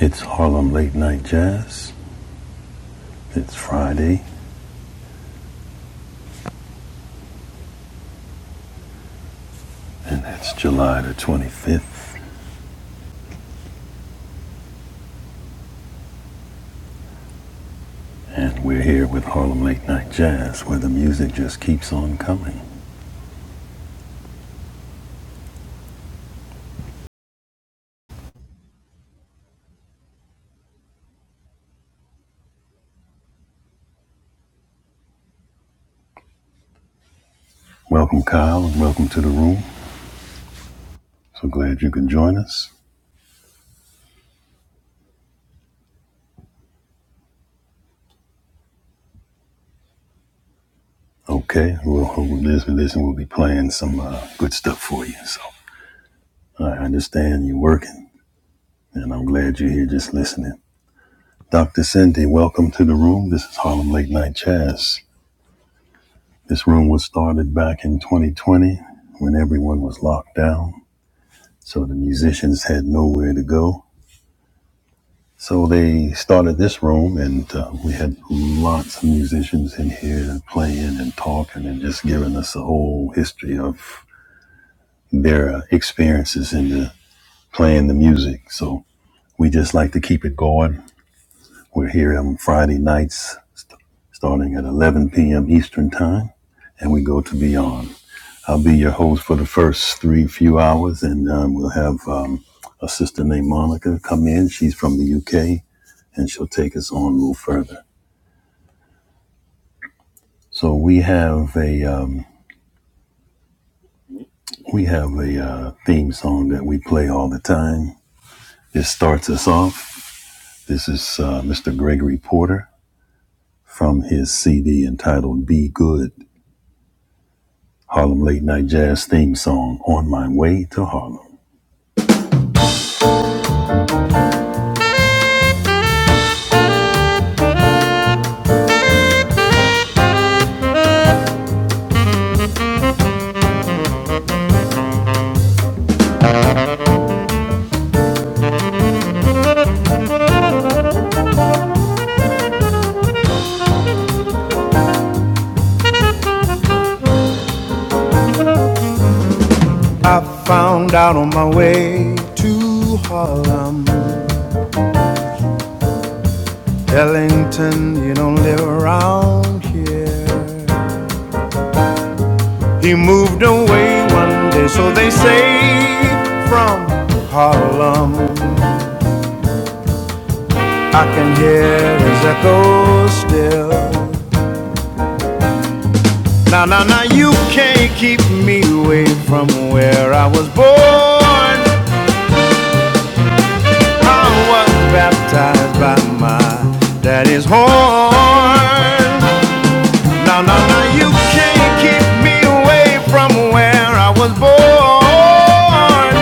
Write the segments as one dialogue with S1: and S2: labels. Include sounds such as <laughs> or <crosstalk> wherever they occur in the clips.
S1: It's Harlem Late Night Jazz. It's Friday, and it's July the 25th. And we're here with Harlem Late Night Jazz, where the music just keeps on coming. Welcome, Kyle, and welcome to the room. So glad you can join us. Okay, we'll hold this and listen, we'll be playing some uh, good stuff for you. So I understand you're working, and I'm glad you're here just listening. Dr. Cindy, welcome to the room. This is Harlem Late Night Jazz. This room was started back in 2020 when everyone was locked down, so the musicians had nowhere to go. So they started this room, and uh, we had lots of musicians in here playing and talking and just giving us a whole history of their uh, experiences in the playing the music. So we just like to keep it going. We're here on Friday nights, st- starting at 11 p.m. Eastern Time, and we go to beyond. I'll be your host for the first three few hours, and um, we'll have um, a sister named Monica come in. She's from the UK, and she'll take us on a little further. So we have a um, we have a uh, theme song that we play all the time. This starts us off. This is uh, Mr. Gregory Porter from his CD entitled "Be Good." Harlem Late Night Jazz theme song on my way to Harlem. I found out on my way to Harlem Ellington, you don't live around here. He moved away one day, so they say, from Harlem. I can hear his echo still. Now, now, now, you can't keep me away from where I was born. I was baptized by my daddy's horn. No, no, no, you can't keep me away from where I was born.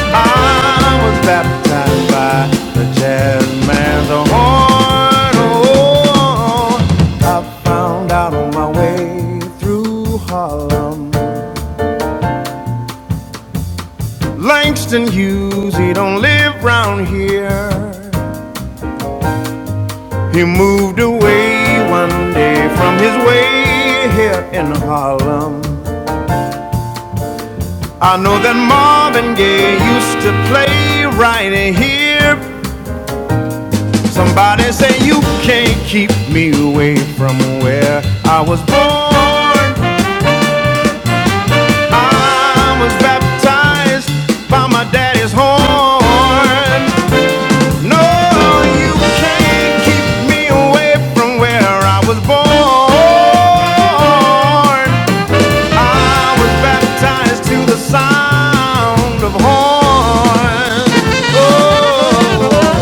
S1: I was baptized by the jazz man's horn. Oh, I found out on my way through Harlem. Langston Hughes, he don't live round here. He moved away one day from his way here in Harlem. I know that Marvin Gaye used to play right here. Somebody say you can't keep me away from where I was born. I was baptized by my daddy's horn. No, you can't keep me away from where I was born. I was baptized to the sound of horns. Oh,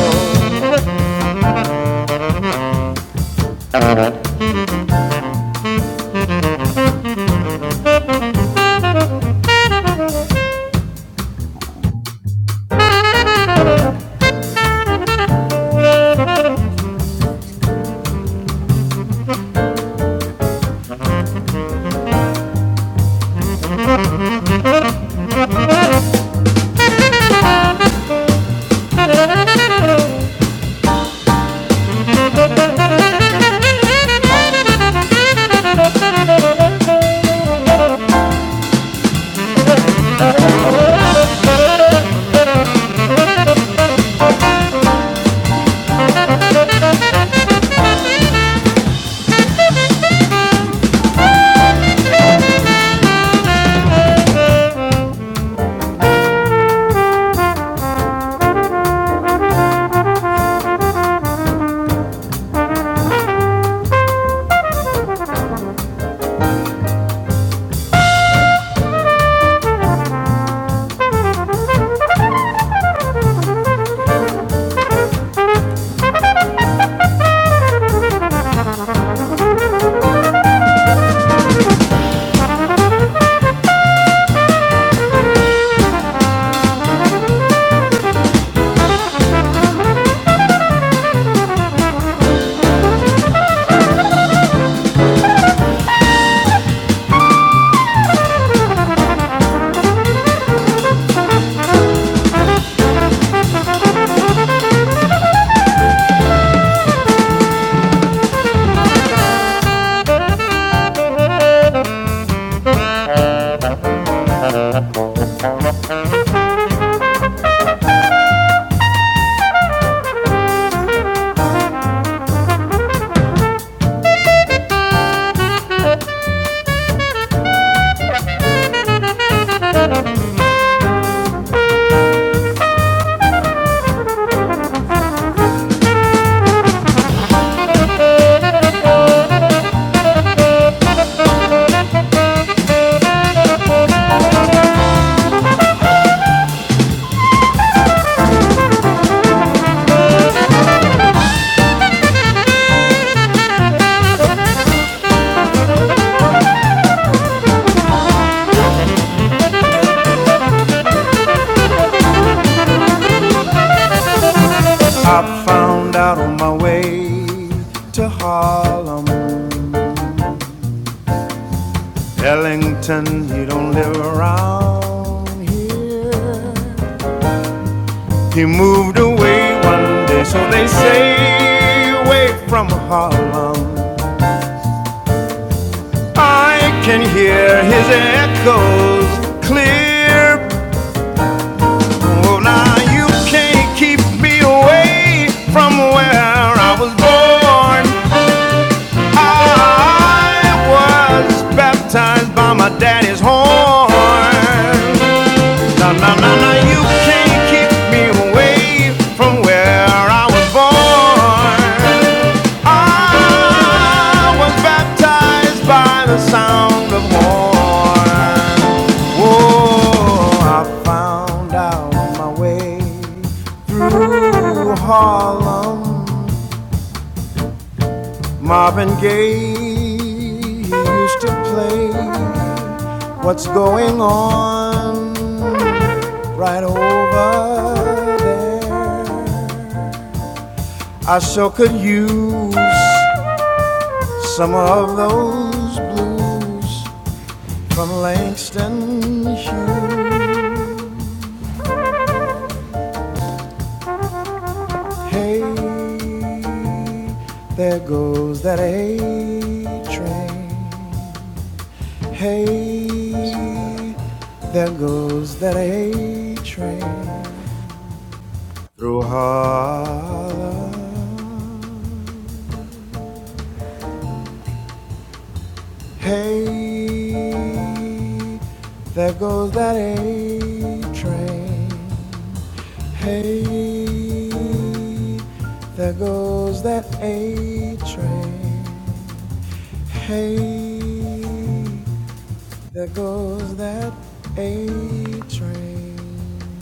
S1: I found out on my way to Harlem. Ellington, you don't live around here. He moved away one day, so they say, away from Harlem. I can hear his echoes clear. Oh, now you can't keep me away from where I was born. I was baptized by my daddy's horn. Na na na na, you can't keep me away from where I was born. I was baptized by the sound of horn. Oh, I found out my way through Harlem Marvin Gaye he used to play What's Going On right over there. I sure could use some of those blues from Langston Hughes. Hey, there goes that A train. Hey, there goes that A train through Harlem. Hey, there goes that A train. Hey, there goes that A train. Hey, there goes that A train.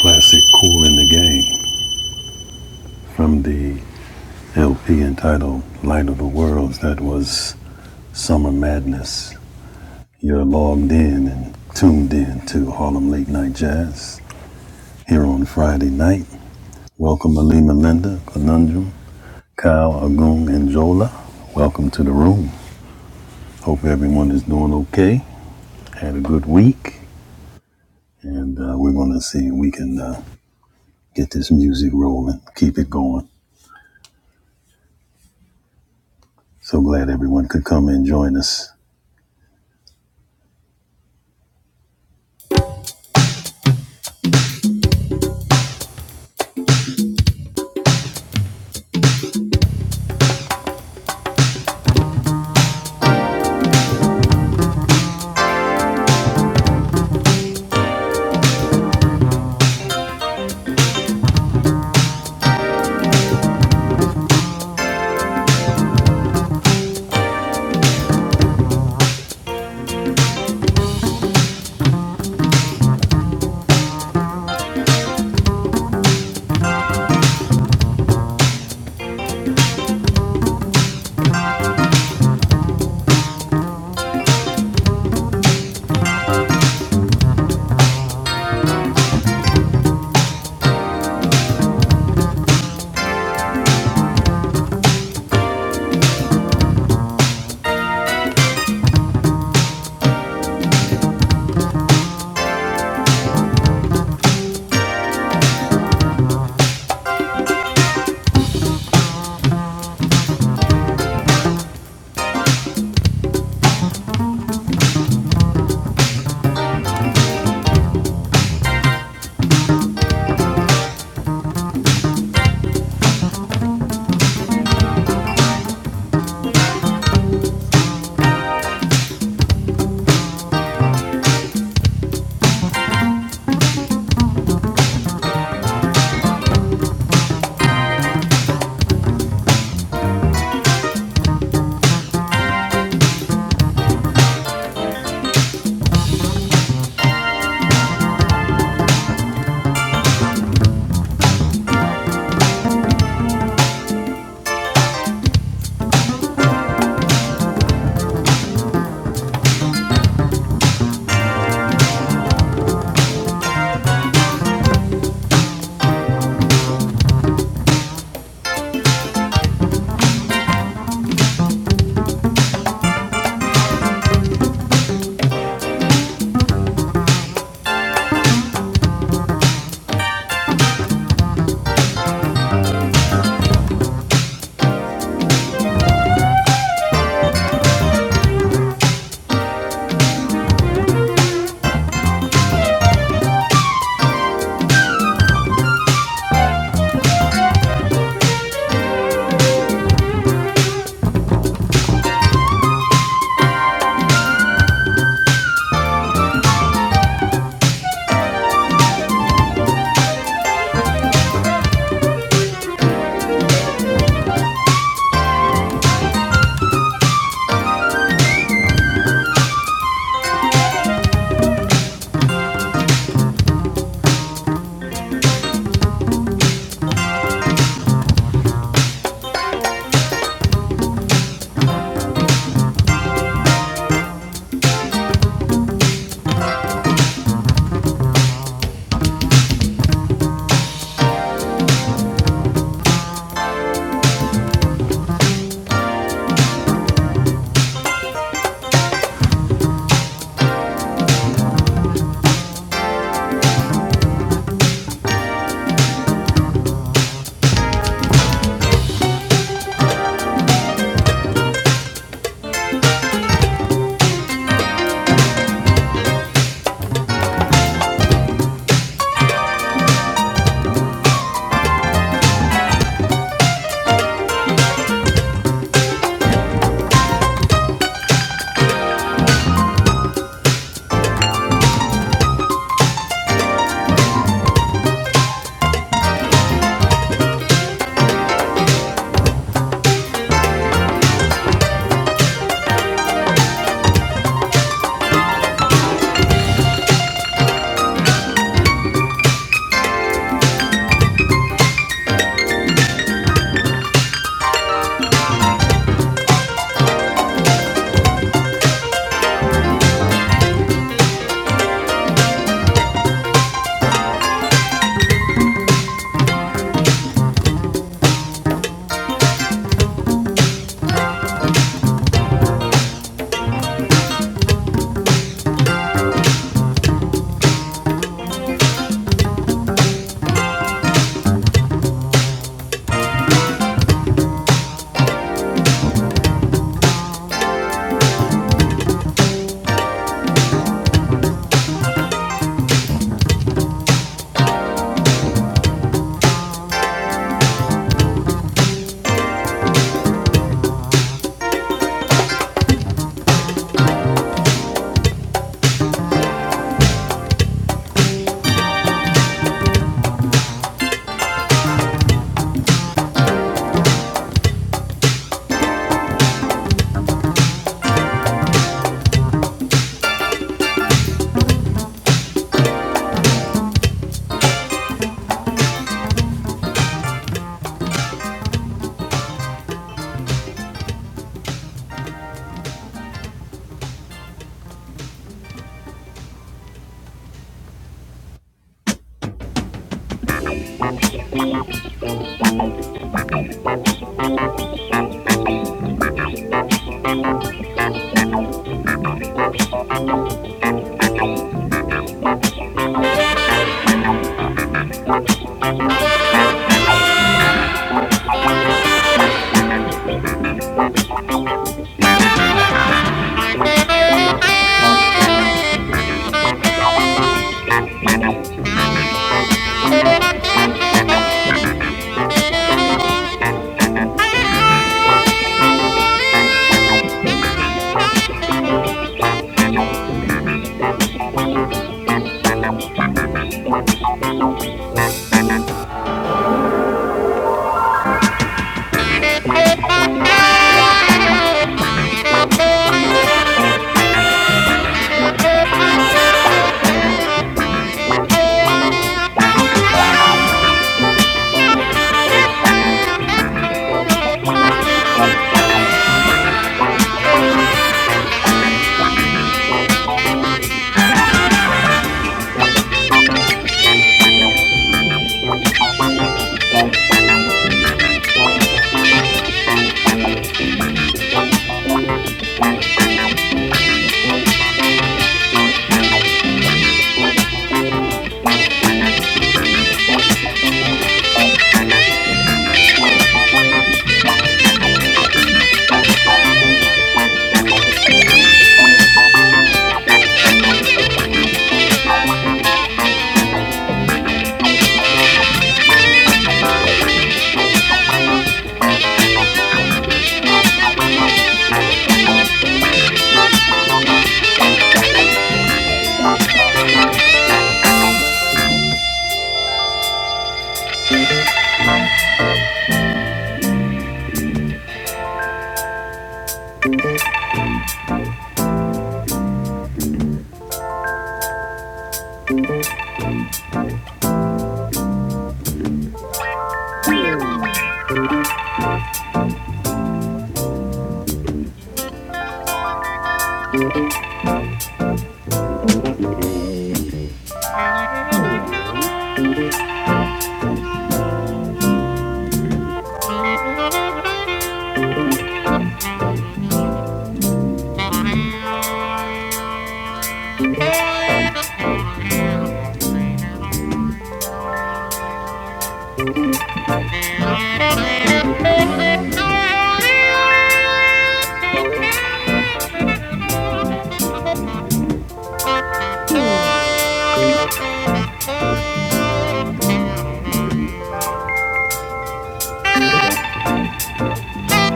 S1: classic Cool in the Gang from the LP entitled Light of the Worlds that was Summer Madness. You're logged in and tuned in to Harlem Late Night Jazz here on Friday night. Welcome Ali Melinda, Conundrum, Kyle, Agung, and Jola. Welcome to the room. Hope everyone is doing okay. Had a good week. And uh, we're going to see if we can uh, get this music rolling, keep it going. So glad everyone could come and join us. Thank you.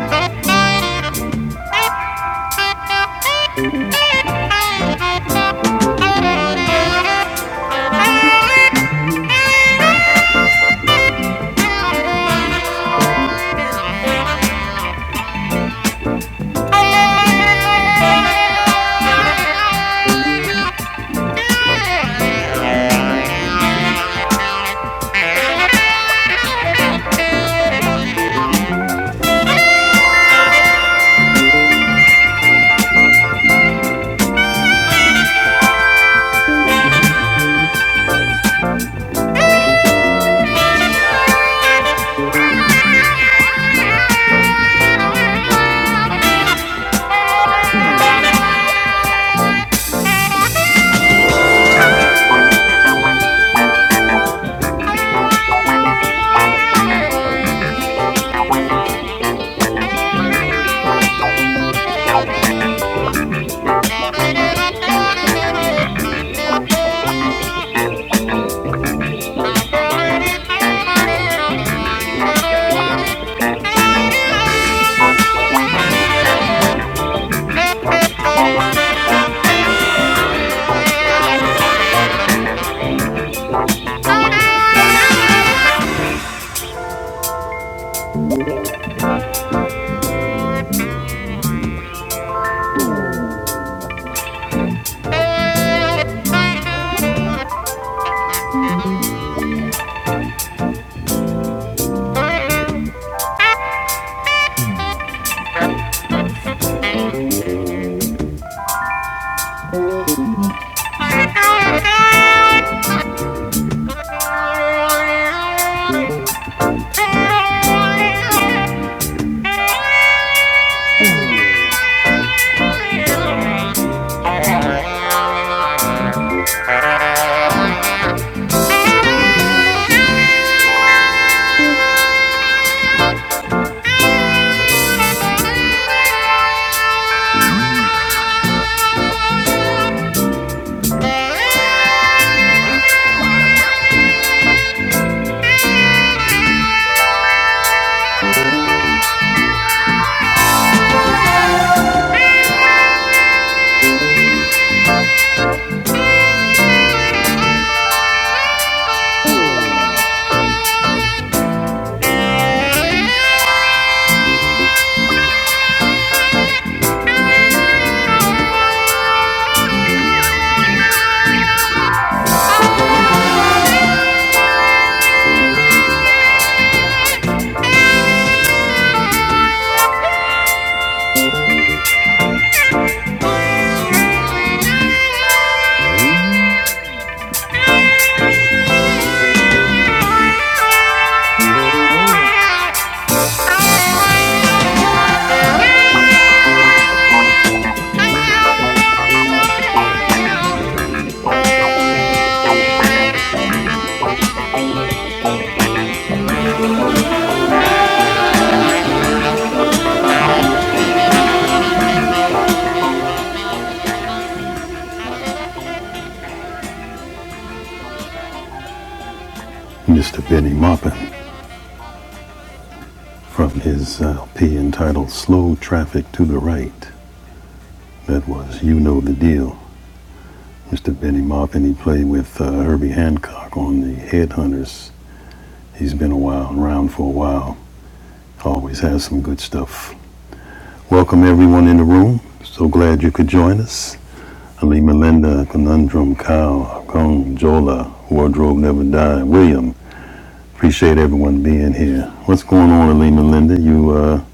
S1: Thank you. Thank you. Thank you. Mr. Benny Maupin. from his LP entitled Slow Traffic to the Right. That was You Know the Deal. Mr. Benny Maupin, he played with uh, Herbie Hancock on the Headhunters. He's been a while, around for a while. Always has some good stuff. Welcome everyone in the room. So glad you could join us. Ali Melinda, Conundrum, Kyle, Gong, Jola, Wardrobe Never Die, William. Appreciate everyone being here. What's going on, Ali Melinda? You uh,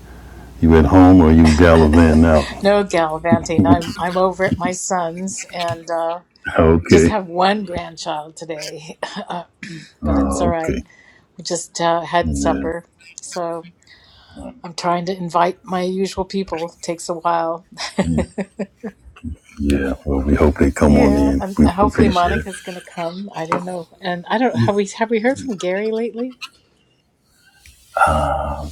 S1: you at home or you gallivanting out?
S2: <laughs>
S1: <laughs>
S2: No gallivanting. I'm I'm over at my son's and uh, just
S1: Okay.
S2: have one grandchild today, <laughs> uh, but it's all
S1: Oh,
S2: right.
S1: okay.
S2: We just uh, had
S1: Yeah.
S2: supper, so I'm trying to invite my usual people. Takes a while. <laughs>
S1: Yeah. Yeah. Well, we hope they come on
S2: Yeah,
S1: in.
S2: and
S1: We
S2: hopefully
S1: appreciate it.
S2: Monica's going to come. I don't know, and I don't have we have we heard from Gary lately?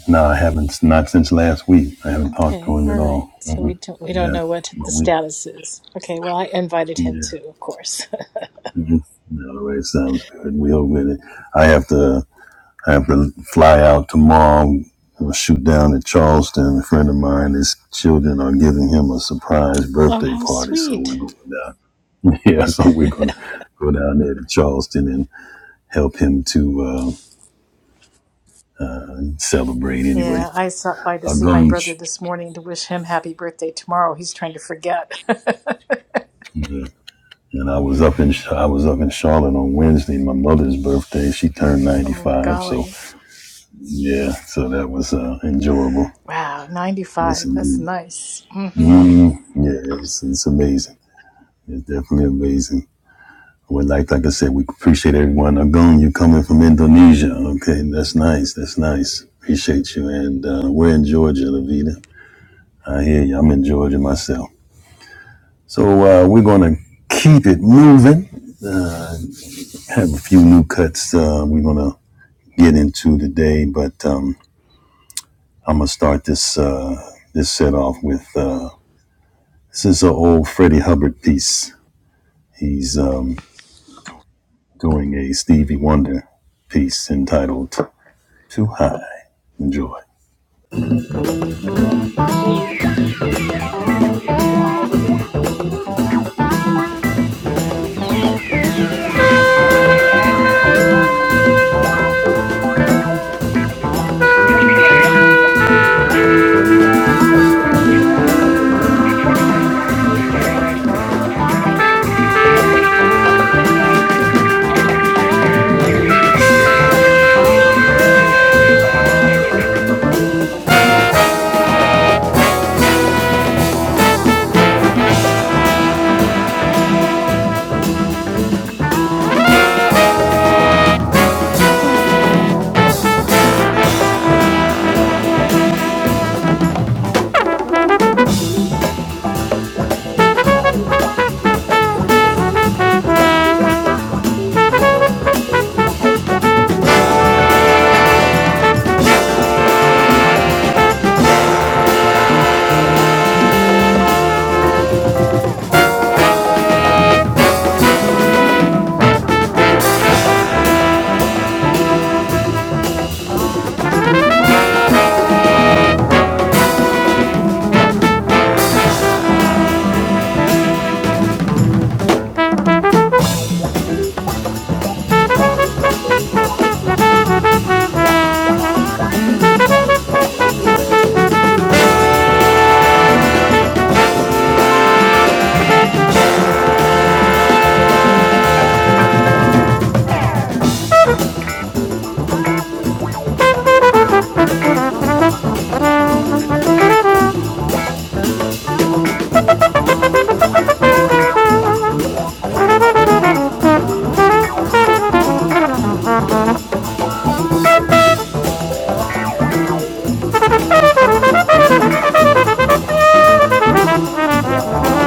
S1: No, I haven't. Not since last week. I haven't talked to
S2: Okay,
S1: him
S2: all
S1: at
S2: right.
S1: all.
S2: So
S1: hmm
S2: we don't we don't
S1: Yeah.
S2: know what the
S1: But we.
S2: status is. Okay, well I invited him
S1: Yeah.
S2: too, of course.
S1: Mm-hmm. All right. Sounds good. We hope that it. I have to. I have to fly out tomorrow. I'll shoot down to Charleston. A friend of mine, his children are giving him a surprise
S2: <laughs> Oh,
S1: birthday
S2: how
S1: party, so we're
S2: sweet.
S1: going down. <laughs> Yeah, so
S2: <laughs>
S1: we're gonna go down there to Charleston and help him to. uh, and celebrate anyway.
S2: Yeah, I stopped by to
S1: A
S2: see my brother
S1: gunge.
S2: this morning to wish him happy birthday tomorrow. He's trying to forget.
S1: Yeah. And I was up in I was up in Charlotte on Wednesday, my mother's birthday. She turned
S2: <laughs>
S1: ninety
S2: oh,
S1: five, so
S2: golly.
S1: yeah, so that was uh, enjoyable.
S2: Wow,
S1: Yes,
S2: 95. That's
S1: indeed.
S2: nice. hmm
S1: mm Yeah, it's, it's amazing. It's definitely amazing. Well, like like I said, we appreciate everyone. Agung, you're coming from Indonesia. Okay, that's nice. That's nice. Appreciate you. And uh, we're in Georgia, Lavita. I hear you. I'm in Georgia myself. So uh, we're gonna keep it moving. have a few new cuts uh, we're gonna get into today, but um, I'm gonna start this uh, this set off with uh, this is an old Freddie Hubbard piece. He's um, doing a Stevie Wonder piece entitled "Too High." Enjoy. <music> Thank you.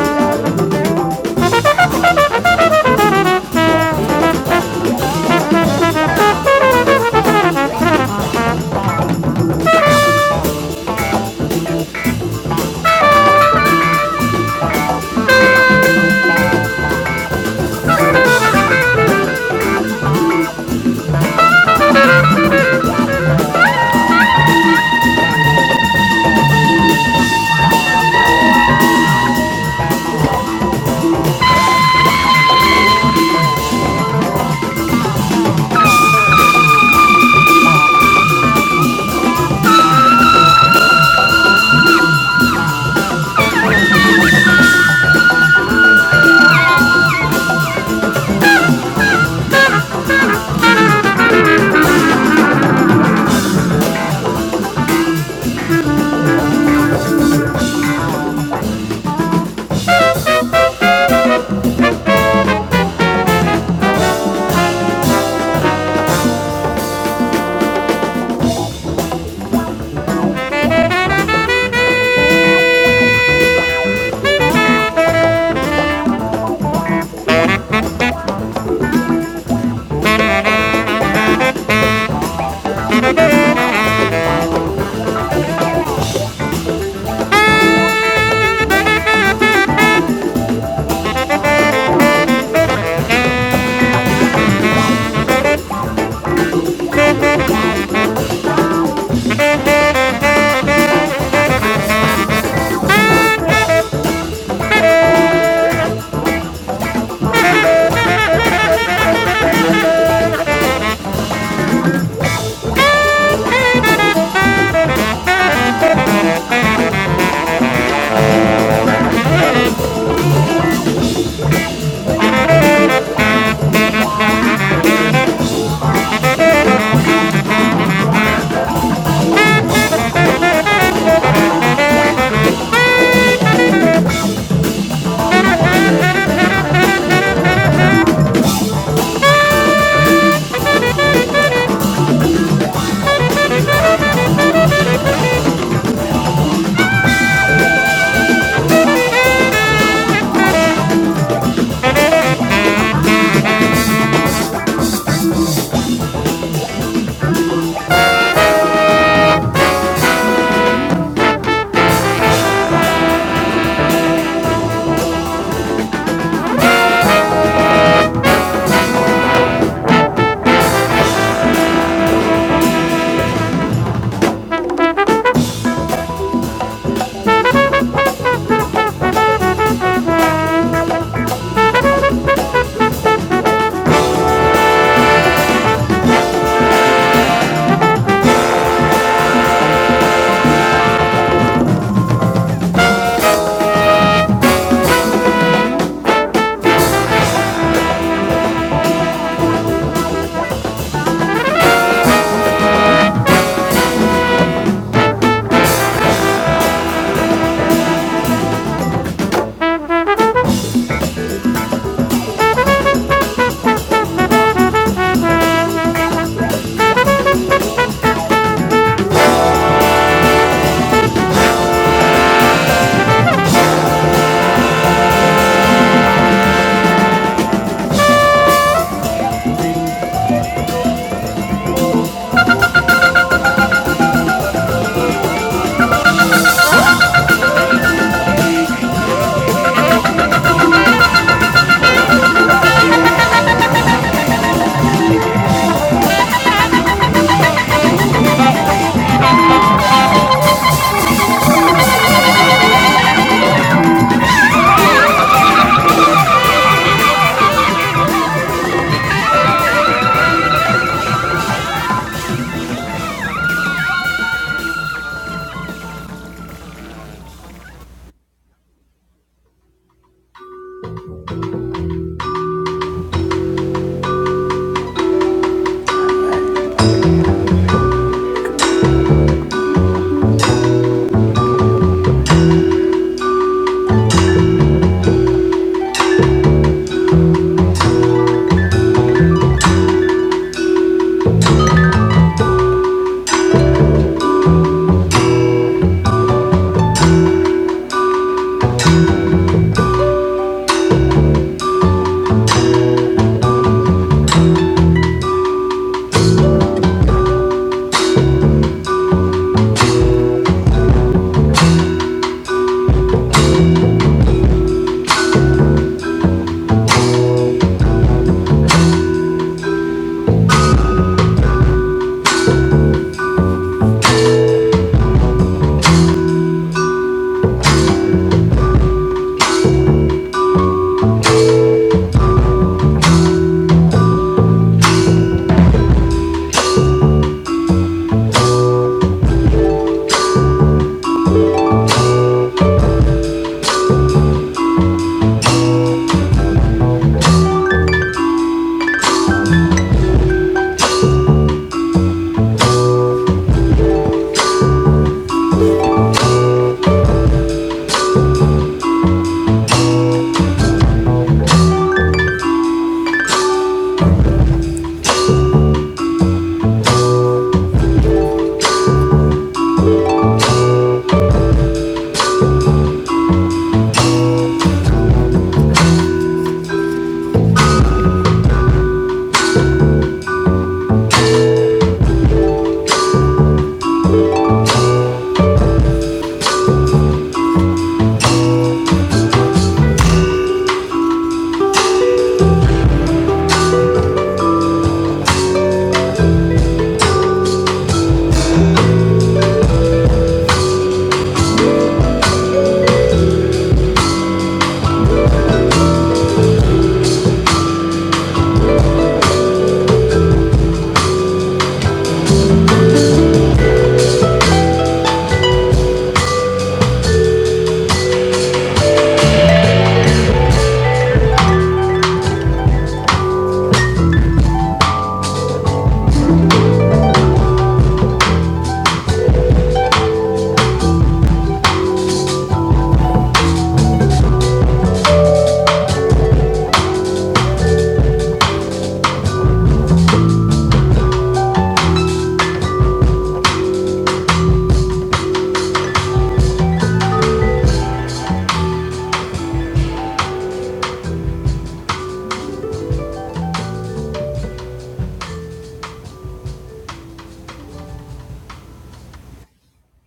S1: <laughs>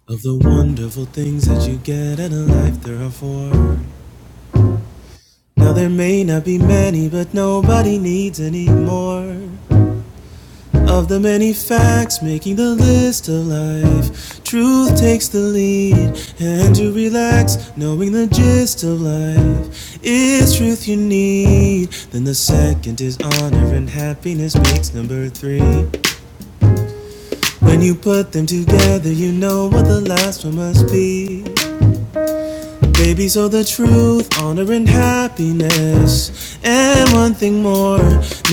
S1: Of the wonderful things that you get out of life, there are four. Now there may not be many, but nobody needs any more. Of the many facts making the list of life, truth takes the lead, and you relax, knowing the gist of life is truth you need. Then the second is honor, and happiness makes number three. When you put them together, you know what the last one must be. Baby, so the truth, honor, and happiness. And one thing more,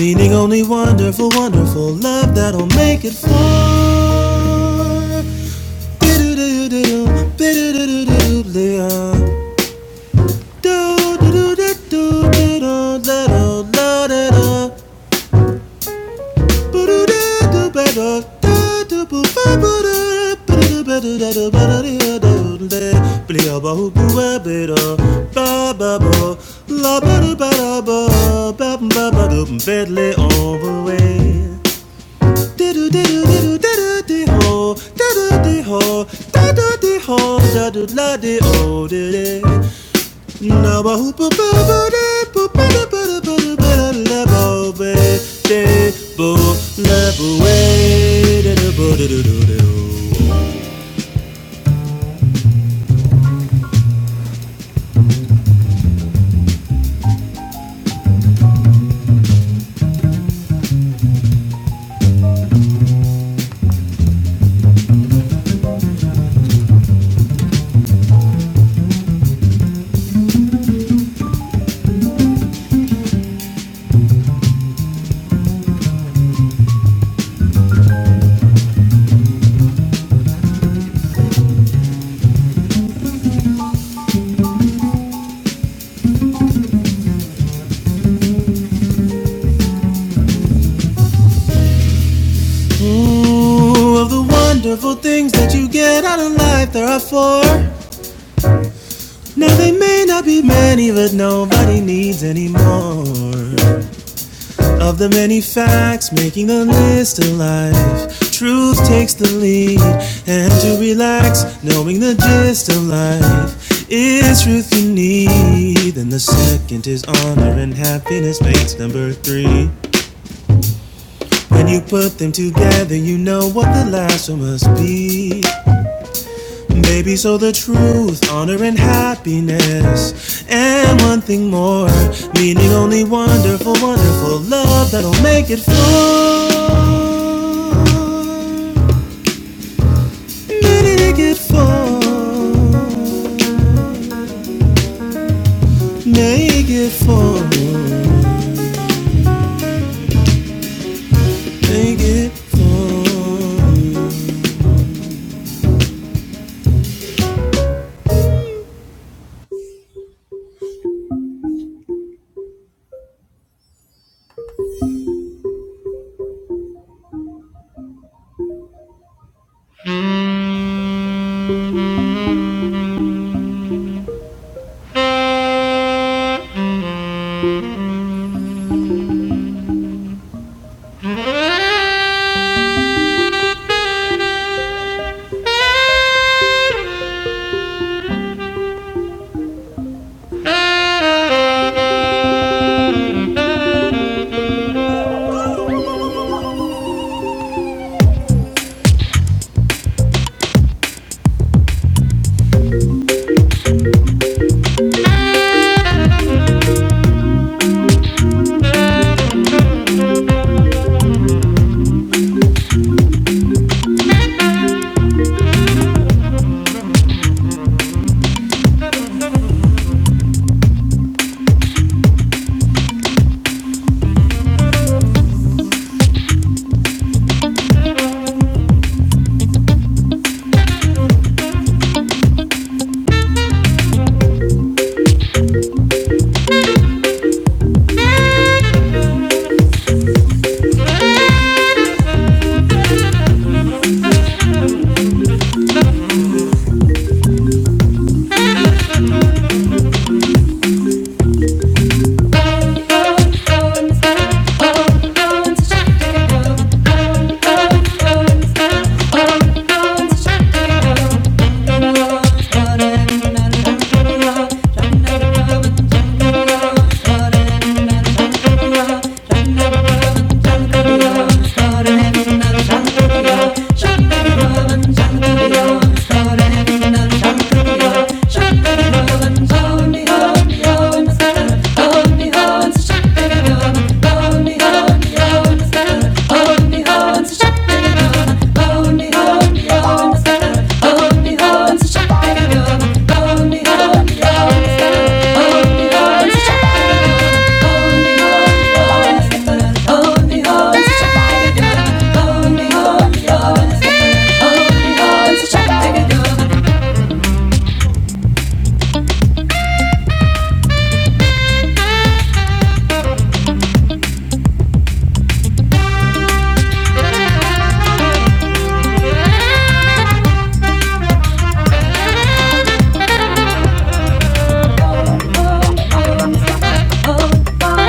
S1: meaning only wonderful, wonderful love that'll make it for. bidoo doo doo bidoo doo do do do do do do do do Ba-ba-dum, Bentley all the way. Do-do-do-do-do-ho, do-do-do-ho, do-ho, do-do-do-ho. Ba-hoo-ba-ba-ba-da-ba-ba-da-ba-da-ba-da-ba-da-ba. Of the wonderful things that you get out of life, there are four. Now they may not be many, but nobody needs any more. Of the many facts making the list alive, truth takes the lead. And to relax, knowing the gist of life is truth you need. And the second is honor and happiness makes number three. When you put them together, you know what the last one must be. Baby, so the truth, honor, and happiness. And one thing more, meaning only wonderful, wonderful love that'll make it full. Make it full. Make it fit. Oh, Oh, Oh,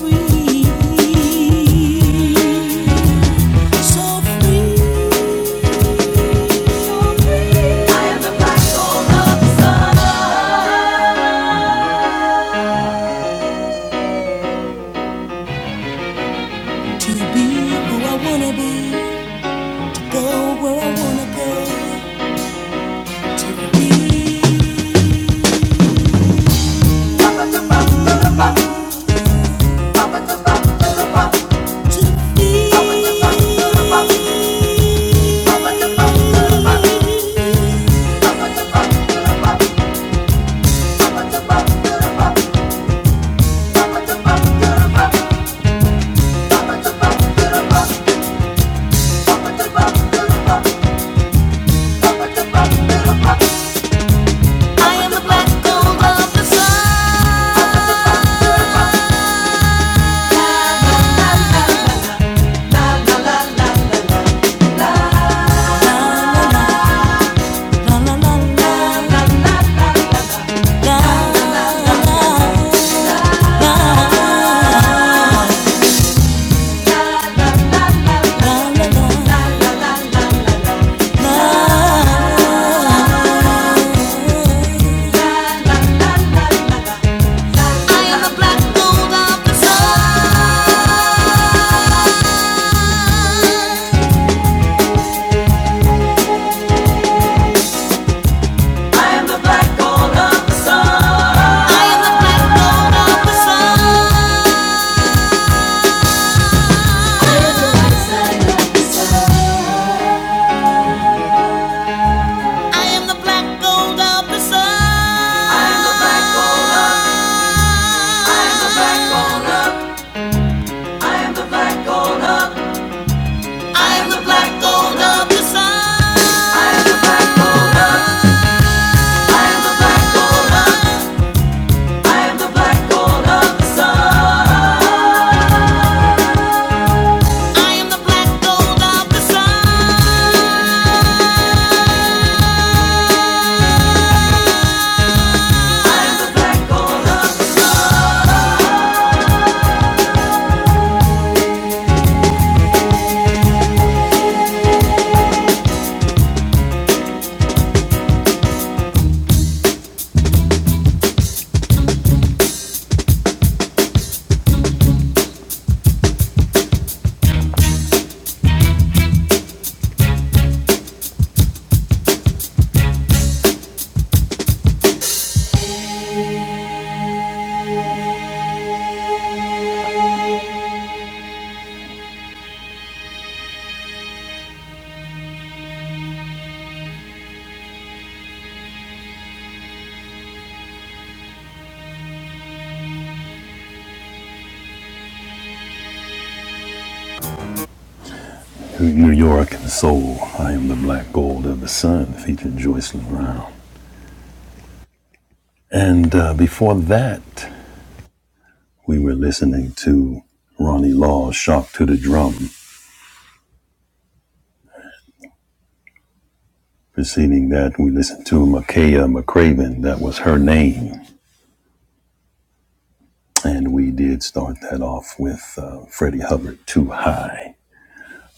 S1: Free to be who I wanna be. I am a black mold of the sun. I am a black mold of the sun. I am the white side of the sun. New York and Soul. I am the Black Gold of the Sun, featured Joycelyn Brown. And uh, before that, we were listening to Ronnie Law's Shock to the Drum Preceding that, we listened to Makaya McCraven. That was her name. And we did start that off with uh, Freddie Hubbard, Too High.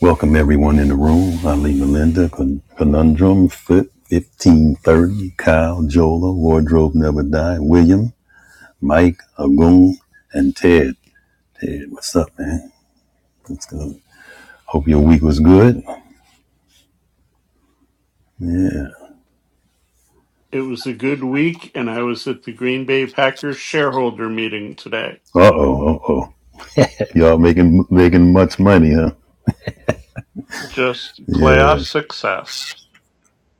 S1: Welcome everyone in the room. Ali Melinda, Con- Conundrum, Fit, 1530, Kyle, Jola, Wardrobe Never Die, William, Mike, Agung, and Ted. Ted, what's up, man? What's good? Hope your week was good. Yeah.
S3: It was a good week, and I was at the Green Bay Packers shareholder meeting today.
S1: Uh-oh, uh-oh. Y'all making making much money, huh?
S3: Just
S1: Yeah.
S3: playoff success.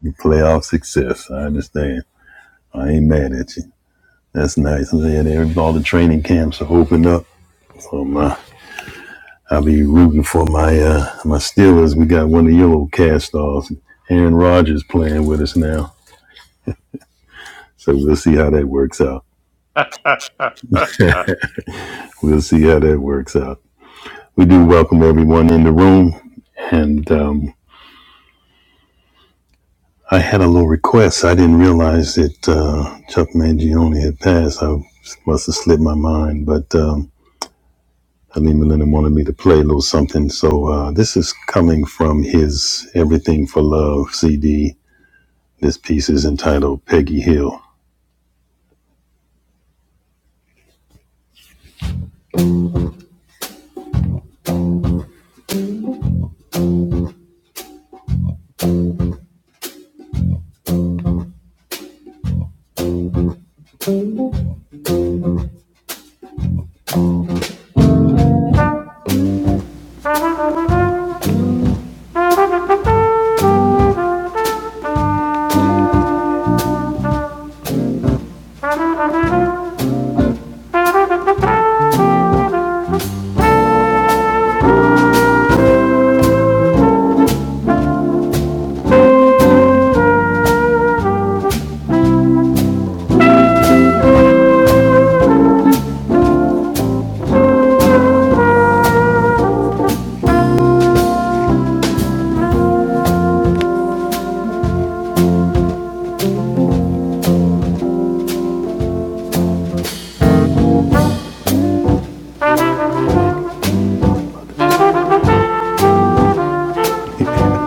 S1: Your playoff success. I understand. I ain't mad at you. That's nice. I'm glad all the training camps are opened up. So my, I'll be rooting for my uh, my Steelers. We got one of your old cast offs, Aaron Rodgers, playing with us now. So we'll see how that works out.
S3: <laughs>
S1: We'll see how that works out. We do welcome everyone in the room. And um, I had a little request. I didn't realize that uh, Chuck Mangione had passed. I must have slipped my mind, but. Um, Honey Melinda wanted me to play a little something. So uh, this is coming from his Everything for Love CD. This piece is entitled Peggy Hill. <laughs>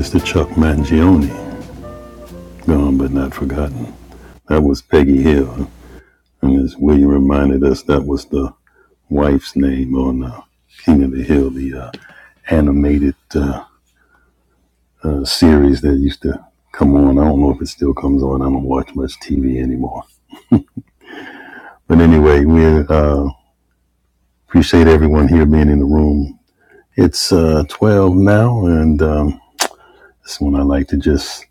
S1: Mr. Chuck Mangione, gone but not forgotten. That was Peggy Hill. And as William reminded us, that was the wife's name on uh, King of the Hill, the uh, animated uh, uh, series that used to come on. I don't know if it still comes on. I don't watch much TV anymore. But anyway, we're uh, Appreciate everyone here being in the room. It's uh, 12 now, and um, this is when I like to just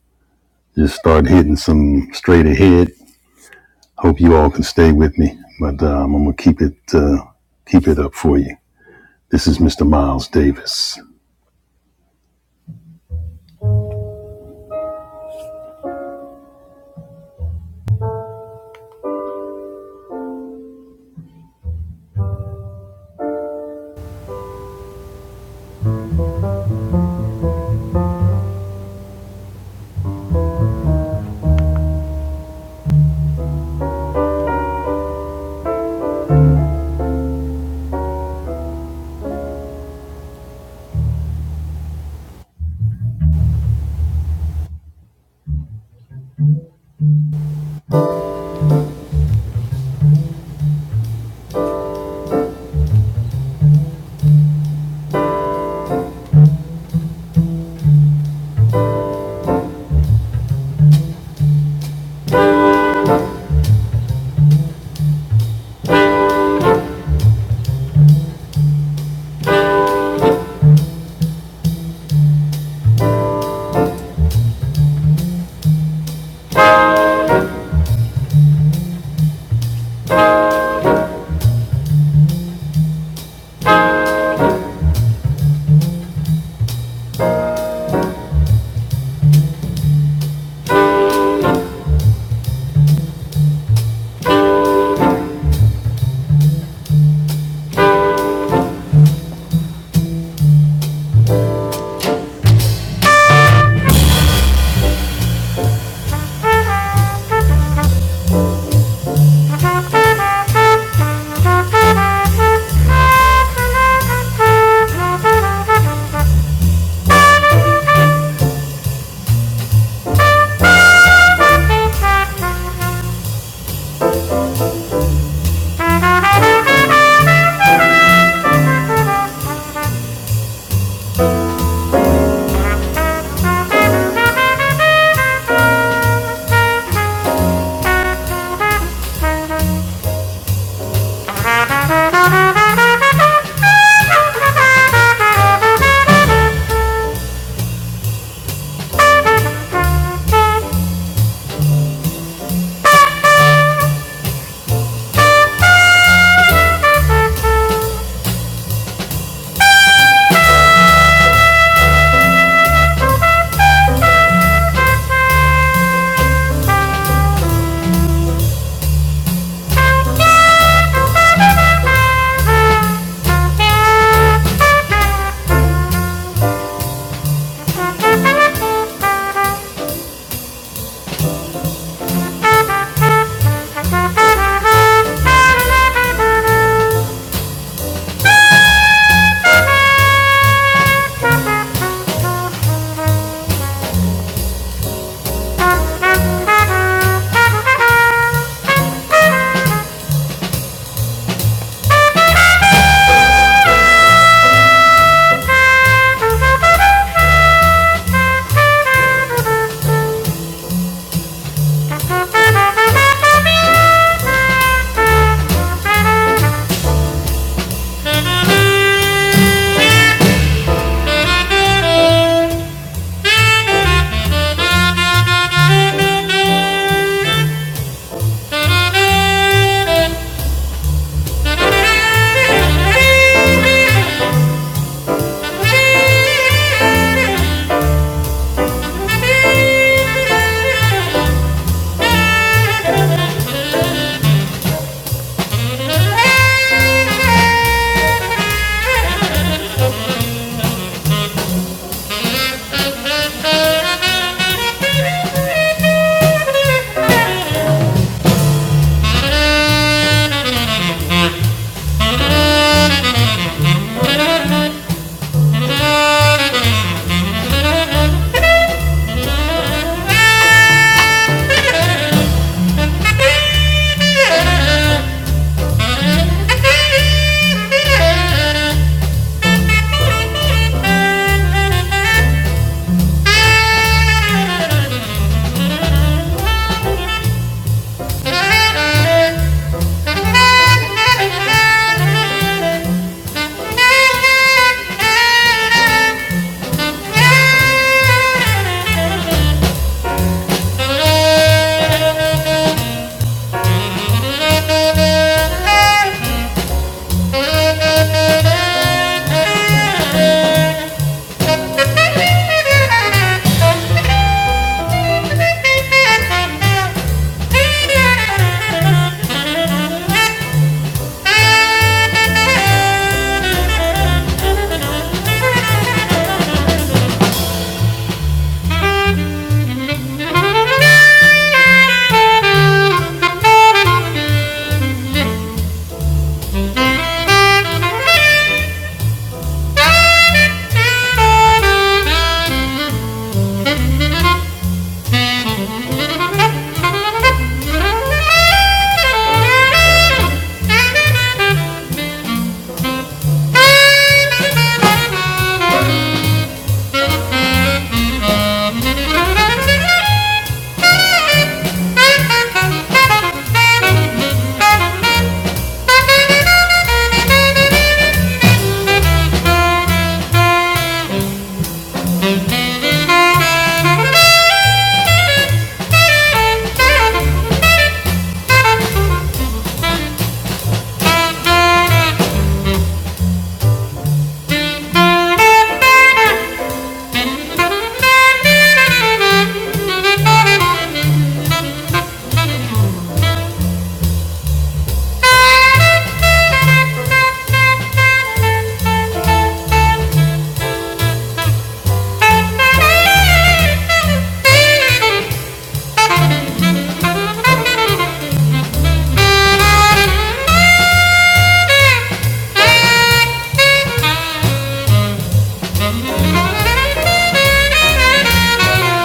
S1: just start hitting some straight ahead. Hope you all can stay with me, but um, I'm gonna keep it uh, keep it up for you. This is Mr. Miles Davis. Thank you. Thank you. Thank you. Thank you. Thank you. Thank you.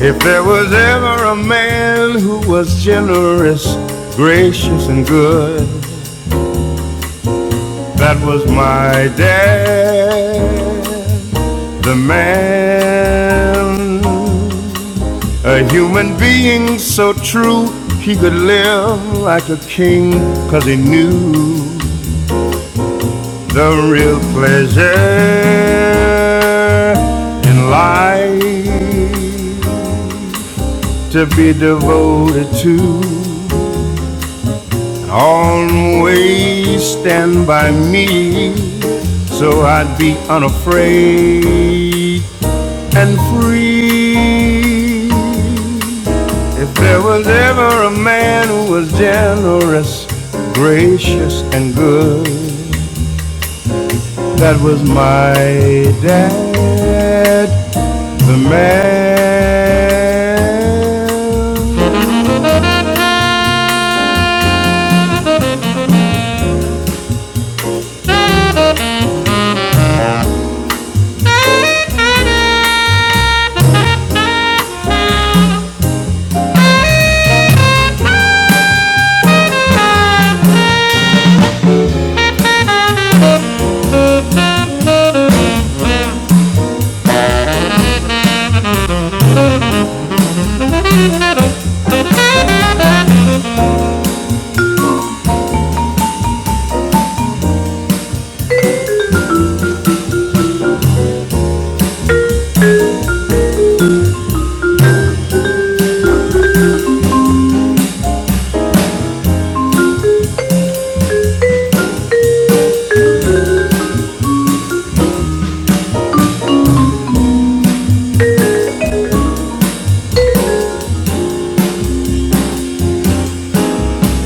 S1: If there was ever a man who was generous, gracious, and good, that was my dad. The man, a human being so true, he could live like a king, 'cause he knew the real pleasure in life to be devoted to. Always stand by me, so I'd be unafraid and free. If there was ever a man who was generous, gracious, and good, that was my dad, the man.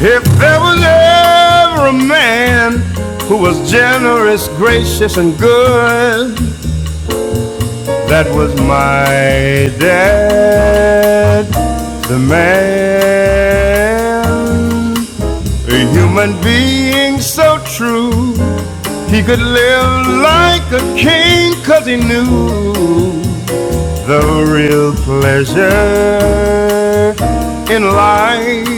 S1: If there was ever a man who was generous, gracious, and good, that was my dad. The man, a human being so true, he could live like a king 'cause he knew the real pleasure in life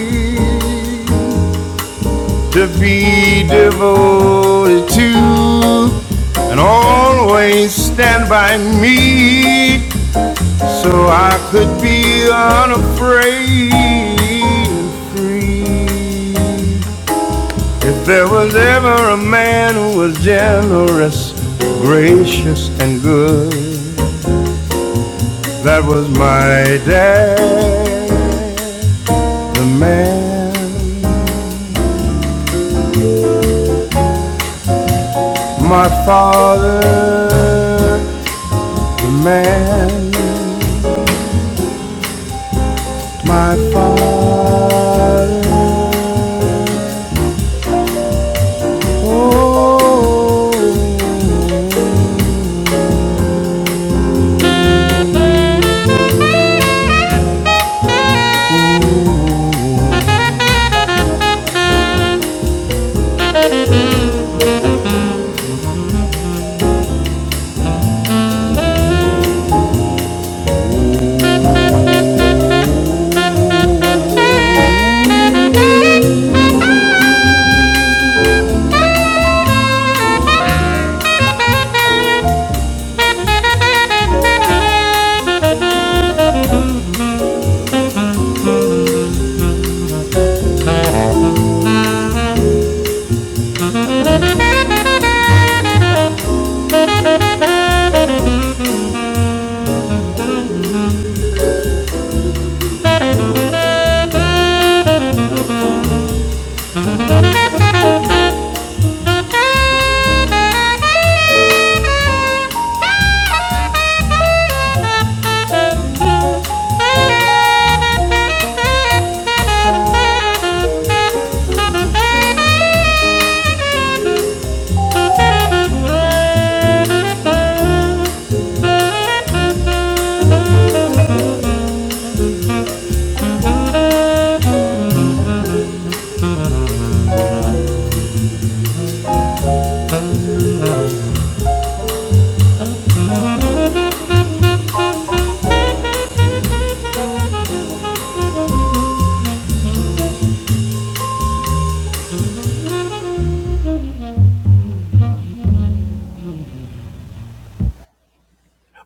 S1: to be devoted to and always stand by me so I could be unafraid and free. If there was ever a man who was generous, gracious, and good, that was my dad, the man, my father, the man. my father. Oh.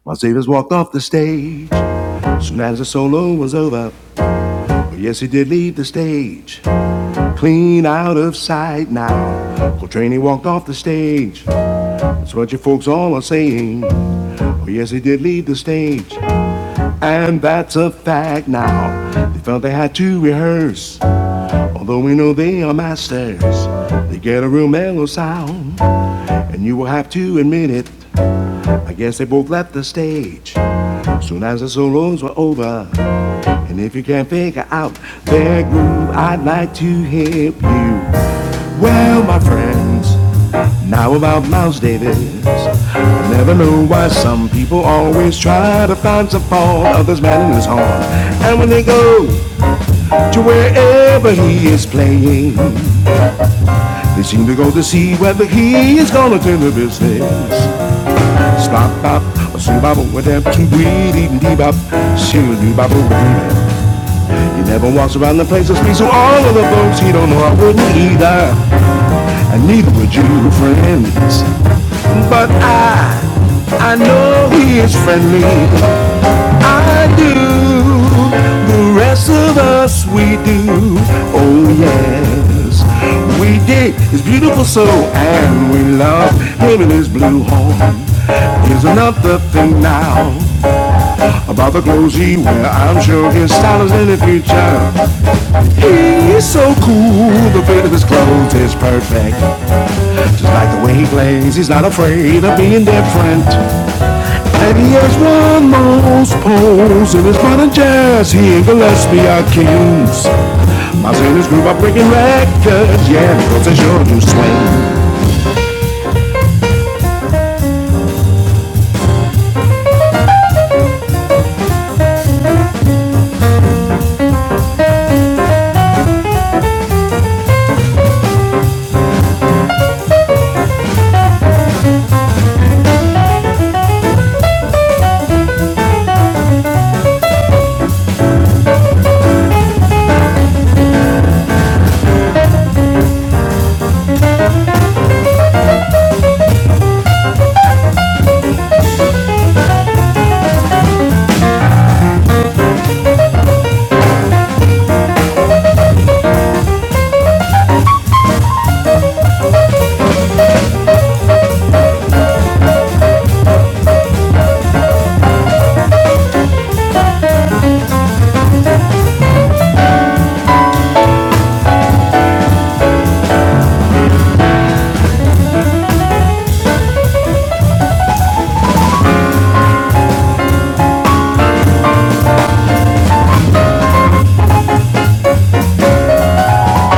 S1: my Savers walked off the stage, solo was over. Oh, yes, he did leave the stage, clean out of sight now. Coltrane he walked off the stage. That's what you folks all are saying. Oh, yes, he did leave the stage, and that's a fact now. They felt they had to rehearse, although we know they are masters. They get a real mellow sound, and you will have to admit it. I guess they both left the stage soon as the solos were over. And if you can't figure out their groove, I'd like to help you. Well, my friends, now about Miles Davis. I never know why some people always try to find some fault of this man in his horn. And when they go to wherever he is playing, they seem to go to see whether he is gonna turn the business. Slop bop, a sing bop with them two weed eating dee bop, shoo doo bop over there. He never walks around the place and speaks to all of the folks he don't know. I wouldn't either, and neither would you, friends. But I, I know he is friendly. I do. The rest of us, we do. Oh yes. We did his beautiful soul and we love him in his blue horn. Here's another thing now. about the clothes he wear. I'm sure his style is in the future. He's so cool. The fit of his clothes is perfect. Just like the way he plays, he's not afraid of being different. And he has one most pose in his modern jazz. He and Gillespie are kings. My sailors grew up breaking records. Yeah, because they sure do swing.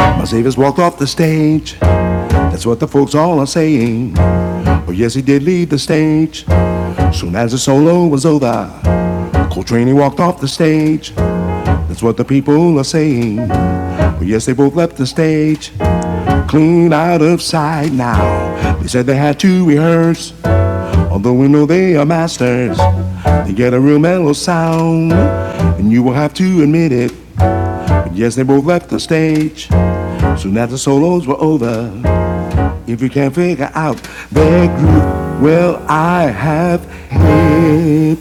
S1: My saviors walked off the stage. That's what the folks all are saying. Oh, yes, he did leave the stage. Soon as the solo was over, Coltrane walked off the stage. That's what the people are saying. Well, yes, they both left the stage, clean out of sight now. They said they had to rehearse, although we know they are masters. They get a real mellow sound, and you will have to admit it. But yes, they both left the stage soon after the solos were over. If you can't figure out their groove, well, I have hip.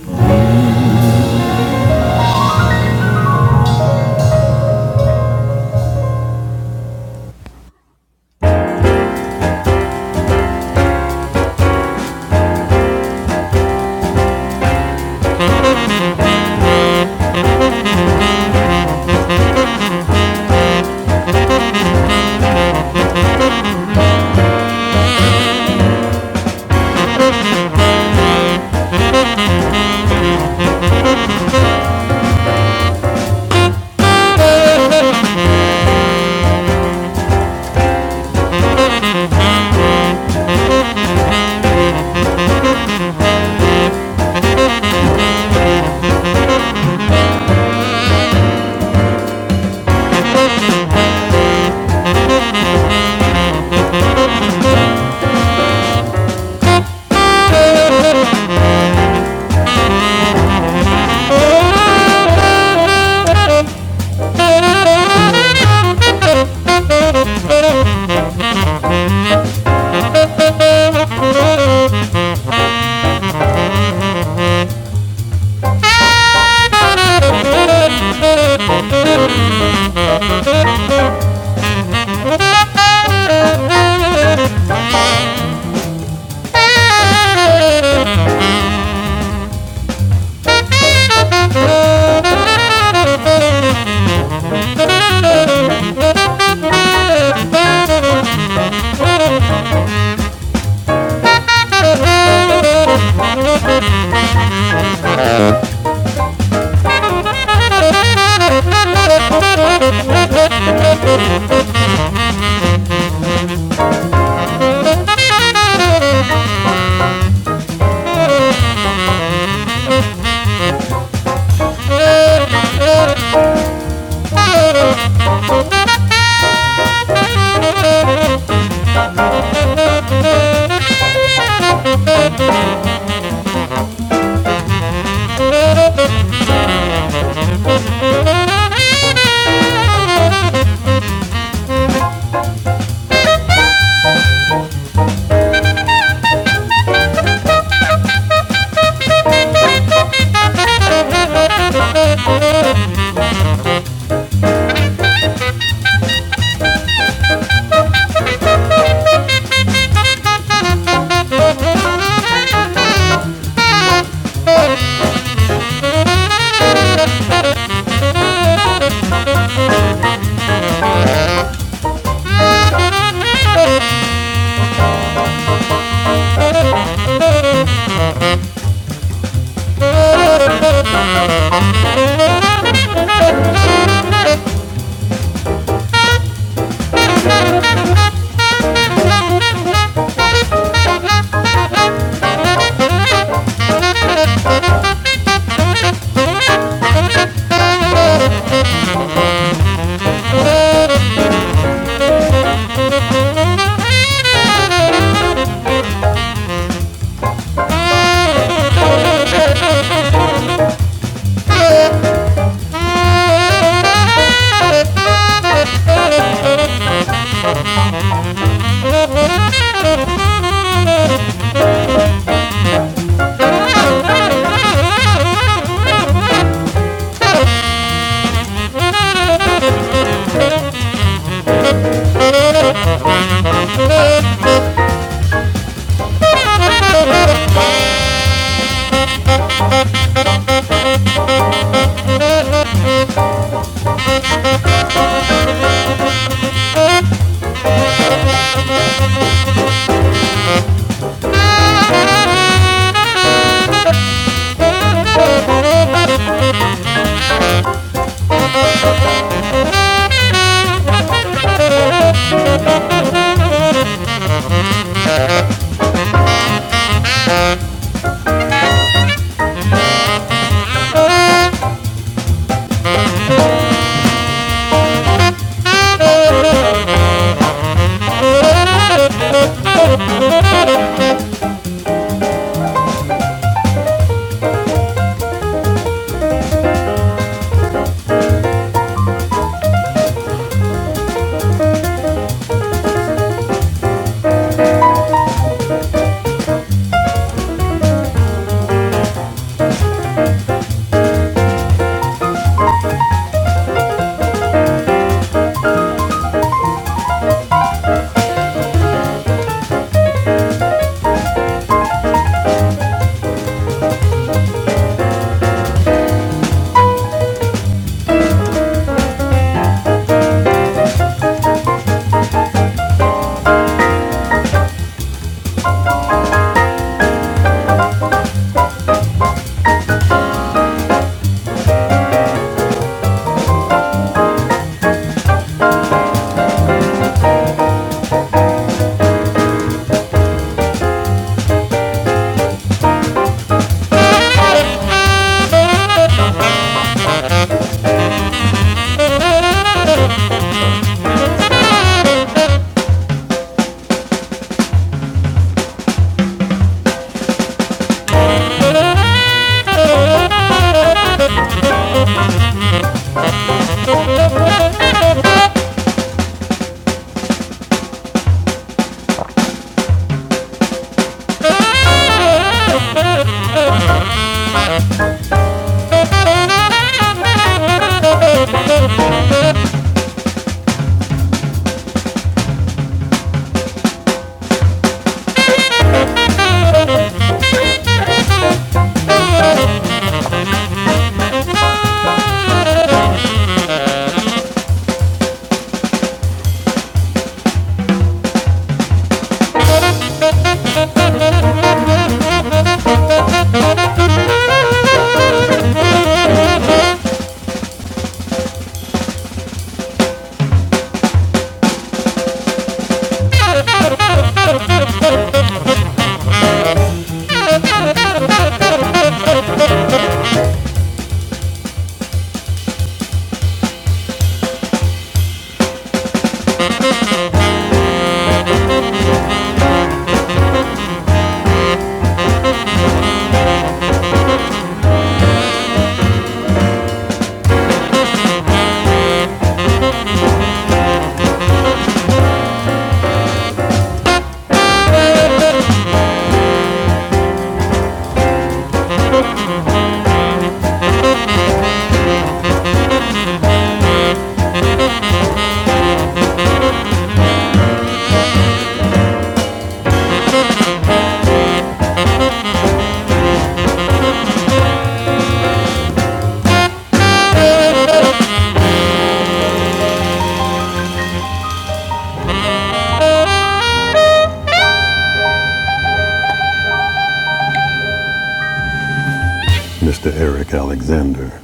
S1: Mr. Eric Alexander.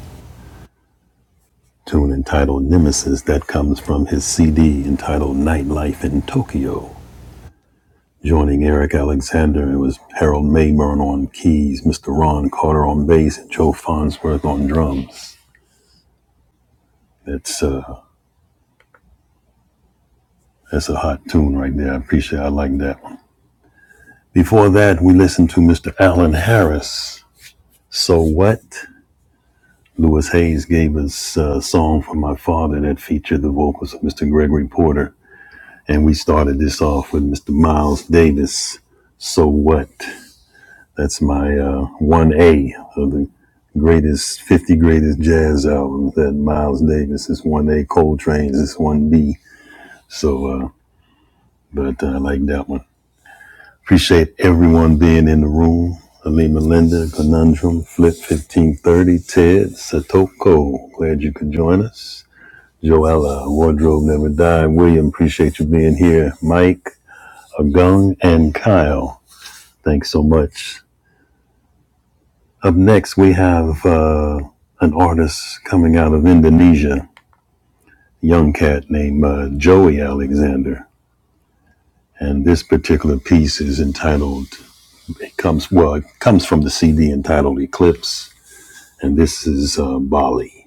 S1: tune entitled Nemesis that comes from his CD entitled Nightlife in Tokyo. Joining Eric Alexander, it was Harold Mayburn on keys, Mr. Ron Carter on bass, and Joe Farnsworth on drums. That's, uh, that's a hot tune right there. I appreciate it. I like that one. Before that, we listened to Mr. Alan Harris. So What? Lewis Hayes gave us a song for my father that featured the vocals of Mr. Gregory Porter. And we started this off with Mr. Miles Davis. So what? That's my uh, 1A of the greatest 50 greatest jazz albums that Miles Davis is 1A, Coltrane's is 1B. So, uh, but uh, I like that one. Appreciate everyone being in the room. Alima Linda, Conundrum, Flip 1530, Ted, Satoko. Glad you could join us. Joella, Wardrobe Never Died. William, appreciate you being here. Mike, Gung and Kyle. Thanks so much. Up next, we have uh, an artist coming out of Indonesia, a young cat named uh, Joey Alexander. And this particular piece is entitled, it comes, well, it comes from the CD entitled Eclipse. And this is uh, Bali.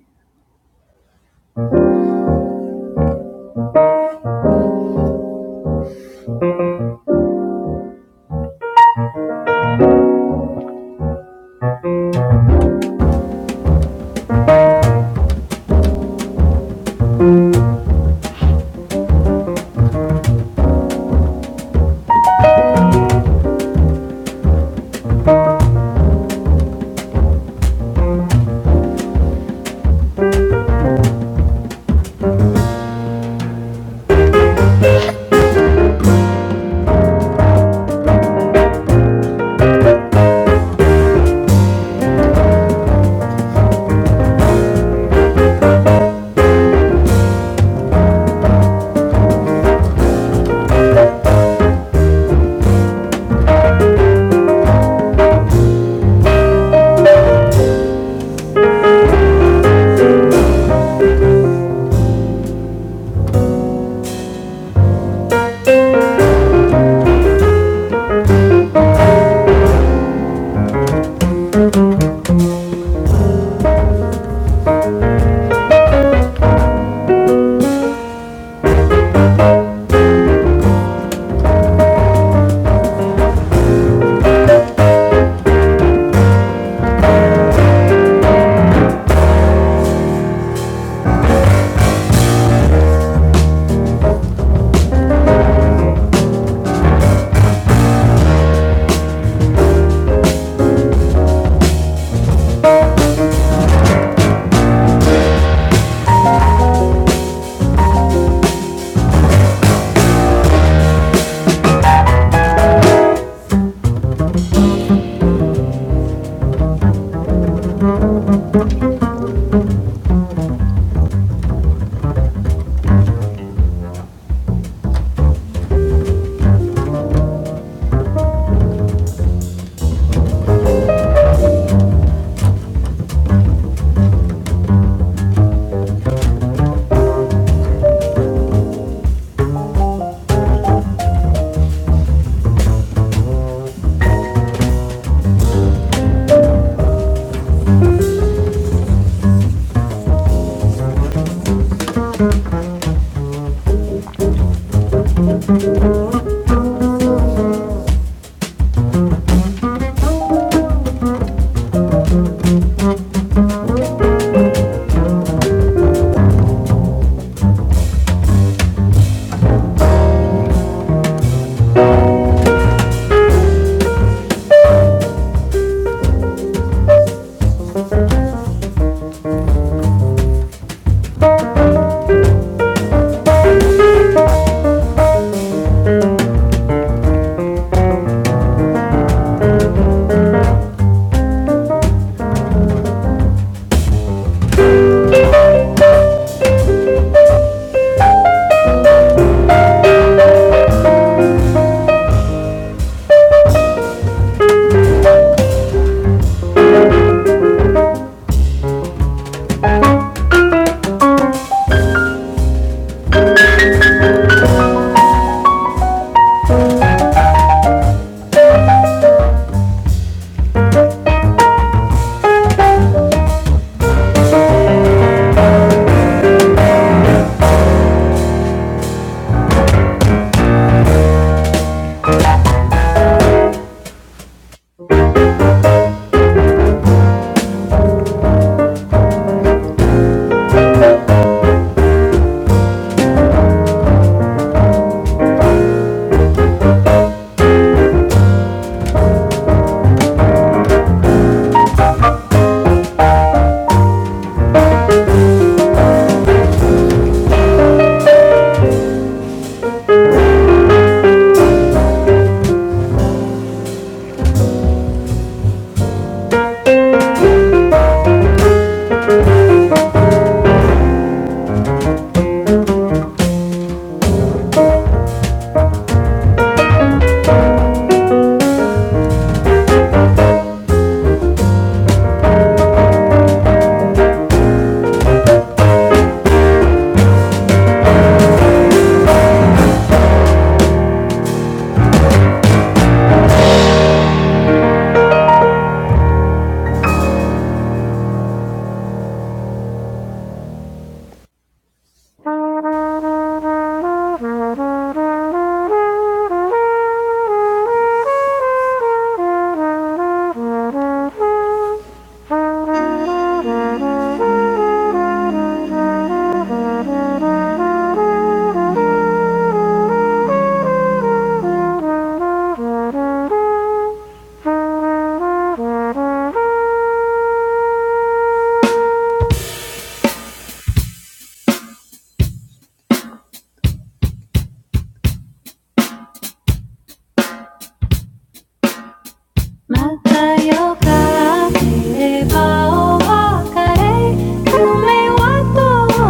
S1: <laughs>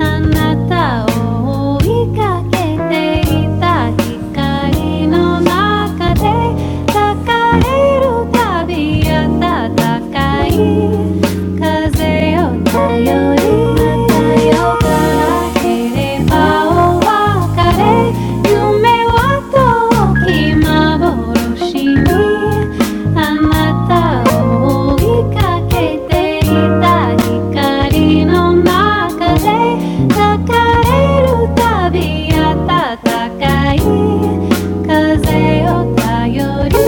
S1: あなたを追いかけていた光の中で抱えるたび暖かい風よ頼りよからければお別れ夢は遠き幻に Anata mo ika kete kita ika rin o naka re naka re ru tabi ata takai kaze o tayori.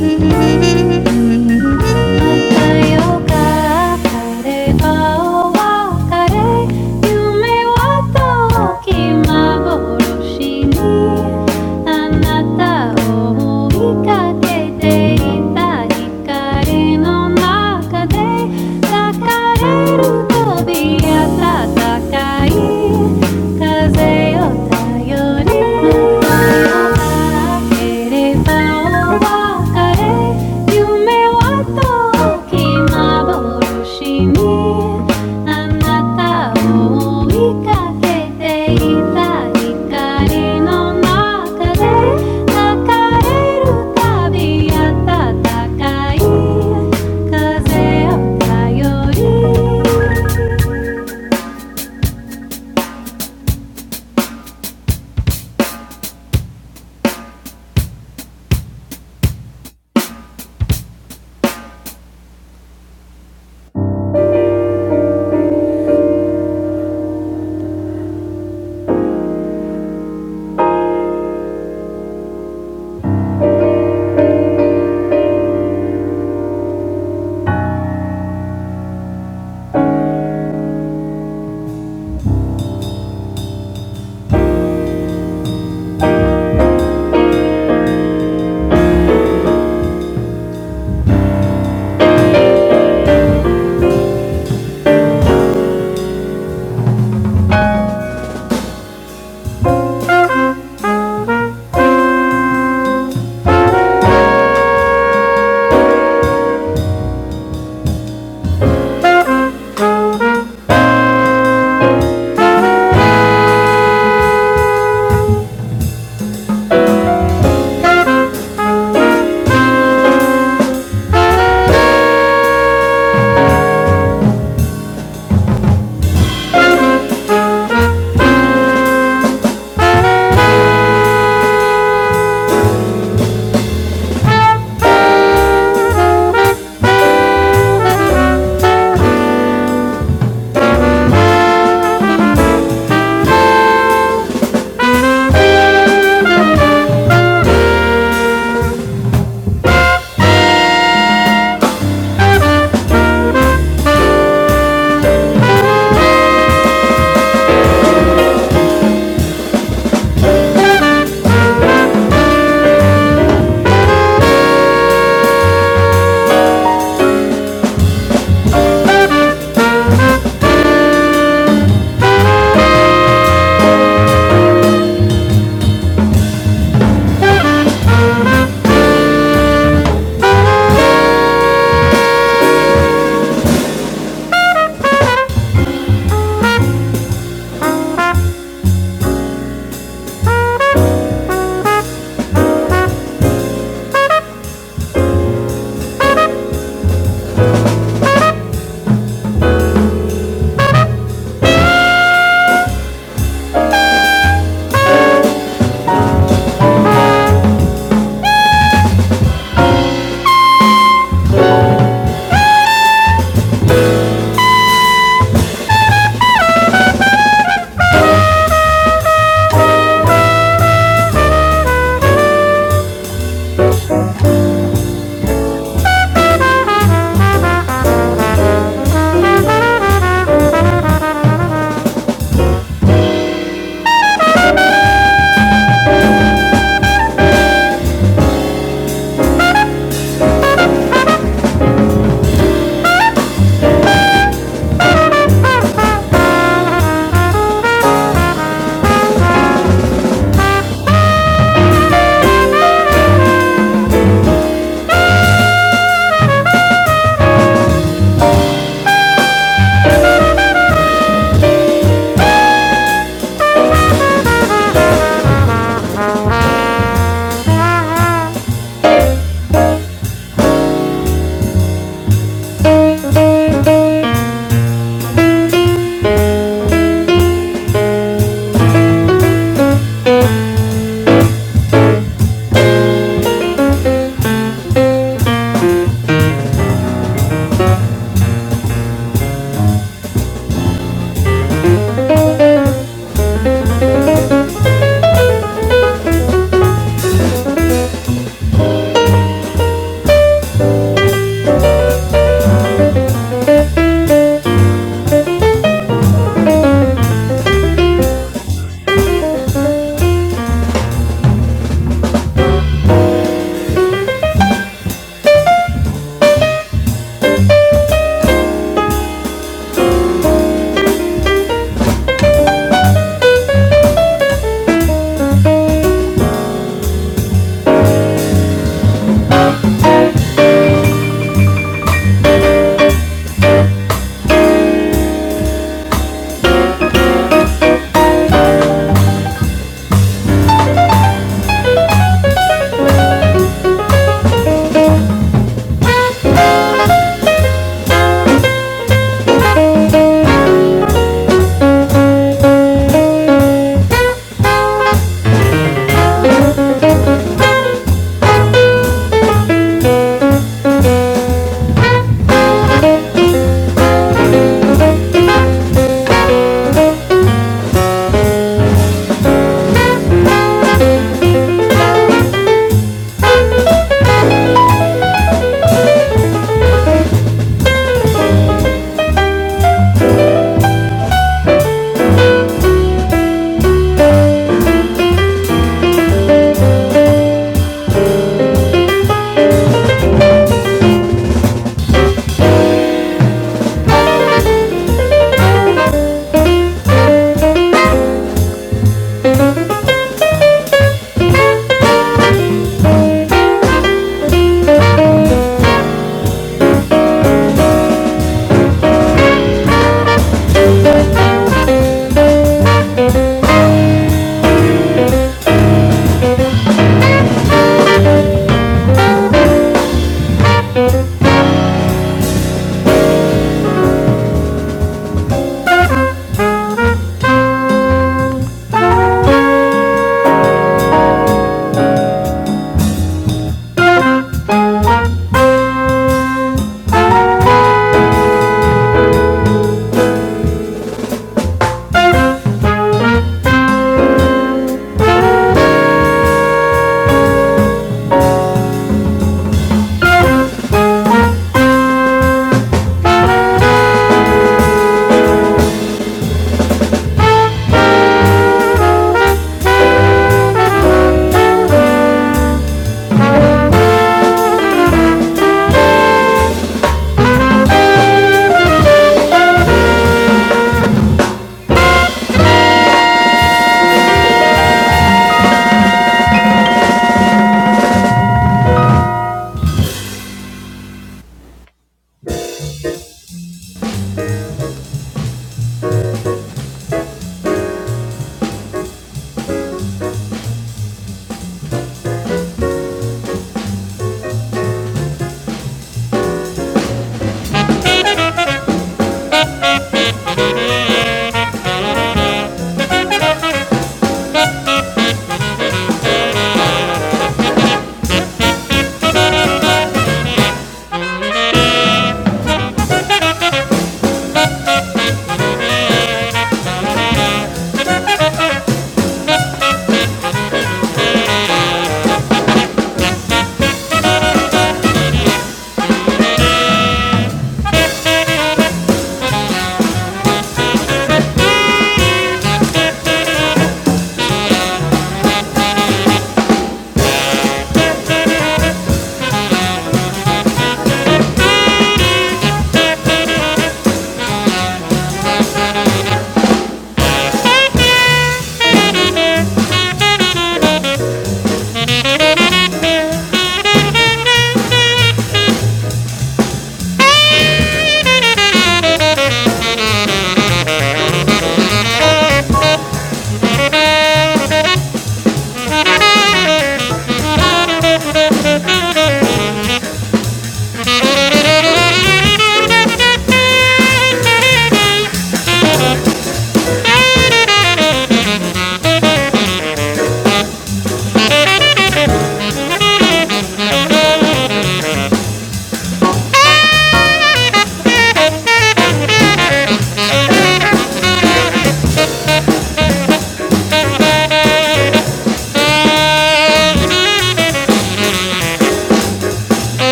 S1: I'll carry on, carry on, carry. You may walk on, keep my promise. Anata o hui ka kei te riri kare no naka de takareu tobia ta takai kaze o taiori kereva o vakare you me wa.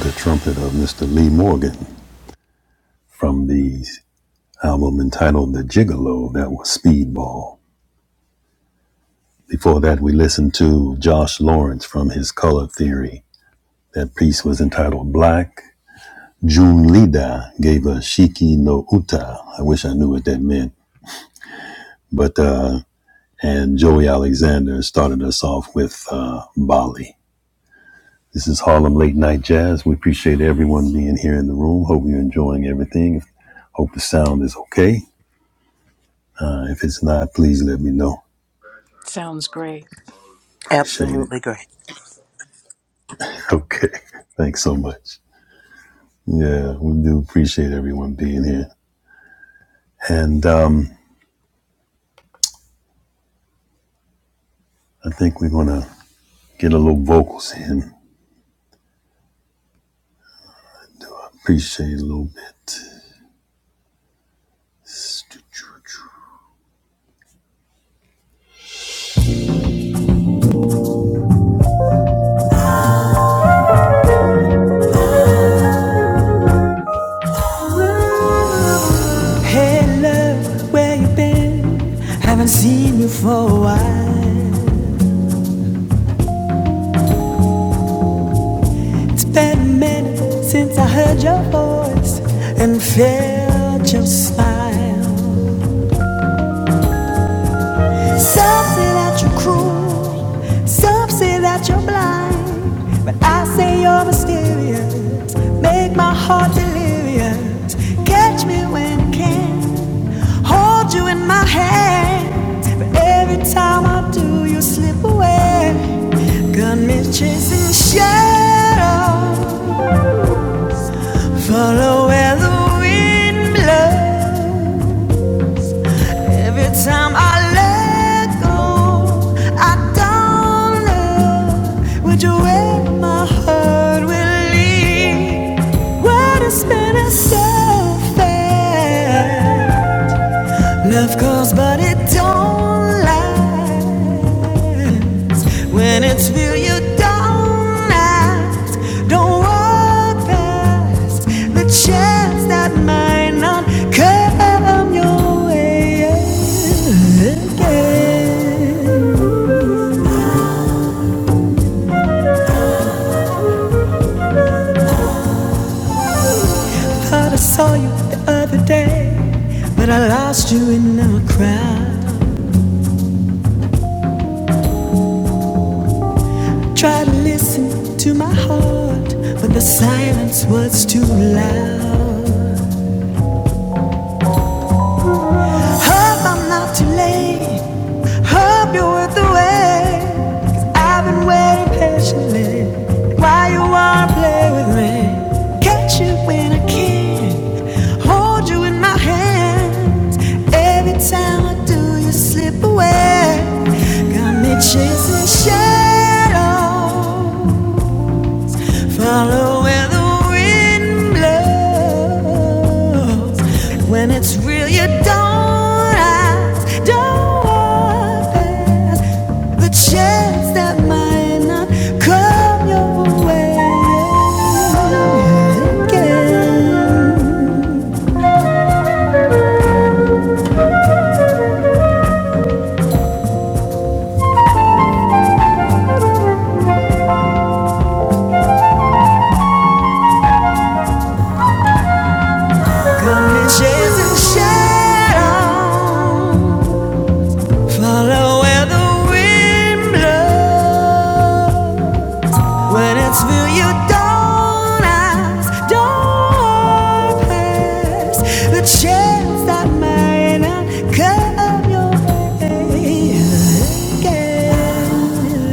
S1: The trumpet of Mr. Lee Morgan from the album entitled The Gigolo that was Speedball. Before that, we listened to Josh Lawrence from his Color Theory. That piece was entitled Black. June Lida gave us Shiki no Uta. I wish I knew what that meant. But, uh, and Joey Alexander started us off with uh, Bali. This is Harlem Late Night Jazz. We appreciate everyone being here in the room. Hope you're enjoying everything. Hope the sound is okay. Uh, if it's not, please let me know.
S2: Sounds great.
S1: Appreciate it.
S4: Absolutely great.
S1: <laughs> Okay. Thanks so much. Yeah, we do appreciate everyone being here. And um, I think we're going to get a little vocals in. Appreciate it a little bit. Hey, love, where you been? Haven't seen you for a while. That promise ought to live. Catch me when you slip away. Got me chasing shadows. Follow where the wind blows. Every time I let go, I don't know which way my heart will lead. What has been so fast? Love calls, but it don't last. When it's real, you don't ask. Don't walk past the chance that might not come your way again. Thought I saw you the other day, but I lost you in a crowd. Try to listen to my heart, but the silence was too loud. Hope I'm not too late. Hope you're worth the wait. i I've been waiting patiently while you wanna play with me. Catch you when I can. Hold you in my hands. Every time I do, you slip away. Got me chasing shadows. Follow where the wind blows. When it's real, you don't ask, don't ask. The chance that might not come your way again. Come and chase and shadow. Follow where the wind blows. When it's through, you don't ask, don't pass the chance that might not come your way again.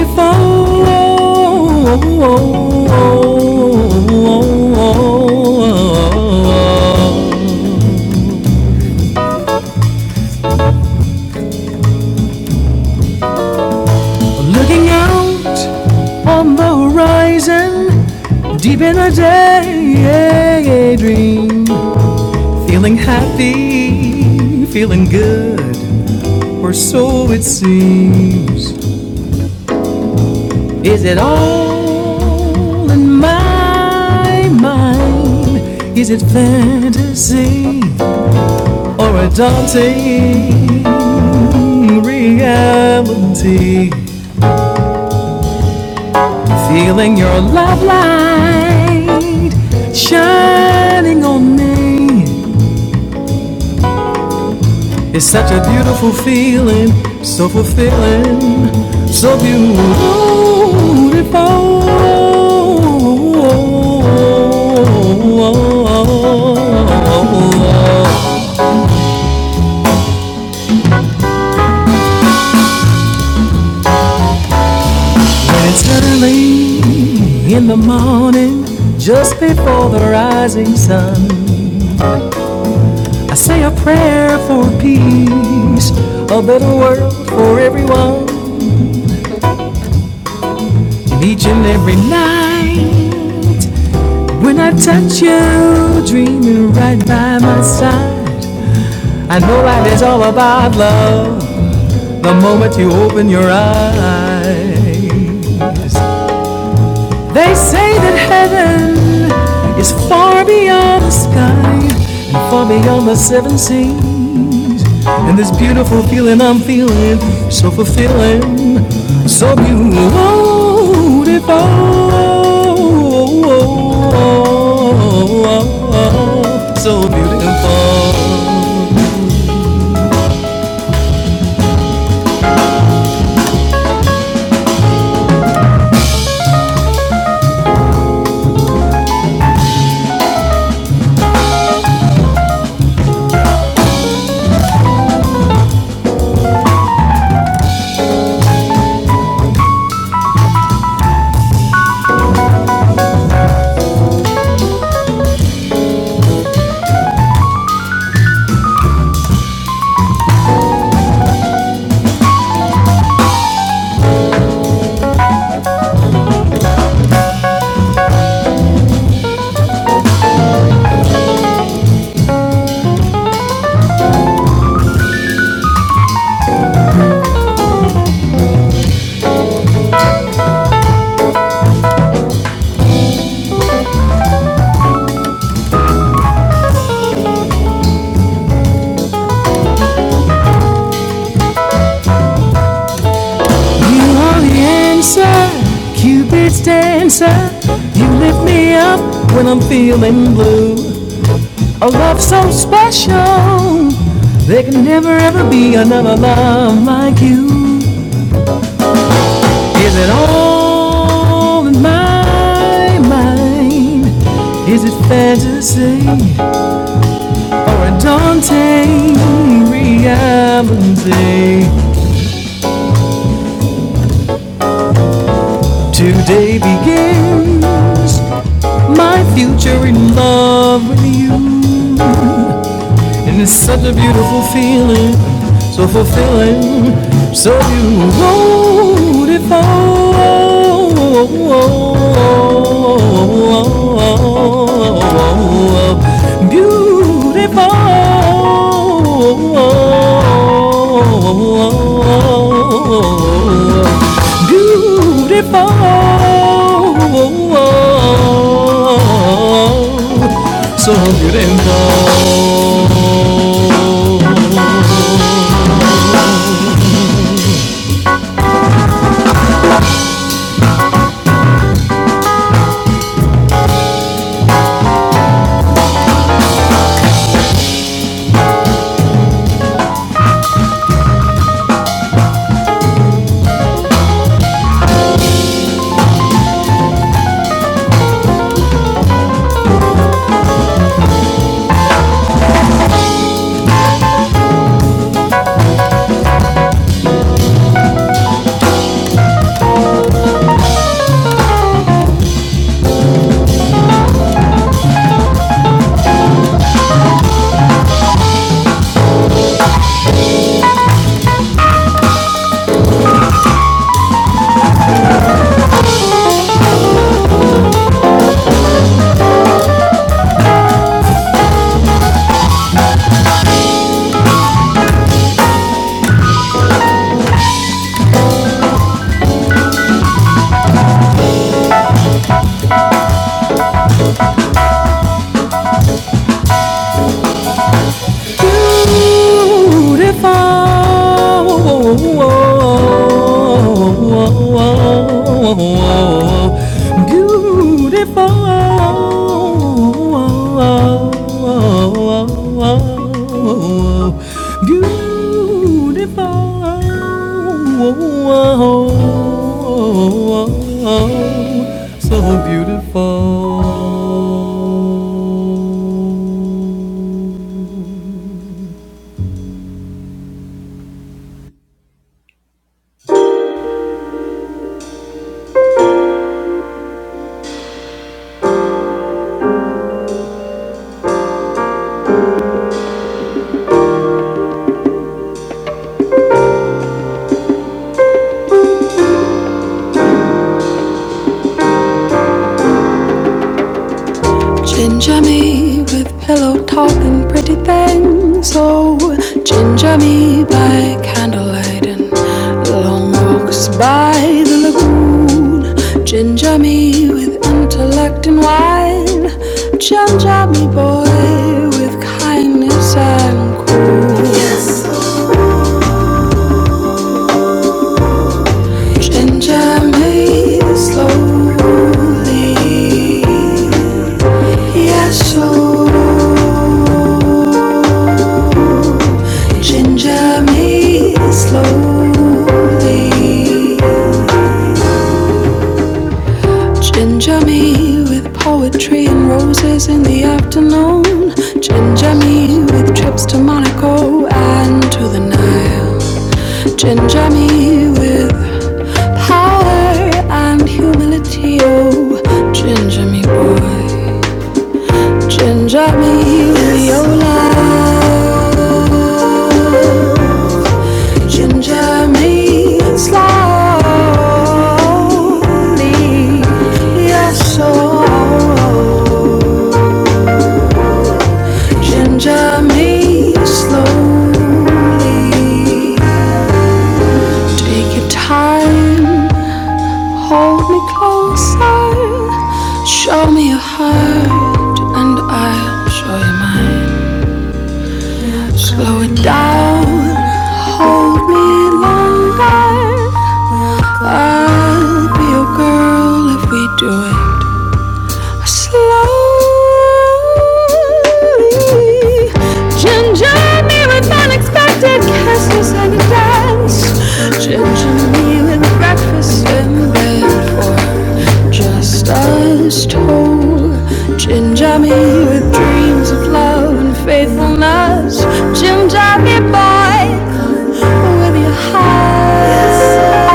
S1: Beautiful. Looking out on the horizon, deep in a daydream. Feeling happy, feeling good, or so it seems. Is it all in my mind? Is it fantasy or a daunting reality? Feeling your love light shining on me. It's such a beautiful feeling, so fulfilling, so beautiful. And it's early in the morning, just before the rising sun. I say a prayer for peace, a better world for everyone. I touch you, dreaming right by my I know life is all about love the moment you open your eyes. They say that heaven is far beyond the sky and far beyond the seven seas. And this beautiful feeling I'm feeling, so fulfilling, so beautiful, so beautiful. You are the answer, Cupid's dancer. You lift me up when I'm feeling blue. A love so special, there can never ever be another love like you. Is it all in my mind? Is it fantasy or a daunting reality? Today begins. my future in love with you. And it's such a beautiful feeling, so fulfilling, so beautiful. Beautiful. Beautiful. So beautiful. beautiful, beautiful, so beautiful. Ginger me with pillow talk and pretty things. Oh, ginger me by candlelight and long walks by the lagoon. Ginger me with intellect and wine. Ginger me, boy, with kindness and cool. Ginger me slowly. Yes, so Ginger me slowly. Ginger me with poetry and roses in the afternoon. Ginger me with trips to Monaco and to the Nile. Ginger me with power and humility. Oh, ginger me, boy. Ginger me with your love. Ginger me slowly, yes, oh. ginger me slowly. Take your time, hold me closer, show me your heart, and I'll show you mine. Slow it down, hold me longer. I'll be your girl if we do it. Slowly, ginger me with unexpected kisses and a dance. Ginger me with breakfast in bed for just us two. Ginger me with dreams of love and faithfulness. Ginger me, boy, with your heart.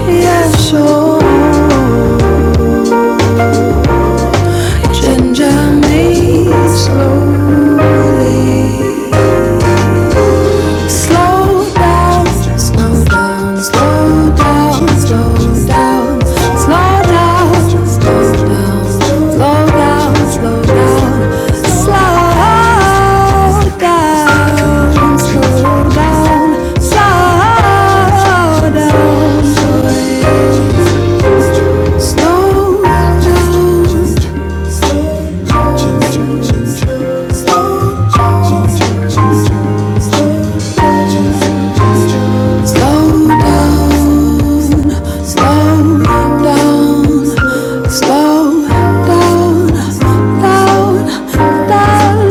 S1: Slowly Slow down, slow down, slow down, slow down, slow down, slow down, slow down, slow down, slow down, slow down, Slow down, slow down, slow down, down, down, down.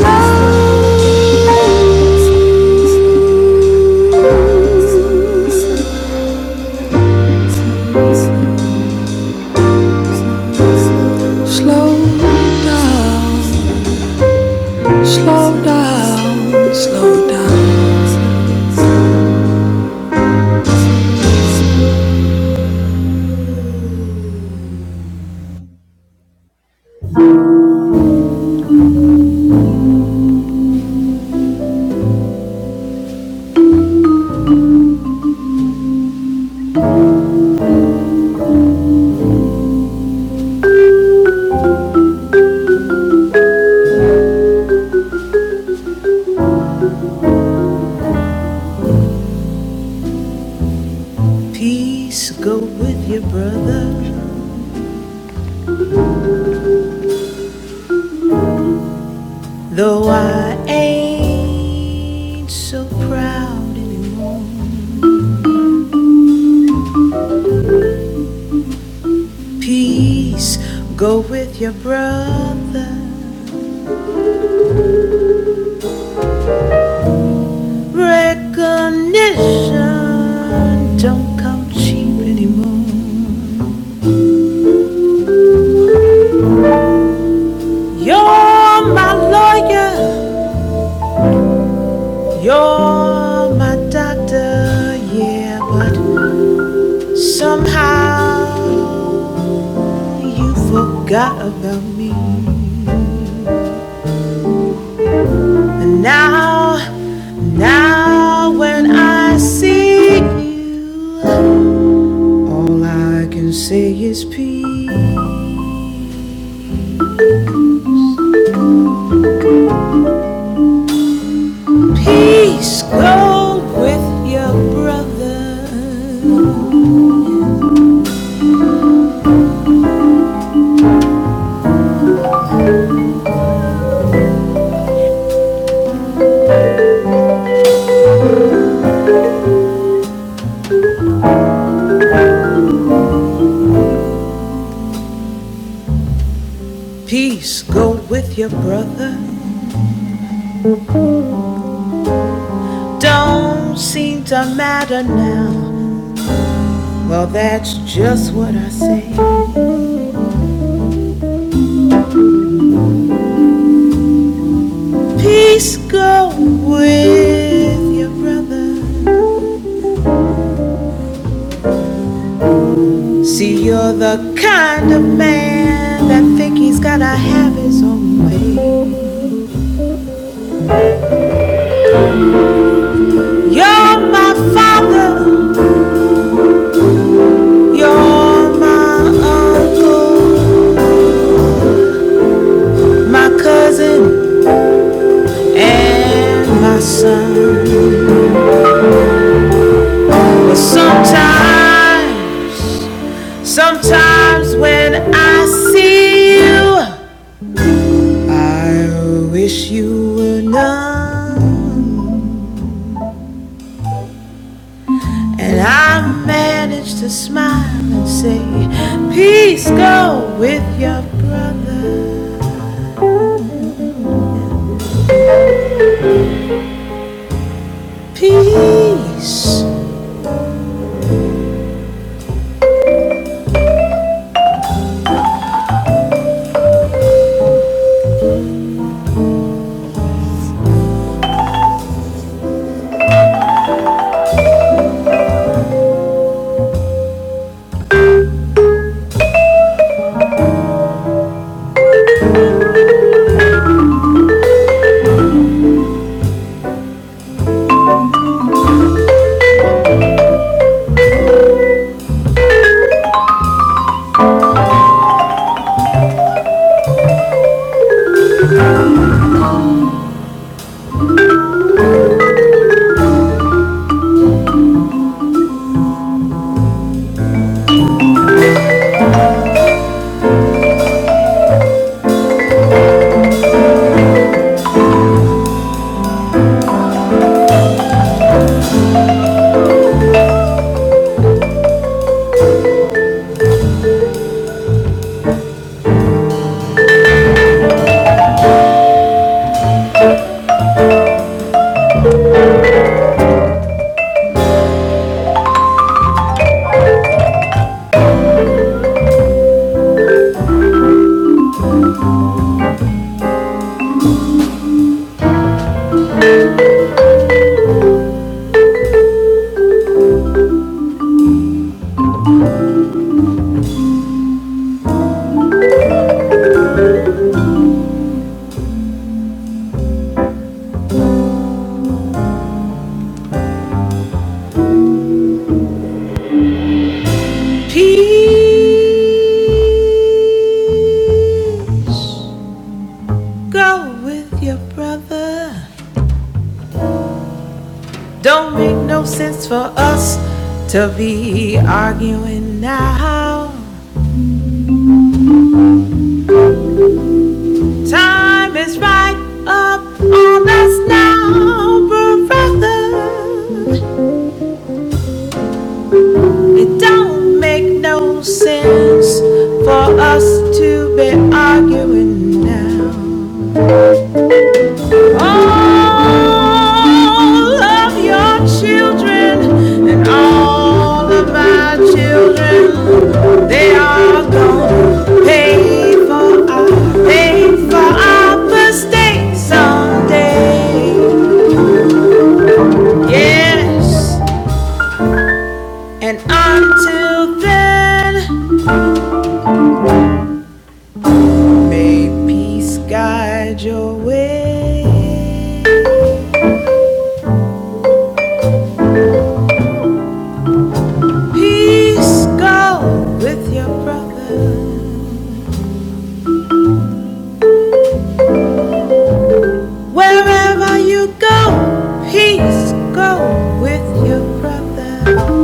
S1: Slow down, slow down, slow down. Though I ain't so proud anymore, peace go with your brother. Recognition don't come cheap anymore. Your doctor, yeah, but somehow you forgot about me. Let's go with your brother. You're the good man that think he's got a. You're my. It's to say Time is right up on us now, brother. It don't make no sense for us to be arguing now. All of your children and all of my children, they are gonna pay for our, pay for our mistakes someday. Yes, and until then, may peace guide your way. Peace go with your brother. Wherever you go, peace go with your brother.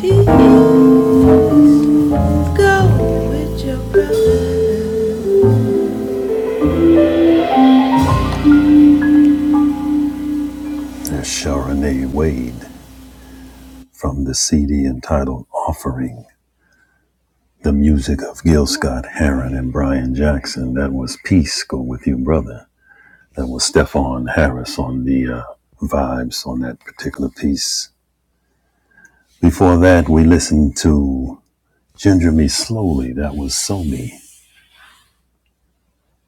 S1: Peace go with your brother. That's Sharonay Wade from the CD entitled Offering. The music of Gil Scott Heron and Brian Jackson. That was Peace Go With You Brother. That was Stefan Harris on the uh, vibes on that particular piece. Before that, we listened to Ginger Me Slowly. That was So Me.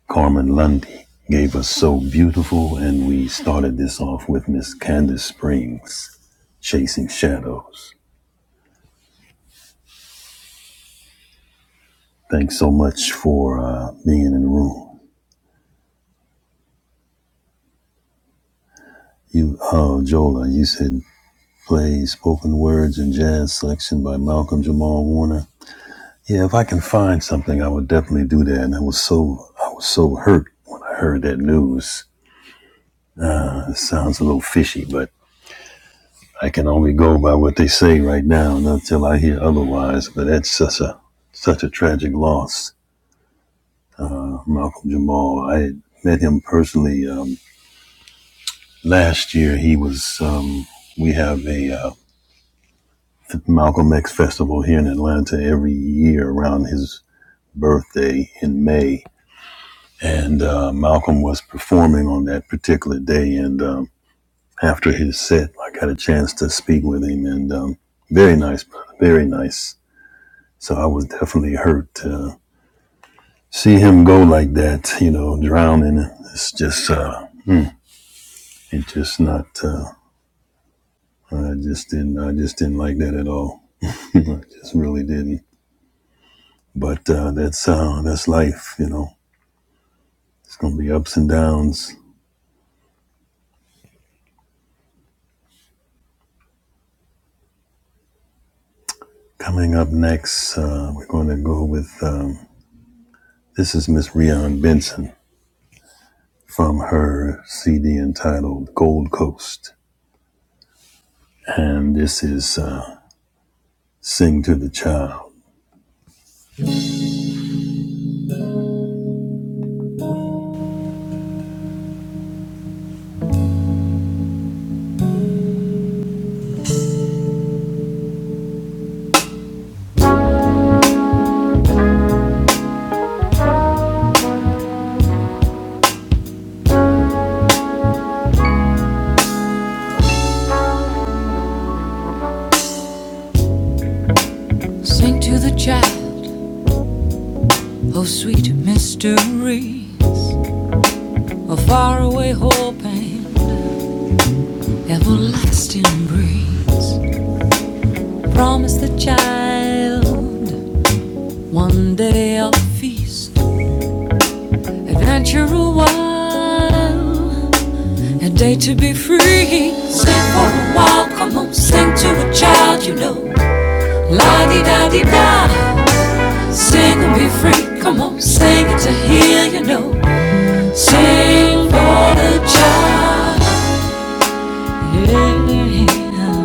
S1: Carmen Lundy gave us So Beautiful, and we started this off with Miss Candace Springs, Chasing Shadows. Thanks so much for uh, being in the room. You, uh, Jola, you said plays spoken words and jazz selection by Malcolm Jamal Warner. Yeah, if I can find something, I would definitely do that. And I was so I was so hurt when I heard that news. It sounds a little fishy, but I can only go by what they say right now and until I hear otherwise. But that's such a such a tragic loss. Malcolm Jamal. I met him personally um, last year. He was um, we have a uh, Malcolm X festival here in Atlanta every year around his birthday in May, and uh, Malcolm was performing on that particular day. And um, after his set, I got a chance to speak with him, and um, very nice, brother, very nice. So I was definitely hurt to see him go like that, you know, drowning. It's just, uh, it's just not. Uh, I just didn't, I just didn't like that at all. <laughs> I just really didn't. But uh, that's uh, that's life, you know. It's gonna be ups and downs Coming up next, uh, we're going to go with um, this is Miss Rian Benson from her CD entitled Gold Coast, and this is uh, Sing to the Child. From hill, one day I'll feast, adventure a while, a day to be free. Sing for a while, come on, sing to a child, you know. La di da di da, Sing and be free. Come on, sing it to hear you know. Sing for the child. Yeah, yeah, yeah.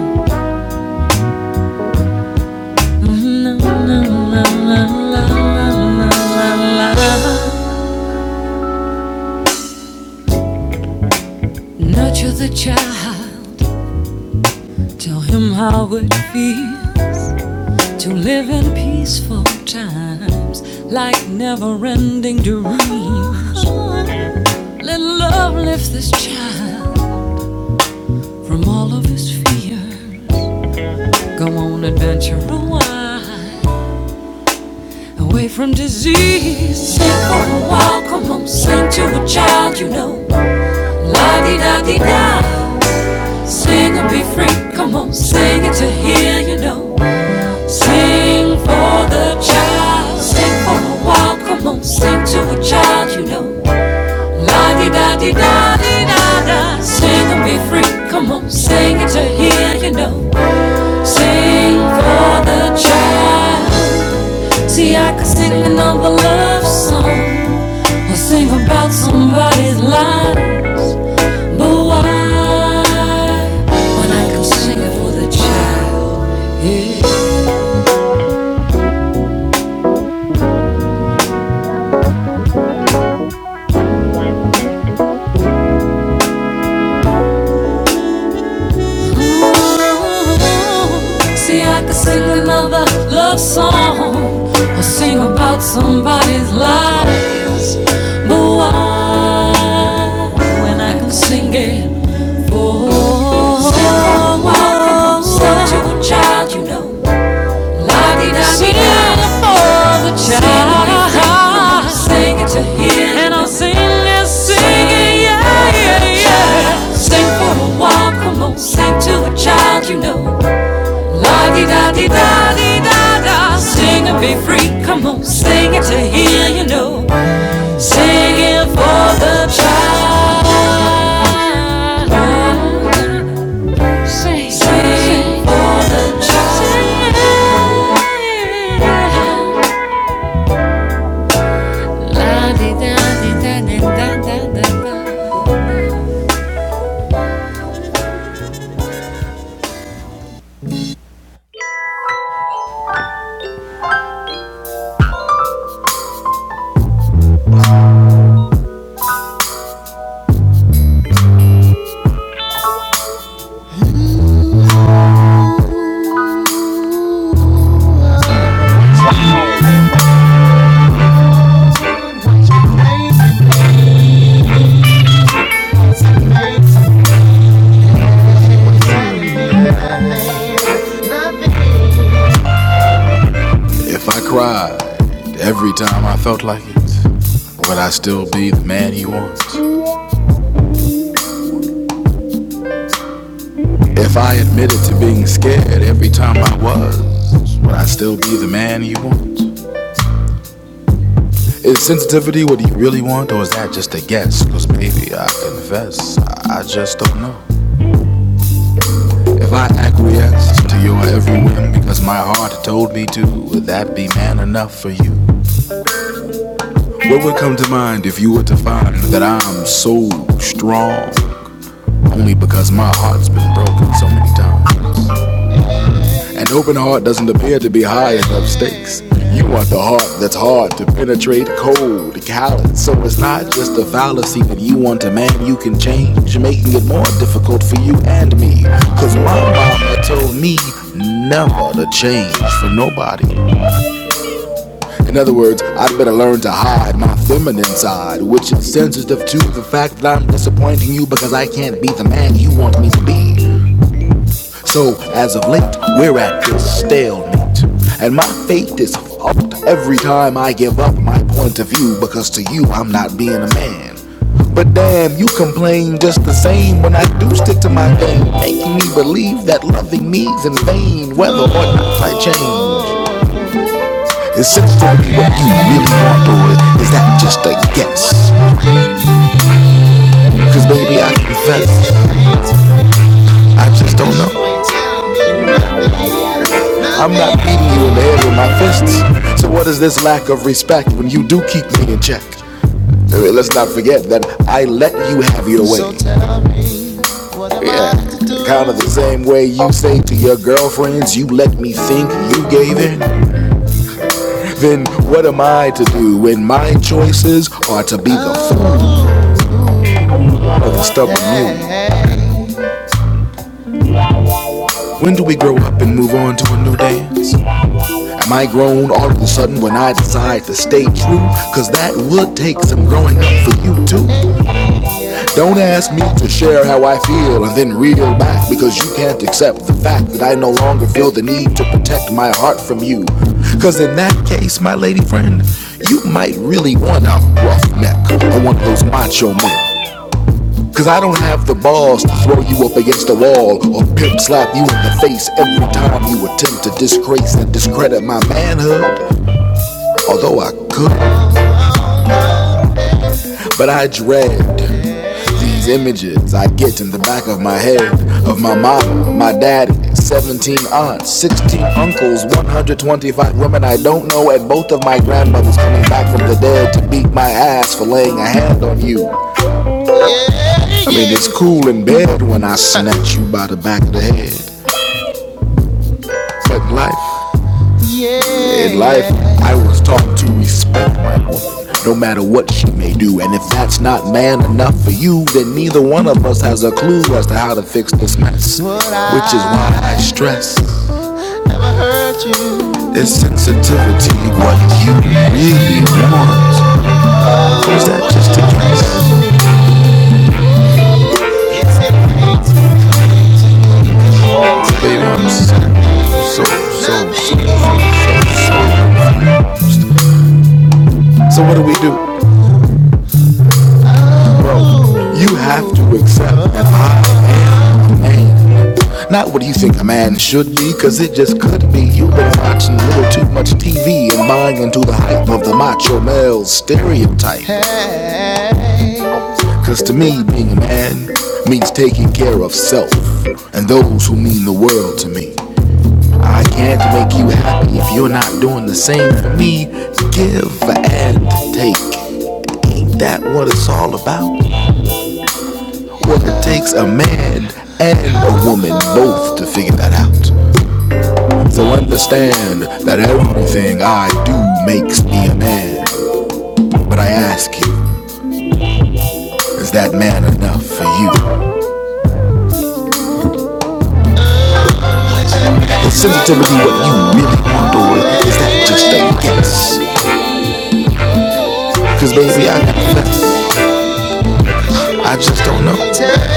S1: nurture her. Love lifts this child from all of his fear. Go on, adventure a while. Away from disease. Sing for a while. Come on, sing to a child you know. La di da di da. Sing and be free. Come on, sing it to hear you know. Sing for the child, sing for a while, come on, sing to a child, you know. La di da di da di da da, sing and be free, come on, sing it to hear, you know. Sing for the child. See, I could sing another love song, or sing about somebody's lives, but why? When I can sing it for the child, yeah. Ooh, see, I could sing another love song or sing about somebody's lies. But why, when I can sing it for someone? such a child, you know? Singing for the child. Singing to him. And I'll sing this singing, yeah, yeah, yeah. Sing for a while, come on. Sing to a child you know. La di da di da di da da. Sing and be free, come on. Sing it to hear, you know. Singing for the child. Sing, sing for the child. If I cried every time I felt like it, would I still be the man he wants? If I admitted to being scared every time I was, would I still be the man he wants? Is sensitivity what he really wants, or is that just a guess? Cause baby, I confess, I just don't know. If I acquiesced to your every whim because my heart told me to, would that be man enough for you? What would come to mind if you were to find that I'm so strong only because my heart's been broken so many times? An open heart doesn't appear to be high enough stakes. You want the heart that's hard to penetrate, cold, callous. So it's not just a fallacy that you want a man you can change, making it more difficult for you and me. Cause my mama told me never to change for nobody. In other words, I'd better learn to hide my feminine side, which is sensitive to the fact that I'm disappointing you because I can't be the man you want me to be. So, as of late, we're at this stalemate. And my fate is fucked every time I give up my point of view because to you, I'm not being a man. But damn, you complain just the same when I do stick to my thing, making me believe that loving me's in vain, whether or not I change. Is it for me what you really want, or is that just a guess? Because, baby, I confess, I just don't know. I'm not beating you in the head with my fists. So, what is this lack of respect when you do keep me in check? let's not forget that I let you have your way. Yeah. Kind of the same way you say to your girlfriends, you let me think you gave in. Then what am I to do when my choices are to be the fool of the stubborn mule? When do we grow up and move on to a new dance? Am I grown all of a sudden when I decide to stay true? Cause that would take some growing up for you too. Don't ask me to share how I feel and then reel back because you can't accept the fact that I no longer feel the need to protect my heart from you. Cause in that case, my lady friend, you might really want a rough neck or one of those macho men. Cause I don't have the balls to throw you up against the wall or pimp slap you in the face every time you attempt to disgrace and discredit my manhood. Although I could, but I dread these images I get in the back of my head of my mama, my daddy, 17 aunts, 16 uncles, 125 women I don't know, and both of my grandmothers coming back from the dead to beat my ass for laying a hand on you. I mean, it's cool in bed when I snatch you by the back of the head. But life In life, I was taught to respect my woman, no matter what she may do. And if that's not man enough for you, then neither one of us has a clue as to how to fix this mess. Which is why I stress this sensitivity. What you really want is that just a guess, Baby, I'm so, so, so. So so what do we do? You have to accept that I man. Not what you think a man should be, cause it just could be. You've been watching a little too much TV and buying into the hype of the macho male stereotype. Cause to me, being a man means taking care of self and those who mean the world to me. I can't make you happy if you're not doing the same for me. Give and take. Ain't that what it's all about? Well, it takes a man and a woman both to figure that out. So understand that everything I do makes me a man. But I ask you, is that man enough for you? Is sensitivity what you really want, or is that just a guess? Cause baby, I confess, I just don't know. Tell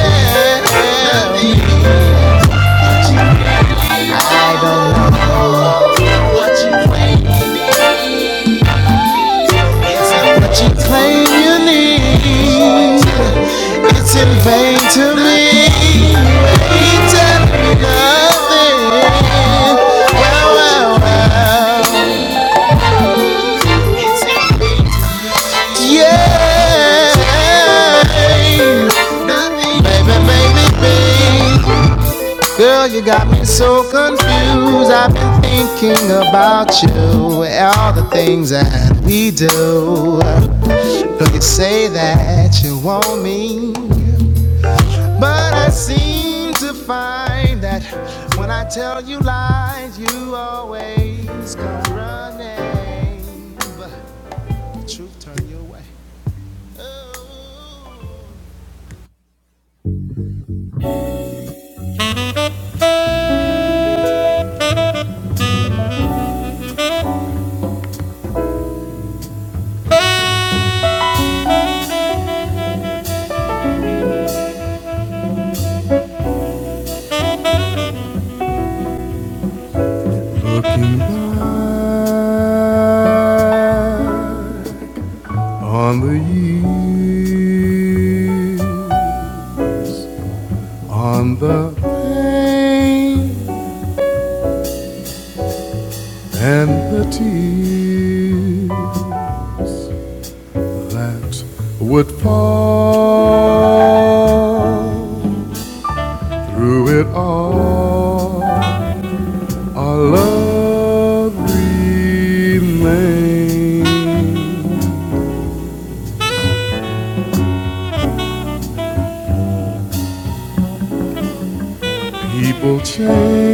S1: to me, tell me nothing. Wow, wow, wow. Yeah. Nothing. Baby, baby, baby. Girl, you got me so confused. I've been thinking about you, all the things that we do. You say that you want me, but I seem to find that when I tell you lies, you always come running. But the truth turn you away. on the year, on the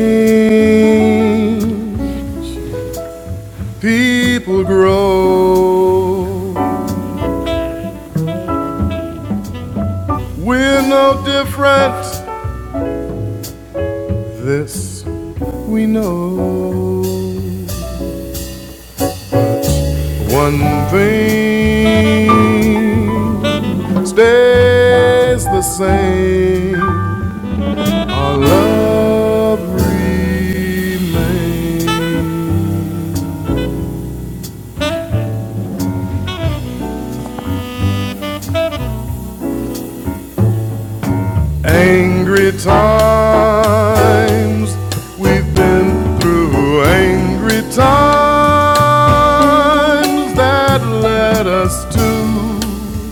S1: end. People grow. We're no different. This we know. One thing stays the same. Our love remains. Angry times we've been through, angry times that led us to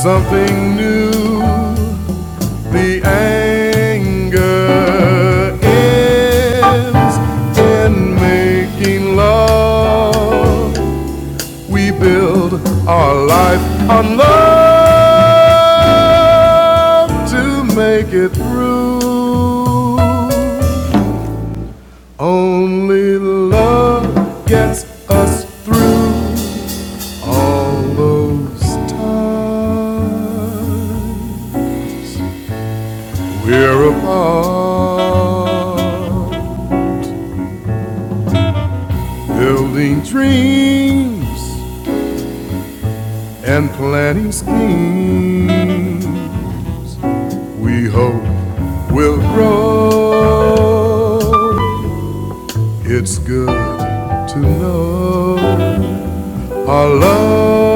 S1: something new. The anger ends in making love we build our life on love to make it through. Only love gets us through all those times we're apart, building dreams and planning schemes. we hope will grow. It's good to know our love.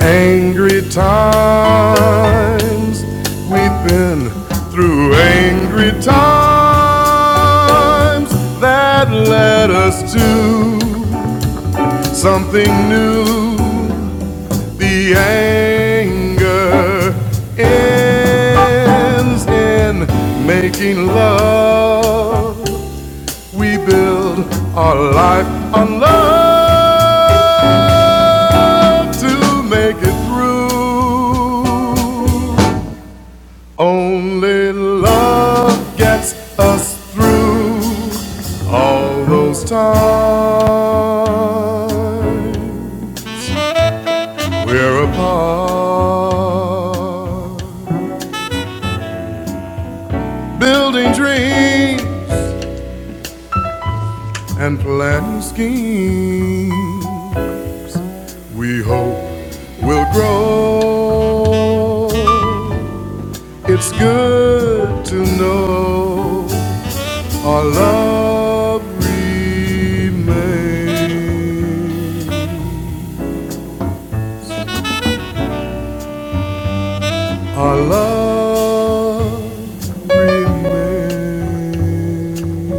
S1: Angry times, we've been through angry times that led us to something that's us time. We're apart. building dreams and planning schemes we hope will grow. It's good to know our love remains. Our love remains.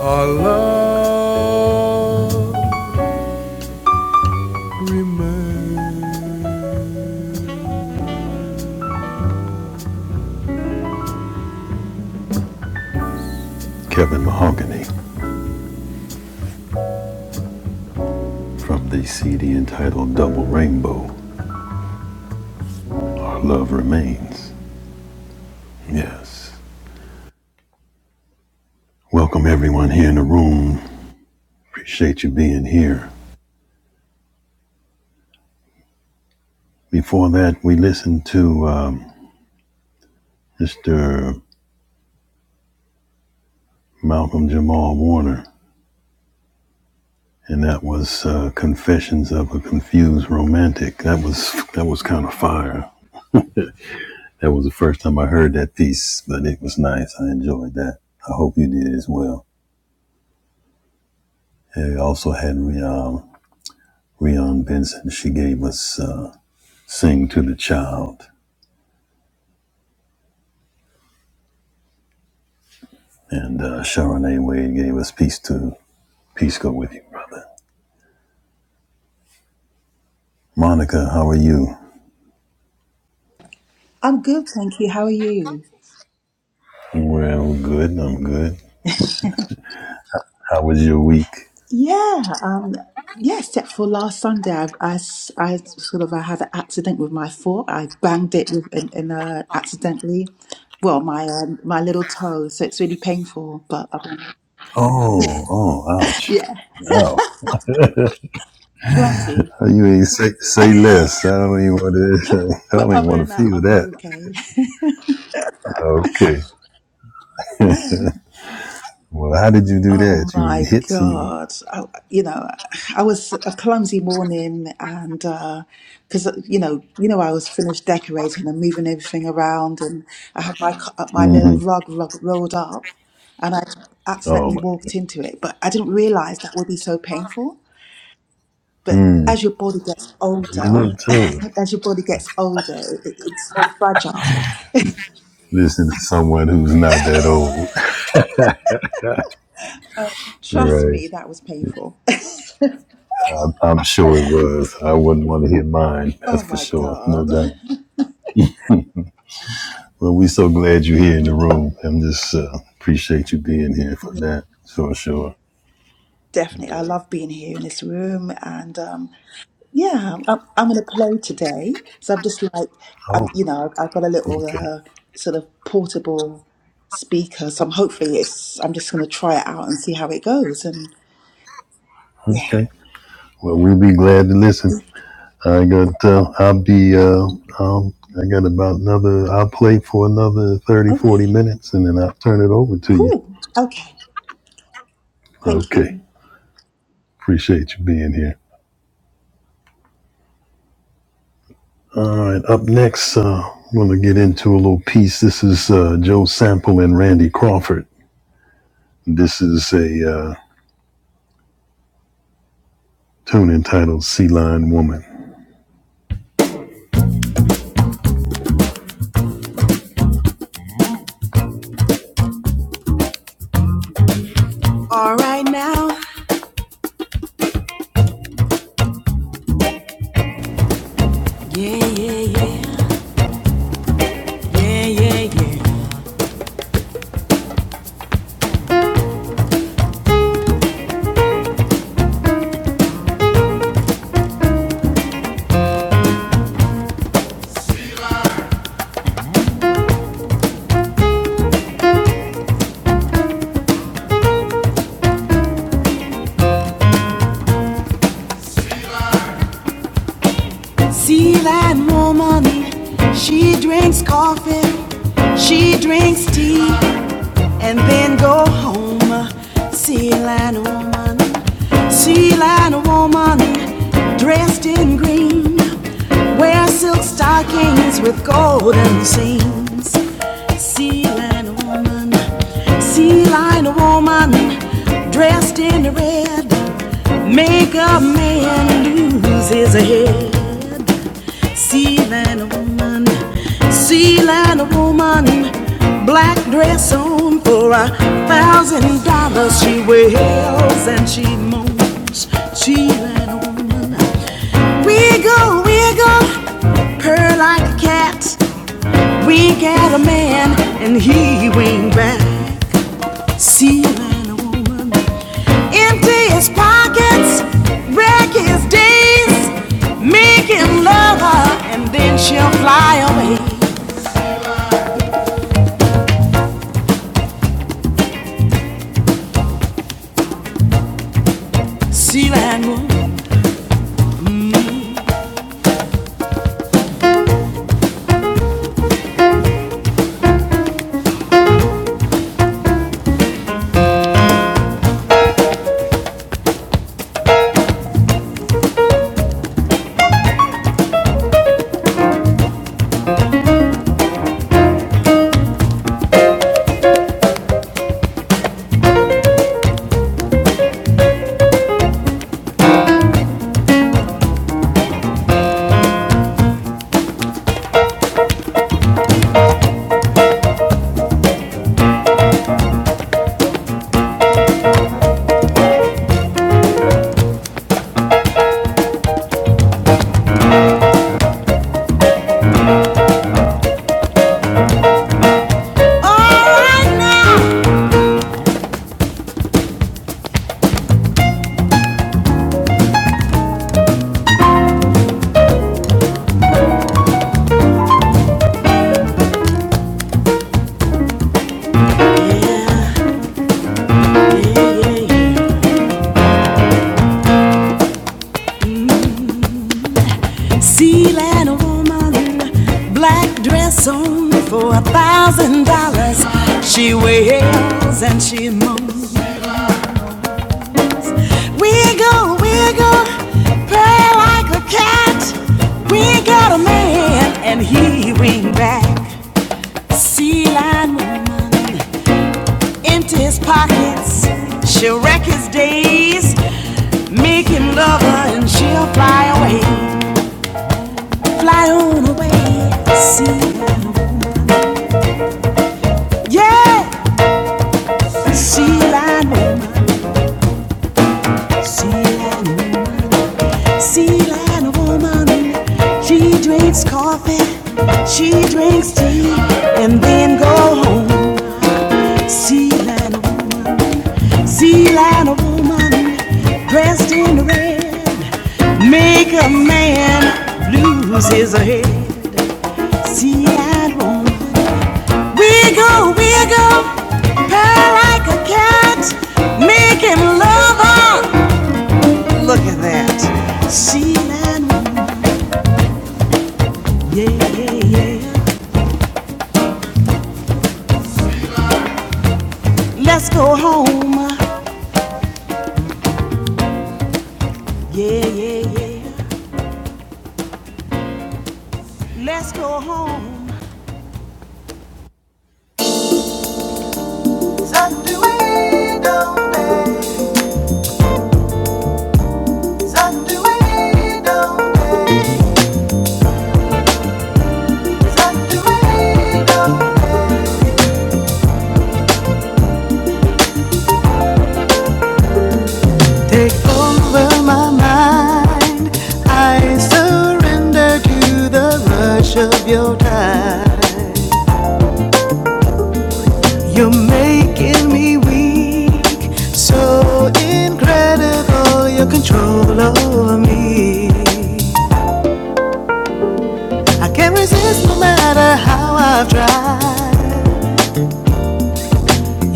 S1: Our love remains. Kevin Mahogany. From the CD entitled Double Rainbow, Our Love Remains. Yes. Welcome everyone here in the room. Appreciate you being here. Before that, we listened to um, Mr. Malcolm Jamal Warner, and that was uh, "Confessions of a Confused Romantic." That was that was kind of fire. That was the first time I heard that piece, but it was nice. I enjoyed that. I hope you did as well. And we also had Rian, Rian Benson. She gave us. Uh, Sing to the Child. And uh, Sharonay Wade gave us Peace to Peace Go With You, brother. Monica, how are you?
S5: I'm good, thank you. How are you?
S1: Well, good. I'm good. How was your week?
S5: Yeah, um, yeah. Except for last Sunday, I, I s- I sort of I had an accident with my foot. I banged it with, in, in uh, accidentally. Well, my um, my little toe, so it's really painful. But other than,
S1: Oh, oh, ouch.
S5: yeah,
S1: Oh,
S5: clumsy.
S1: you ain't say, say less. I don't even want to, <laughs> I
S5: But
S1: don't even
S5: other
S1: want
S5: than
S1: to
S5: that,
S1: feel
S5: I'm
S1: that.
S5: okay.
S1: Okay. Well, how did you do
S5: Oh
S1: that? You
S5: my
S1: hit you.
S5: God. I, you know, I was a clumsy morning and uh 'cause because you know, you know I was finished decorating and moving everything around and I had my cu- my little
S1: hmm
S5: rug rug rolled up and I
S1: Oh,
S5: accidentally
S1: my.
S5: walked into it, but I didn't realize that would be so painful. But
S1: Mm.
S5: as your body gets
S1: You
S5: older,
S1: look
S5: <laughs>
S1: too.
S5: as your body gets older, it, it's more fragile.
S1: Listen to someone who's not that old. <laughs>
S5: Trust
S1: Right.
S5: me, that was painful. <laughs>
S1: I'm sure it was. I wouldn't want to hear mine.
S5: Oh
S1: That's for
S5: my
S1: sure. No
S5: God.
S1: doubt. Well, we are so glad you're here in the room. I'm just uh, appreciate you being here for that. Sure, sure.
S5: Definitely. I
S1: Yeah.
S5: love being here in this room. And um, yeah, I'm, I'm going to play today. So I'm just like,
S1: Oh,
S5: um, you know, I've I've got a little
S1: okay.
S5: uh, sort of portable speaker. So I'm hopefully it's, I'm just going to try it out and see how it goes. And yeah.
S1: Okay. Well, we'll be glad to listen. I got. Uh, I'll be. Uh, um, I got about another. I'll play for another thirty, 40
S5: Okay.
S1: minutes, and then I'll turn it over to you.
S5: Cool. Okay. Thank
S1: Okay.
S5: you.
S1: Appreciate you being here. All right, up next, uh, I'm going to get into a little piece. This is uh, Joe Sample and Randy Crawford. This is a uh, tune entitled Sea Lion Woman. All right now, yeah, yeah, yeah, yeah, yeah, yeah. Sea Lion Woman, she drinks coffee, she drinks tea. and then go home. sea lion woman, sea lion woman dressed in green, wear silk stockings with golden seams. Sea lion woman, sea lion woman dressed in red Make a man lose his head. Seal and a woman, seal and a woman, black dress on for a thousand dollars. She wails and she moans. Seal and a woman, wiggle, wiggle, purr like a cat. Wink at a man and he wink back. Sealing a woman, empty his pockets, wreck his days, making love her, and then she'll fly away. Sealing a woman, yeah, yeah, yeah. Sealing a woman, black dress on for a thousand dollars. She wails and she moans. Wiggle, wiggle, purr like a cat. We got a man, and he ring back. Sea lion woman empty his pockets. She'll wreck his days, make him love her, and she'll fly away, fly on away. Sea lion, woman. yeah, sea lion woman, sea lion woman, sea lion woman. She drinks coffee, she drinks tea, and then go home. See that woman, see that woman dressed in red, make a man lose his head. See that woman, wiggle, wiggle, purr like a cat, make him love her. Look at that, see that woman, yeah, yeah, yeah. Let's go home, yeah, yeah, yeah. Let's go home. Sunday, down there. Take over my mind. I surrender to the rush of your time. You're making me weak, so incredible your control over me. I can't resist no matter how I've tried.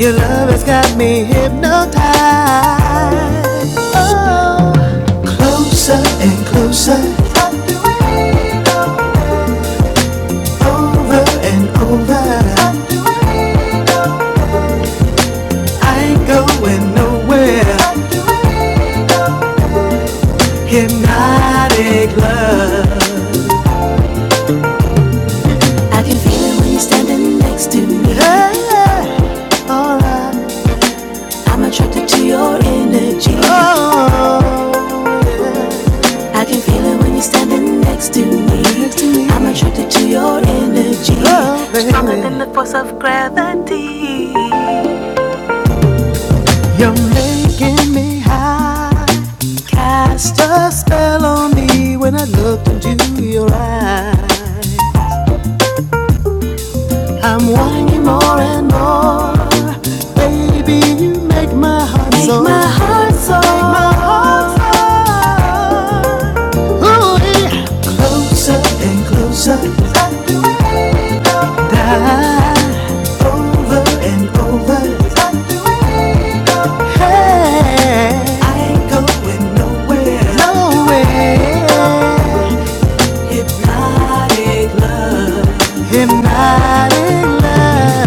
S1: Your love has got me hypnotized. Oh. Closer and closer over and over. I ain't going nowhere. Hypnotic love. I can feel it when you're standing next to me. I'm attracted to your energy. I can feel it when you're standing next to me. I'm attracted to your energy. Oh, Stronger than the force of gravity. Making me high. Cast a spell on me when I looked into your eyes. I'm wanting more and more. Baby, you make my heart make so. My heart so. Make my heart so. Ooh, yeah. And over again. I'm in love.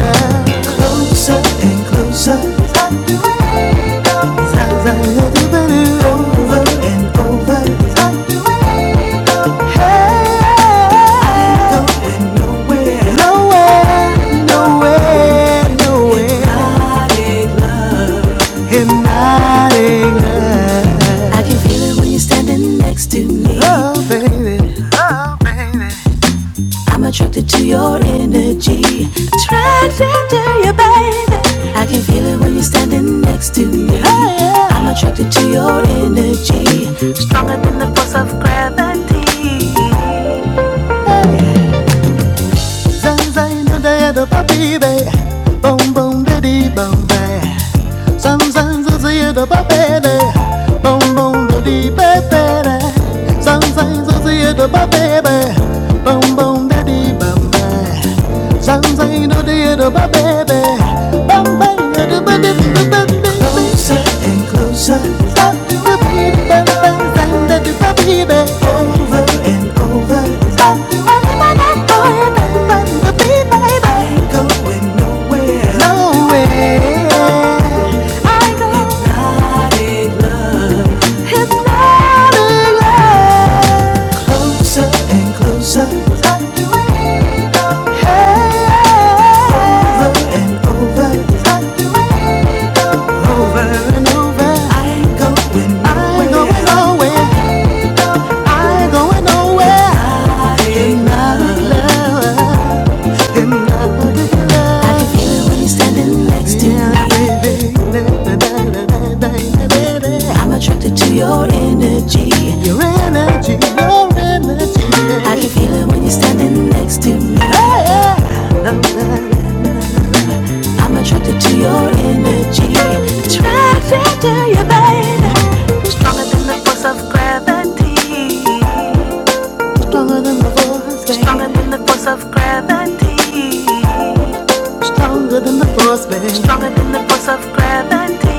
S1: And not in love. I can feel it when you're standing next to me. Oh, baby. I'm attracted to your energy. Attracted to you, baby. I can feel it when you're standing next to me. Oh, yeah. I'm attracted to your energy. Stronger than the force of gravity. Zay zay na da da ba bi Boom boom baby, boom baby. Sometimes I see the baby, boom boom the deep baby. Sometimes I see the baby, boom boom the deep baby. Sometimes I see the baby, boom boom the deep baby. Closer and closer, stop to the baby, sometimes I do the baby. Over and over, stop to the baby, boom boom the deep baby. bang bang Closer and closer. and over and on. I can feel it when you're standing next to Yeah, me. baby, I'm attracted to your energy. Your energy, your I can feel it when you're standing next to me. I'm attracted to your energy. Attracted to you, babe. Stronger than the force of gravity. Stronger than the voice, Stronger than the force of gravity. Stronger than the force, baby. Stronger than the force of gravity.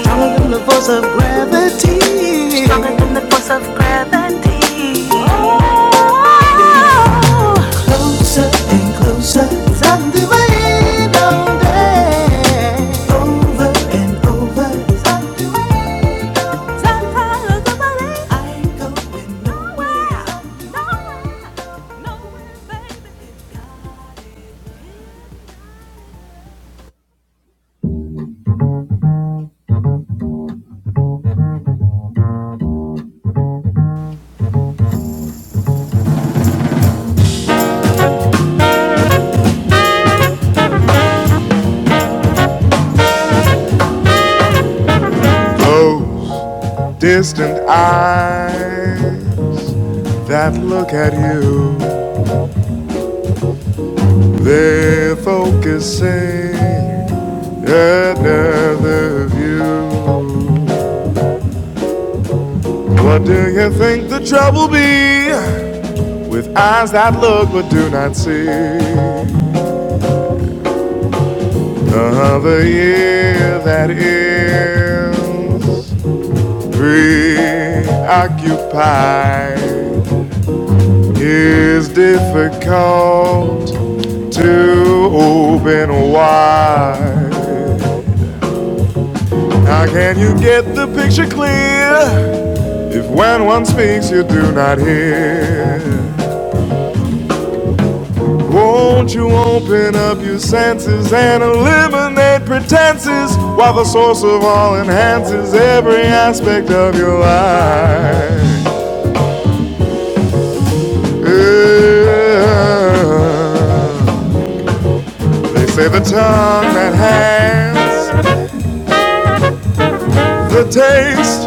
S1: Stronger than the force of gravity. Stronger than the force of gravity. Oh, Closer until the end of day. Over and over. Those distant eyes that look at you, they're focusing another view. What do you think the trouble be with eyes that look but do not see? Another year that is preoccupied is difficult to open wide. How can you get the picture clear? If when one speaks you do not hear, won't you open up your senses and eliminate pretenses while the source of all enhances every aspect of your life? Yeah. They say the tongue that has the taste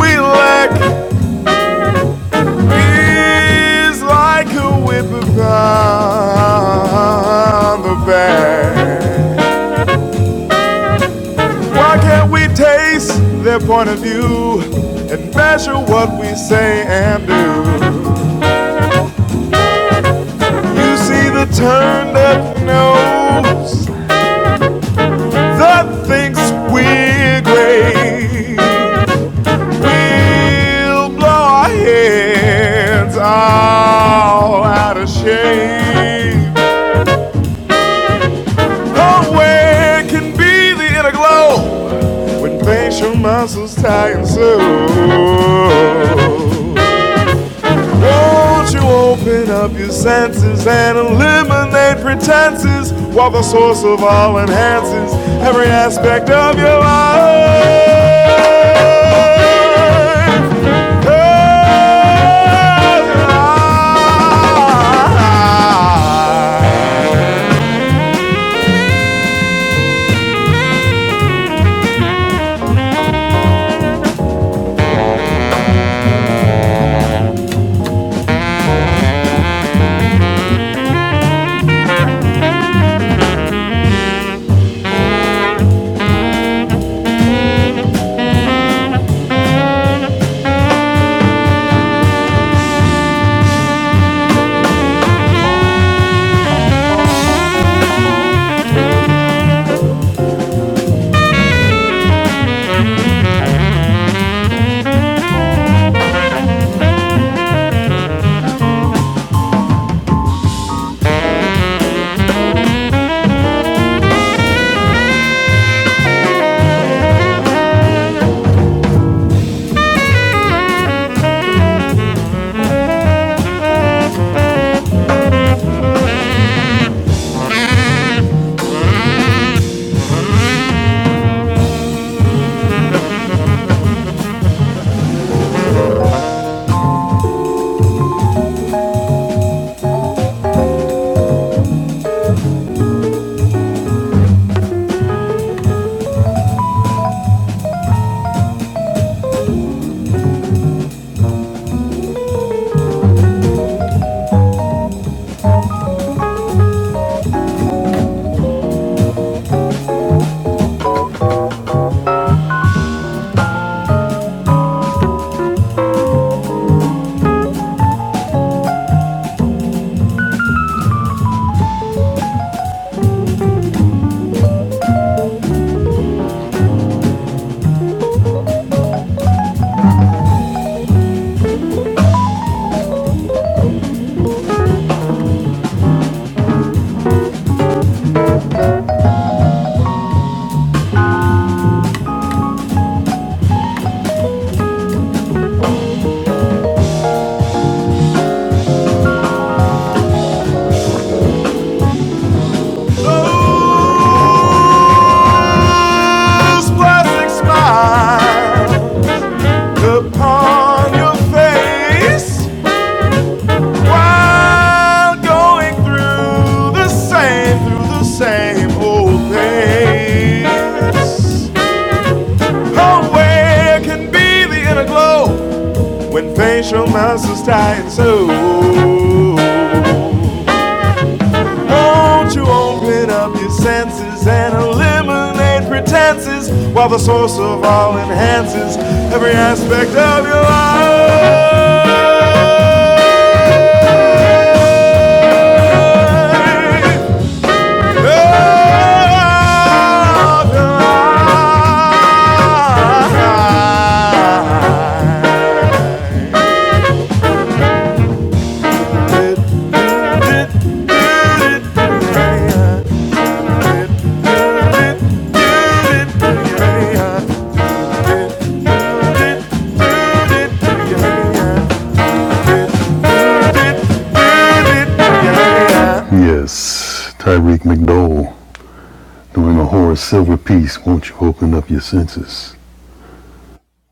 S1: we lack is like a whip upon the back. Why can't we taste their point of view and measure what we say and do? You see the turn that knows, that thinks we're great. We'll blow our heads all out of shape. Oh, where can be the inner glow when facial muscles tighten so? Won't you open up your senses and eliminate pretenses while the source of all enhances every aspect of your life? Those plastic smiles upon your face? While going through the same, through the same old place, Oh, where can be the inner glow when facial muscles tighten so? Won't you open up your senses and eliminate pretenses while the source of all enhances every aspect of your life? Yes, Tyreek McDowell doing a horrid silver piece. Won't you open up your senses?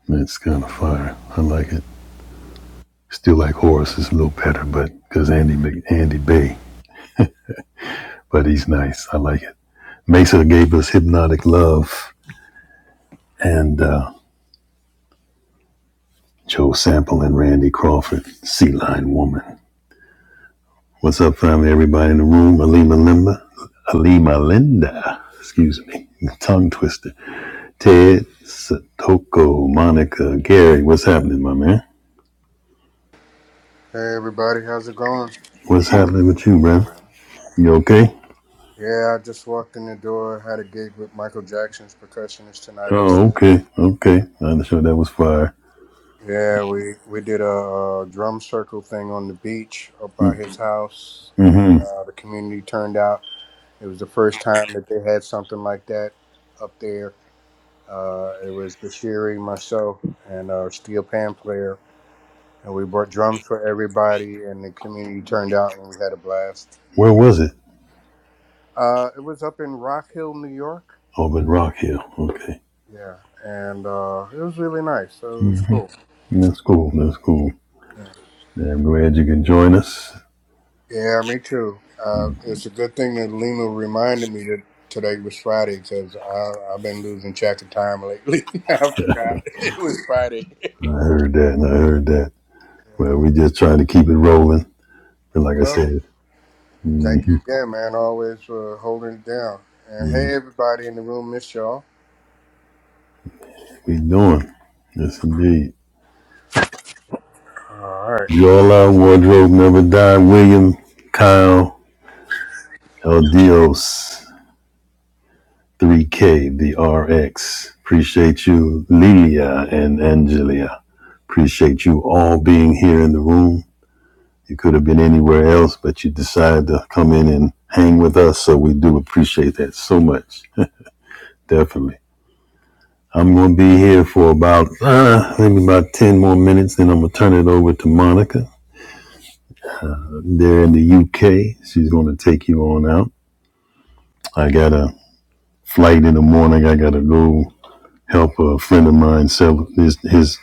S1: That's kind of fire. I like it. Still like Horace's a little better, but because Andy Andy Bay, but he's nice. I like it. Mesa gave us Hypnotic Love and uh, Joe Sample and Randy Crawford, Sea Lion Woman. What's up, family? Everybody in the room. Alima Linda. Alima Linda. Excuse me. <laughs> Tongue twister. Ted, Satoko, Monica, Gary. What's happening, my man?
S6: Hey everybody, how's it going?
S1: What's happening with you, bro? You okay?
S6: Yeah, I just walked in the door, had a gig with Michael Jackson's percussionist tonight
S1: Oh,
S6: upstairs.
S1: okay. Okay. I'm sure that was fire.
S6: Yeah, we we did a, uh drum circle thing on the beach up by his house, and uh, the community turned out. It was the first time that they had something like that up there. Uh, it was Bashiri, myself, and a steel pan player, and we brought drums for everybody, and the community turned out, and we had a blast.
S1: Where was it?
S6: Uh, it was up in Rock Hill, New York
S1: Oh, but Rock Hill. Okay.
S6: Yeah, and uh, it was really nice. So it was cool.
S1: That's cool. That's cool.
S6: Yeah,
S1: Yeah, I'm glad you can join us.
S6: Yeah, me too. Uh, it's a good thing that Lena reminded me that today was Friday because I've been losing track of time lately. <laughs> I forgot <laughs> it was Friday.
S1: I heard that and I heard that.
S6: Yeah.
S1: Well, we just trying to keep it rolling. And like I
S6: Well,
S1: said, <laughs>
S6: thank you
S1: mhm,
S6: again, man. Always for holding it down. And hey, everybody in the room, miss y'all.
S1: we doing. Yes, indeed.
S6: All right.
S1: Yola, Wardrobe Never Die, William, Kyle, El Dios, 3K, the RX. Appreciate you, Lilia and Angelia. Appreciate you all being here in the room. You could have been anywhere else, but you decided to come in and hang with us, so we do appreciate that so much. Definitely. I'm going to be here for about, uh, maybe about 10 more minutes, then I'm going to turn it over to Monica. They're in the UK. She's going to take you on out. I got a. flight in the morning. I gotta go help a friend of mine sell his his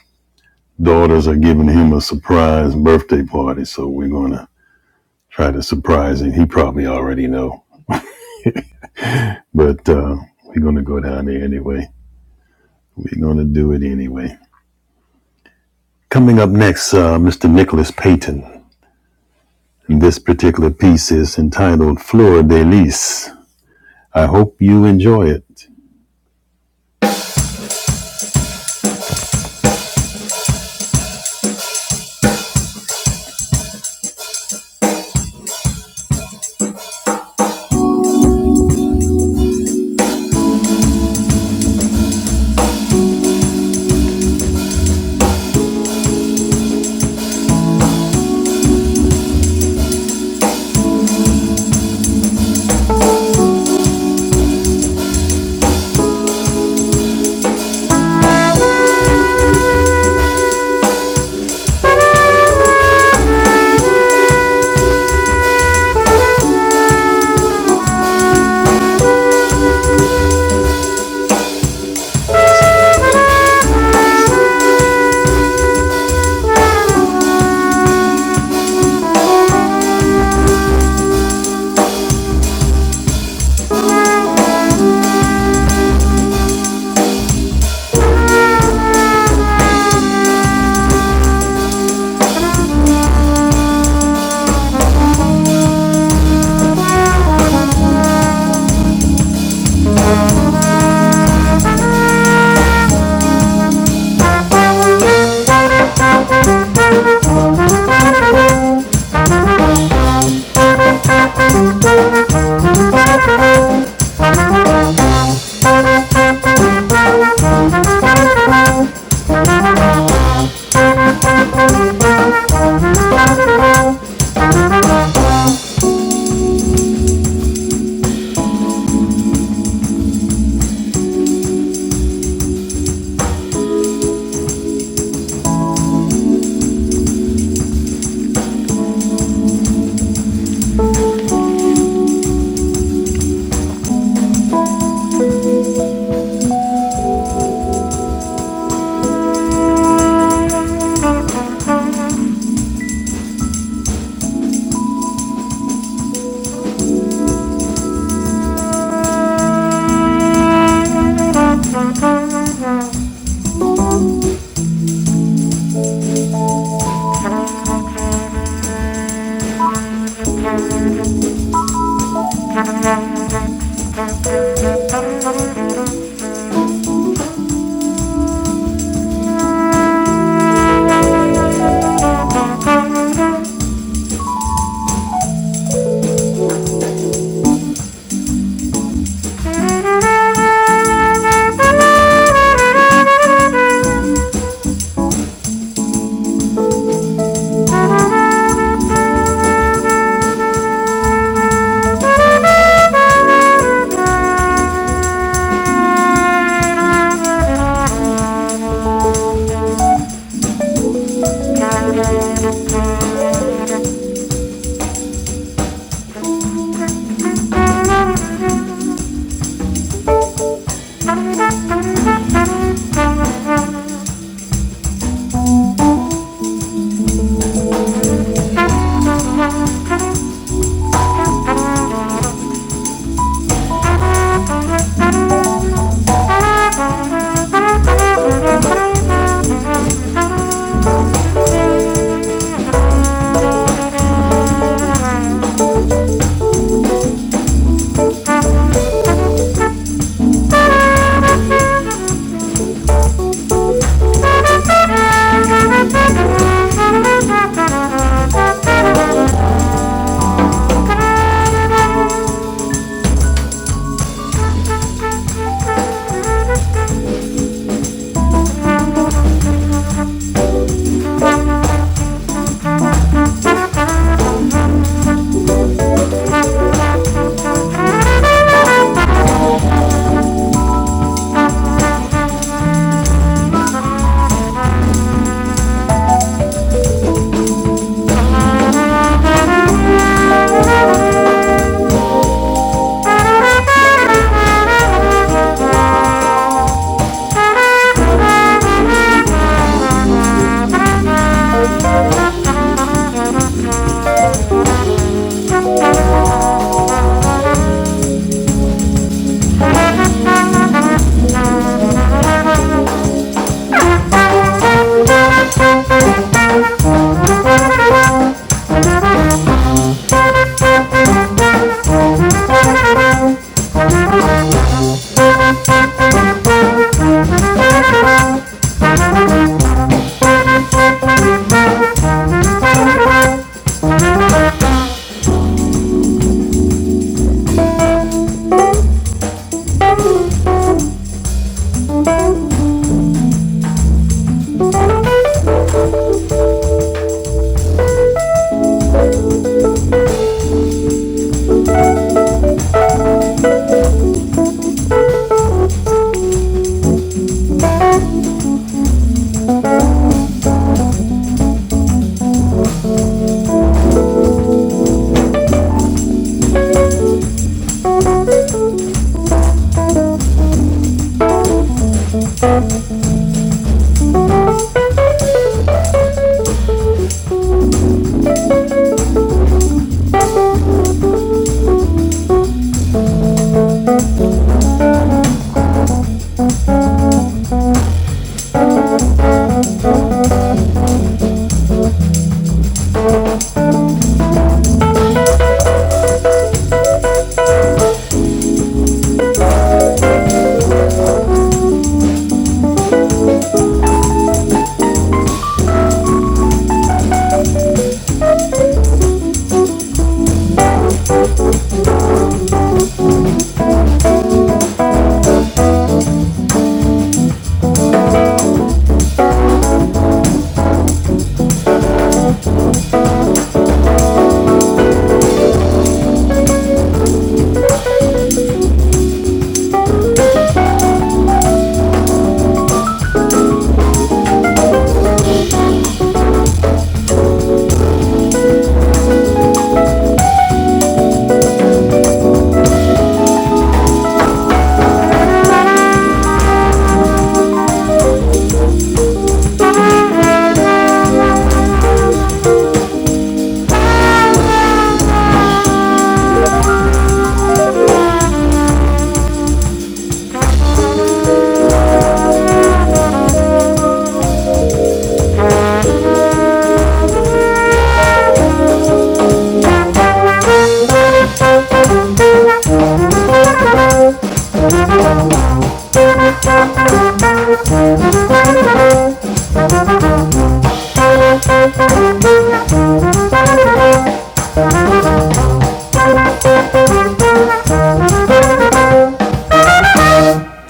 S1: daughters are giving him a surprise birthday party, so we're gonna try to surprise him. He probably already know, but uh, we're gonna go down there anyway. We're gonna do it anyway. Coming up next, uh, Mr. Nicholas Payton. And this particular piece is entitled Fleur de Lis. I hope you enjoy it.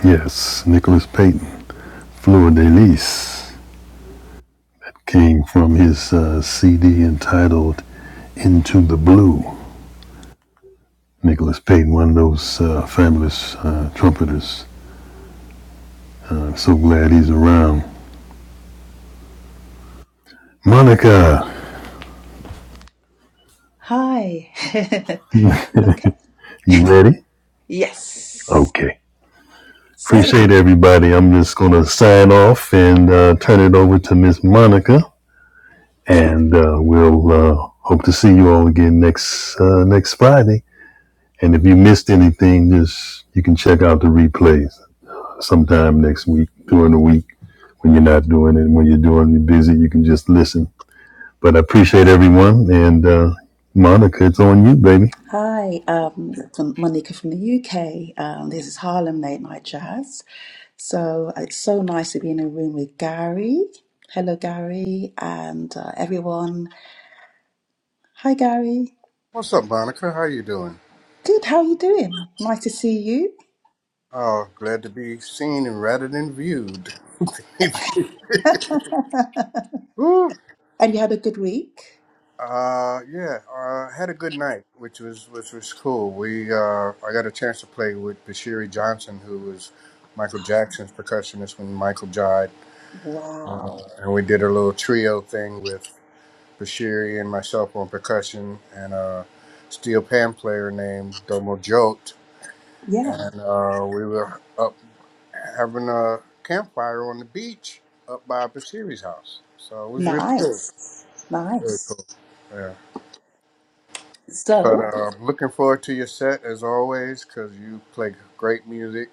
S1: Yes, Nicholas Payton, Fleur de Lis, came from his uh, CD entitled Into the Blue. Nicholas Payton, one of those uh, fabulous uh, trumpeters. I'm so glad he's around. Monica,
S5: Hi. <laughs> okay.
S1: you ready?
S5: Yes.
S1: Okay.
S5: So,
S1: Appreciate everybody. I'm just going to sign off and uh, turn it over to Miss Monica, and uh, we'll uh, hope to see you all again next uh, next Friday. And if you missed anything, just you can check out the replays sometime next week during the week when you're not doing it. When you're doing, it, you're busy. You can just listen But I appreciate everyone. And uh, Monica, it's on you, baby.
S5: hi, um, from Monica from the UK. Um, this is Harlem Late Night Jazz. So it's so nice to be in a room with Gary. Hello, Gary, and uh, everyone. Hi, Gary.
S6: What's up, Monica? How you doing?
S5: Good. How are you doing? Nice to see you.
S6: Oh, glad to be seen rather than viewed. <laughs>
S5: <laughs>
S6: Woo,
S5: And you had a good week?
S6: Uh, yeah, uh, had a good night, which was which was cool. We uh, I got a chance to play with Bashiri Johnson, who was Michael Jackson's percussionist when Michael died, uh,
S5: Wow.
S6: and we did a little trio thing with Bashiri and myself on percussion, and a steel pan player named Domo Jolt,
S5: Yeah.
S6: and uh, we were up having a campfire on the beach up by Bashiri's house. So it was really cool,
S5: Nice.
S6: really
S5: Nice.
S6: cool. Yeah. But
S5: So
S6: uh, looking forward to your set as always because you play great music.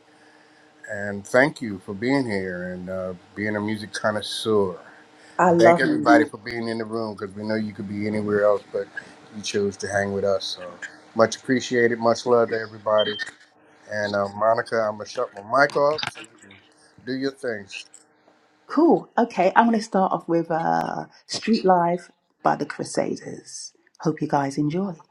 S6: And thank you for being here and uh, being a music connoisseur.
S5: I
S6: And thank
S5: love music.
S6: everybody for being in the room because we know you could be anywhere else, but you chose to hang with us. So much appreciated. Much love to everybody. And uh, Monica, I'm going to shut my mic off so you can do your things.
S5: Cool. Okay. I'm going to start off with uh, Street Life by the Crusaders. Hope you guys enjoy.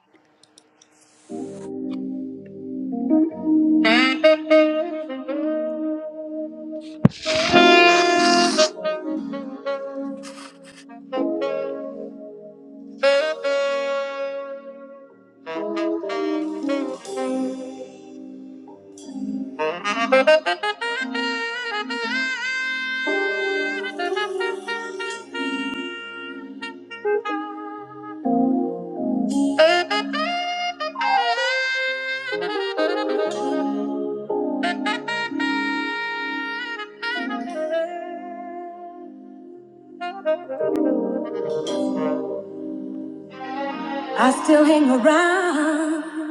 S5: I still hang around,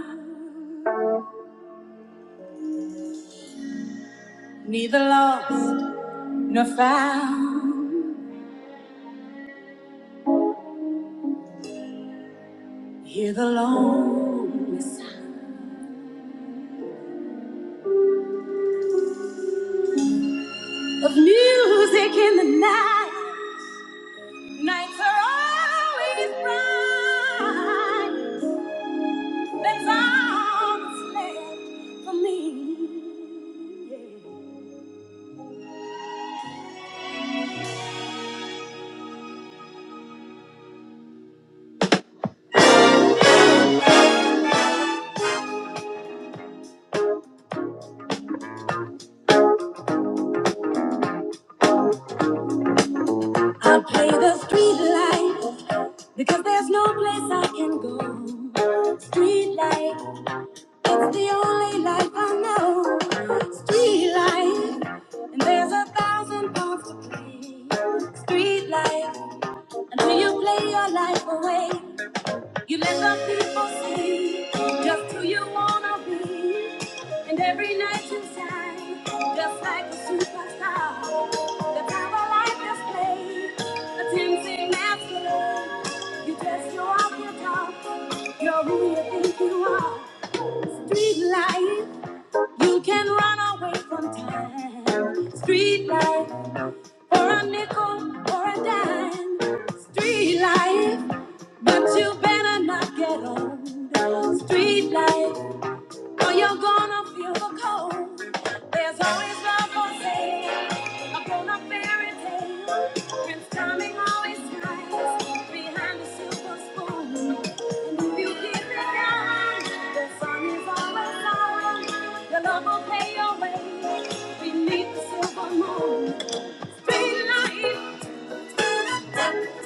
S5: neither lost nor found. Hear the loneliness of music in the night. Nights are always bright. That's all that's left for me. Yeah. I play the street light because there's no place I can go. Street light, it's the only life I know. Street light, and there's a thousand parts to play. Street light, until you play your life away. You let the people see just who you wanna be, and every night you shine just like a superstar. The power light display, a tempting masquerade. You dress you up, you talk, you're who you think you are. Street life, you can run away from time. Street life, for a nickel or a dime. Street life. But you better not get on the street life, or you're gonna feel the cold. There's always love for sale, a grown up fairy tale. Prince Charming always hides behind the silver spoon. And if you keep it down, the sun is always out. Your love will pay your way beneath the silver moon. Street life.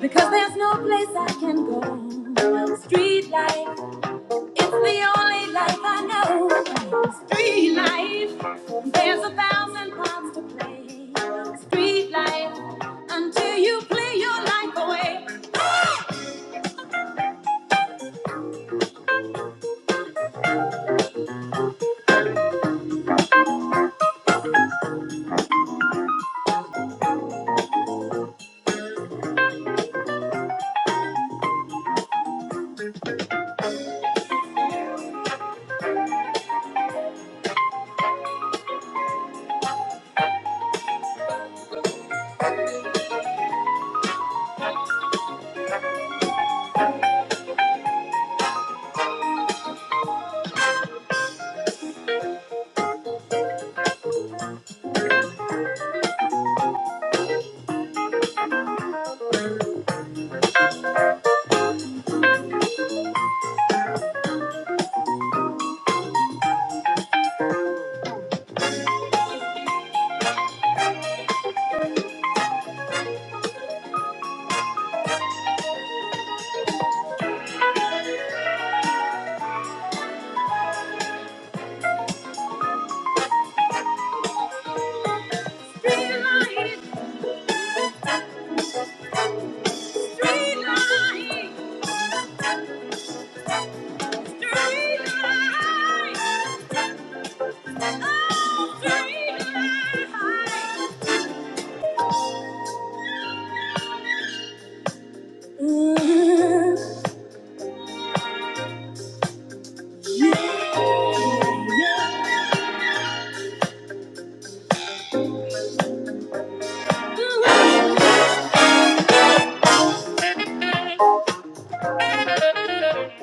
S5: Because there's no place I can go, street light. It's the only life I know. Street life. There's a thousand parts to play. Street life. Until you play your life away. Street life. Street life. Street life. Oh, street life. <laughs>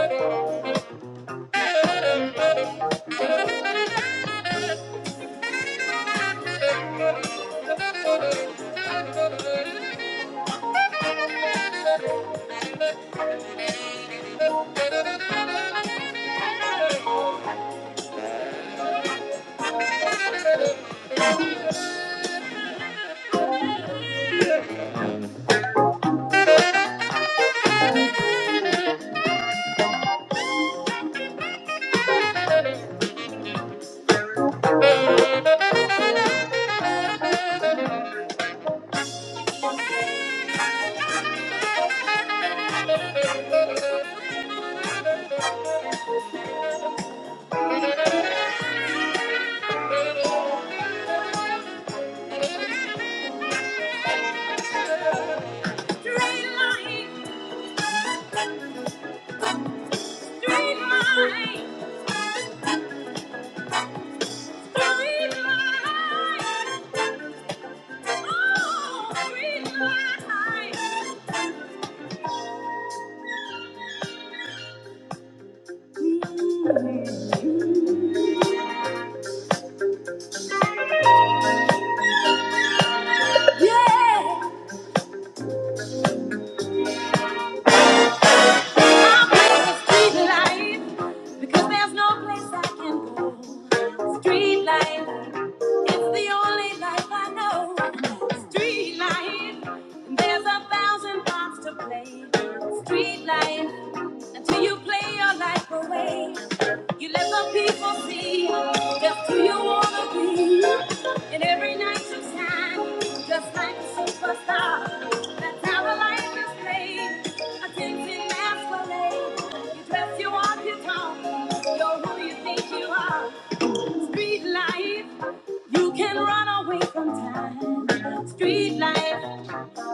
S5: Mhm. Thank you. Yeah. I'll the street life because there's no place I can go. Street life, it's the only life I know. Street life, there's a thousand parts to play. Street life, until you play your life away. You let the people see just who you wanna be. And every night you shine, just like a superstar. That's how the life is played. A dancing masquerade. You dress, you walk, you talk. You're who you think you are. Street life, you can run away from time. Street life,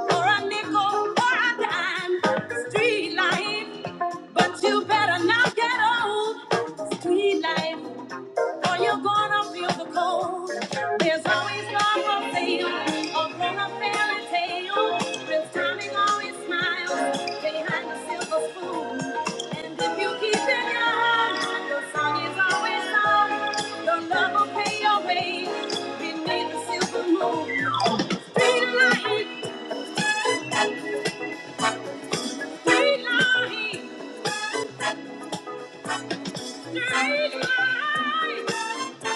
S5: for a nickel, for a dime. Street life, but you better not get old. Street life. Or you're gonna feel the cold. There's always love for sale. Or from a fairy tale. Prince Charming always smiles behind the silver spoon. And if you keep it young, your song is always sung. Your love will pay your way beneath the silver moon. Straight line, straight line, straight line.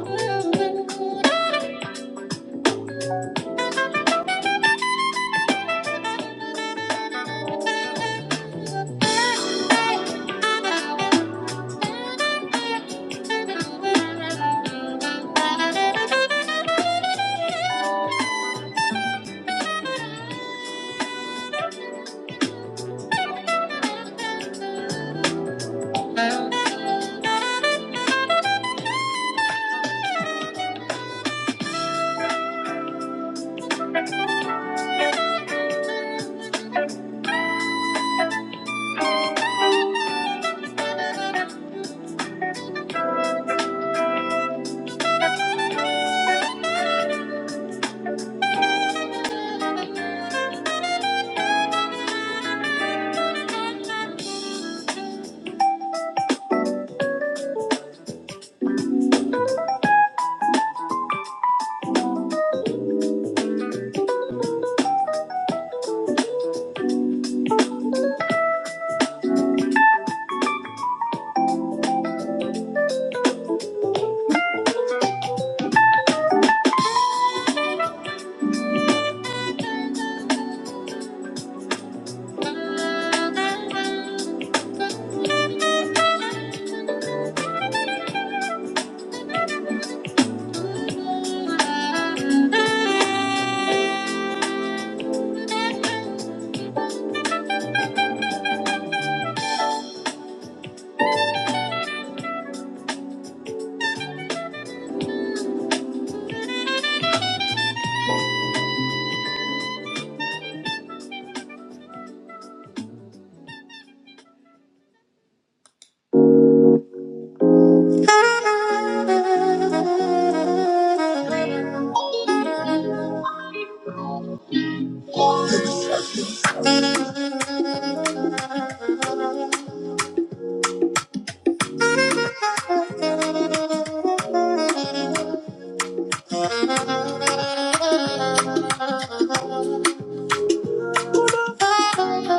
S5: Yeah. Oh, We love it. We love it. We love it. We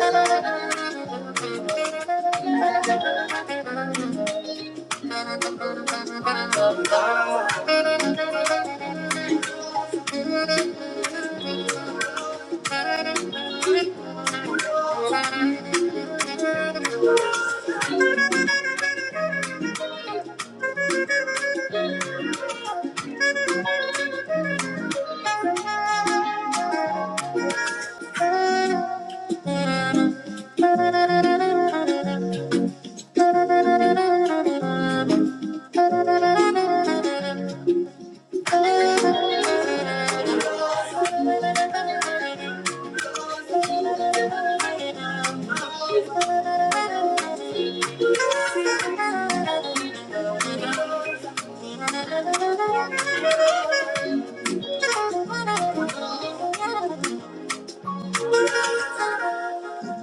S5: love it. We love it. Thank you. Thank you.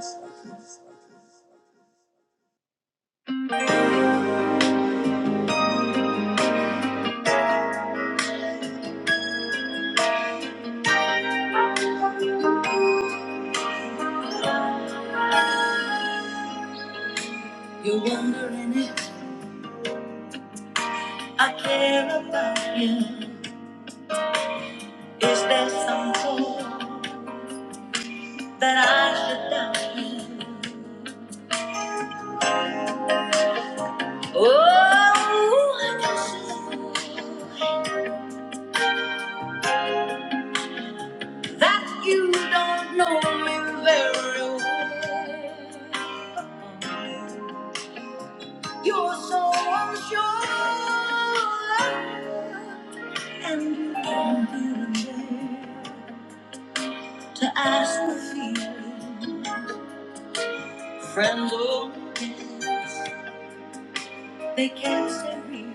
S5: that you don't know me very well. You're so unsure, and you do not even dare to ask the feeling they can't say real.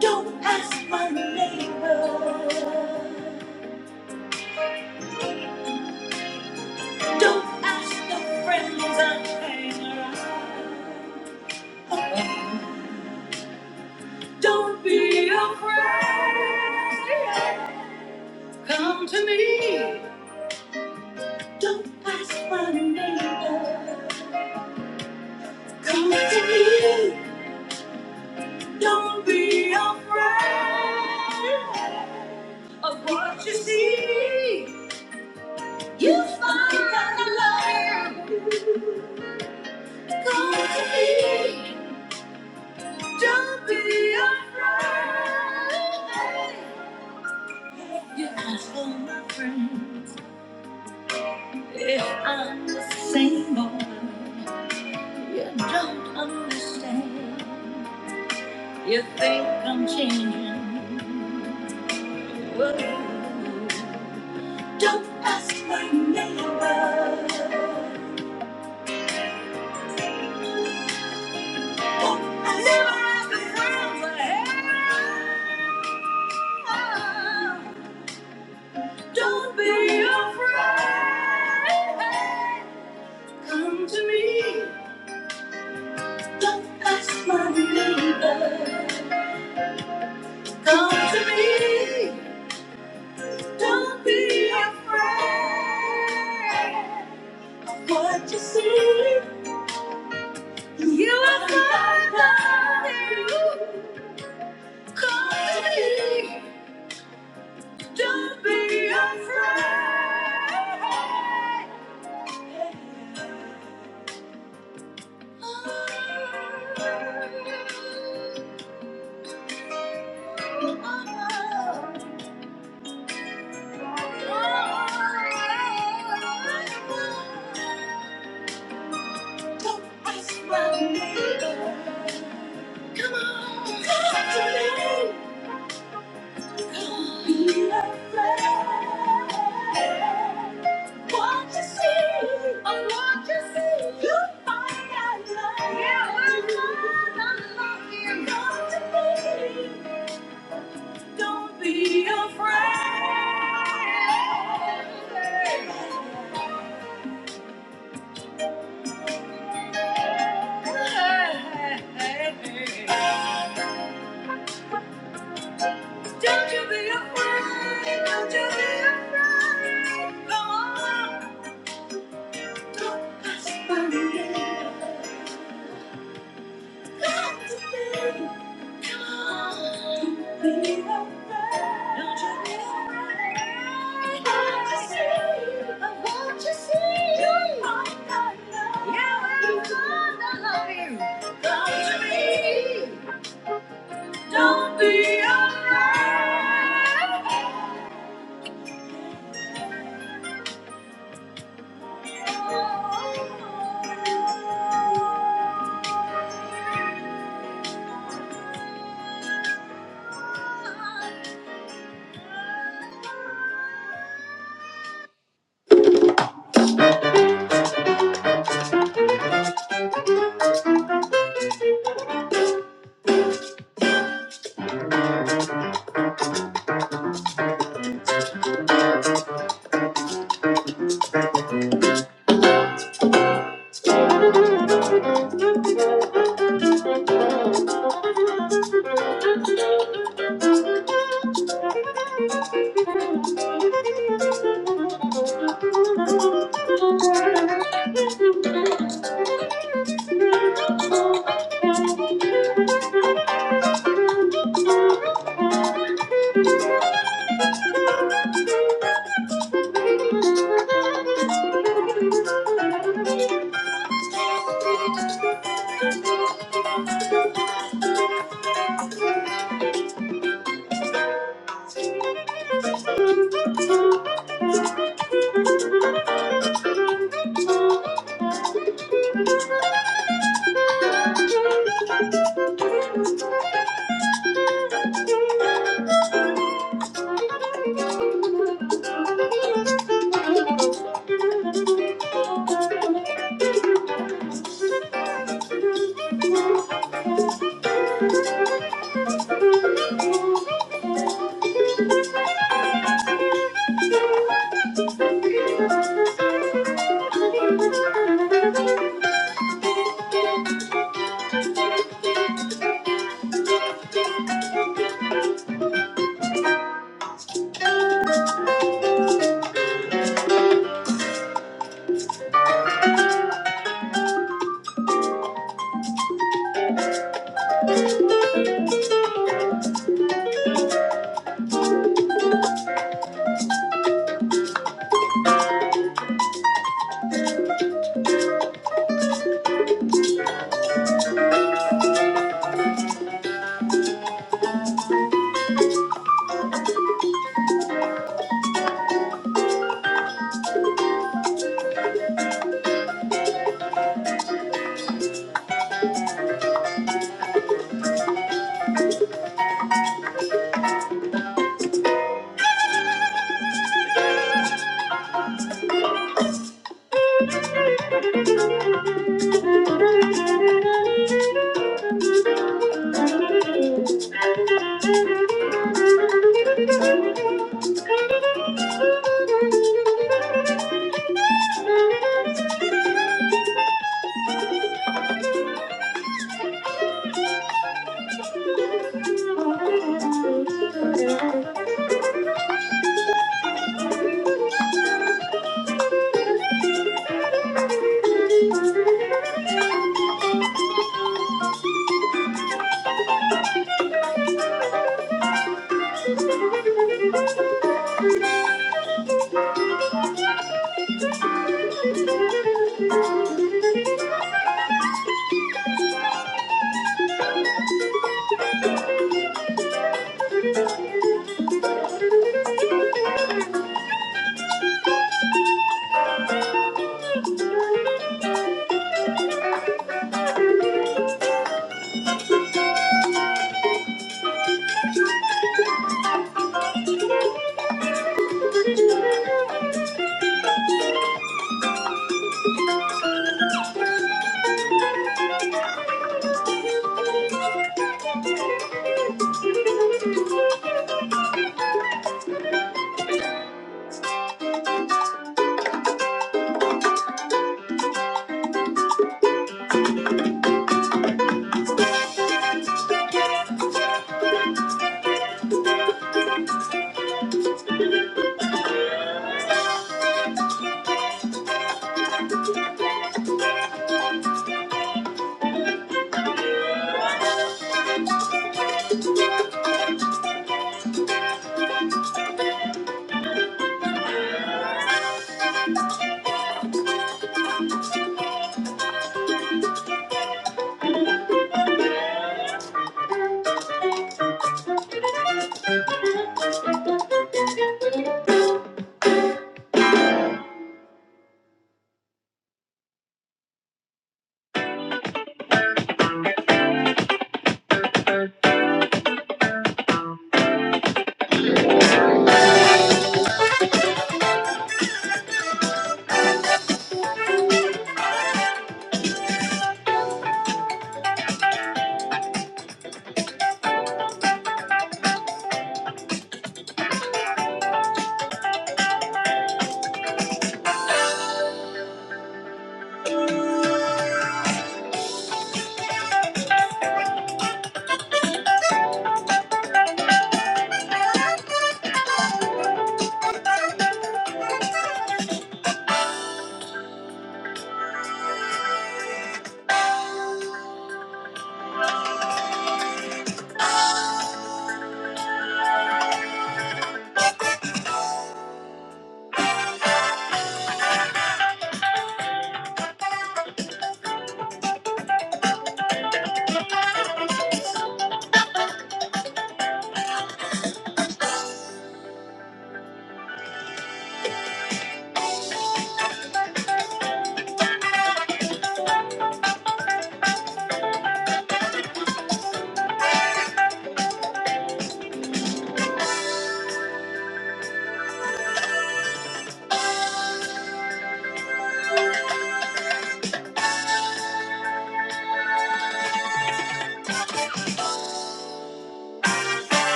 S5: Don't ask my neighbor. Don't ask the friends I hang around. Don't be afraid. Come to me. Don't ask for the neighbor. Come to me. Don't be afraid of what you see. You find out the love. Come to me. Don't be afraid. You ask for my friends. If I'm the same boy, don't understand. You think I'm changing. Well, Don't ask my neighbor. Don't ask for friends. Don't be afraid. Come to me. Don't ask my neighbor. Come to me. Don't be afraid. What you see, you will find. out. Come to me. Don't be afraid. Come on, Don't be afraid. What you see, oh, what you see, you find out love. Yeah, we're not unlocking. Don't be, don't be afraid. Don't you be afraid, don't you be afraid. Come on, don't ask for me. Come to me, come on. Don't be afraid, don't you be afraid. I want to see, I want to see. You're mine, i kind of Yeah, you I love you. Come to me, don't be afraid.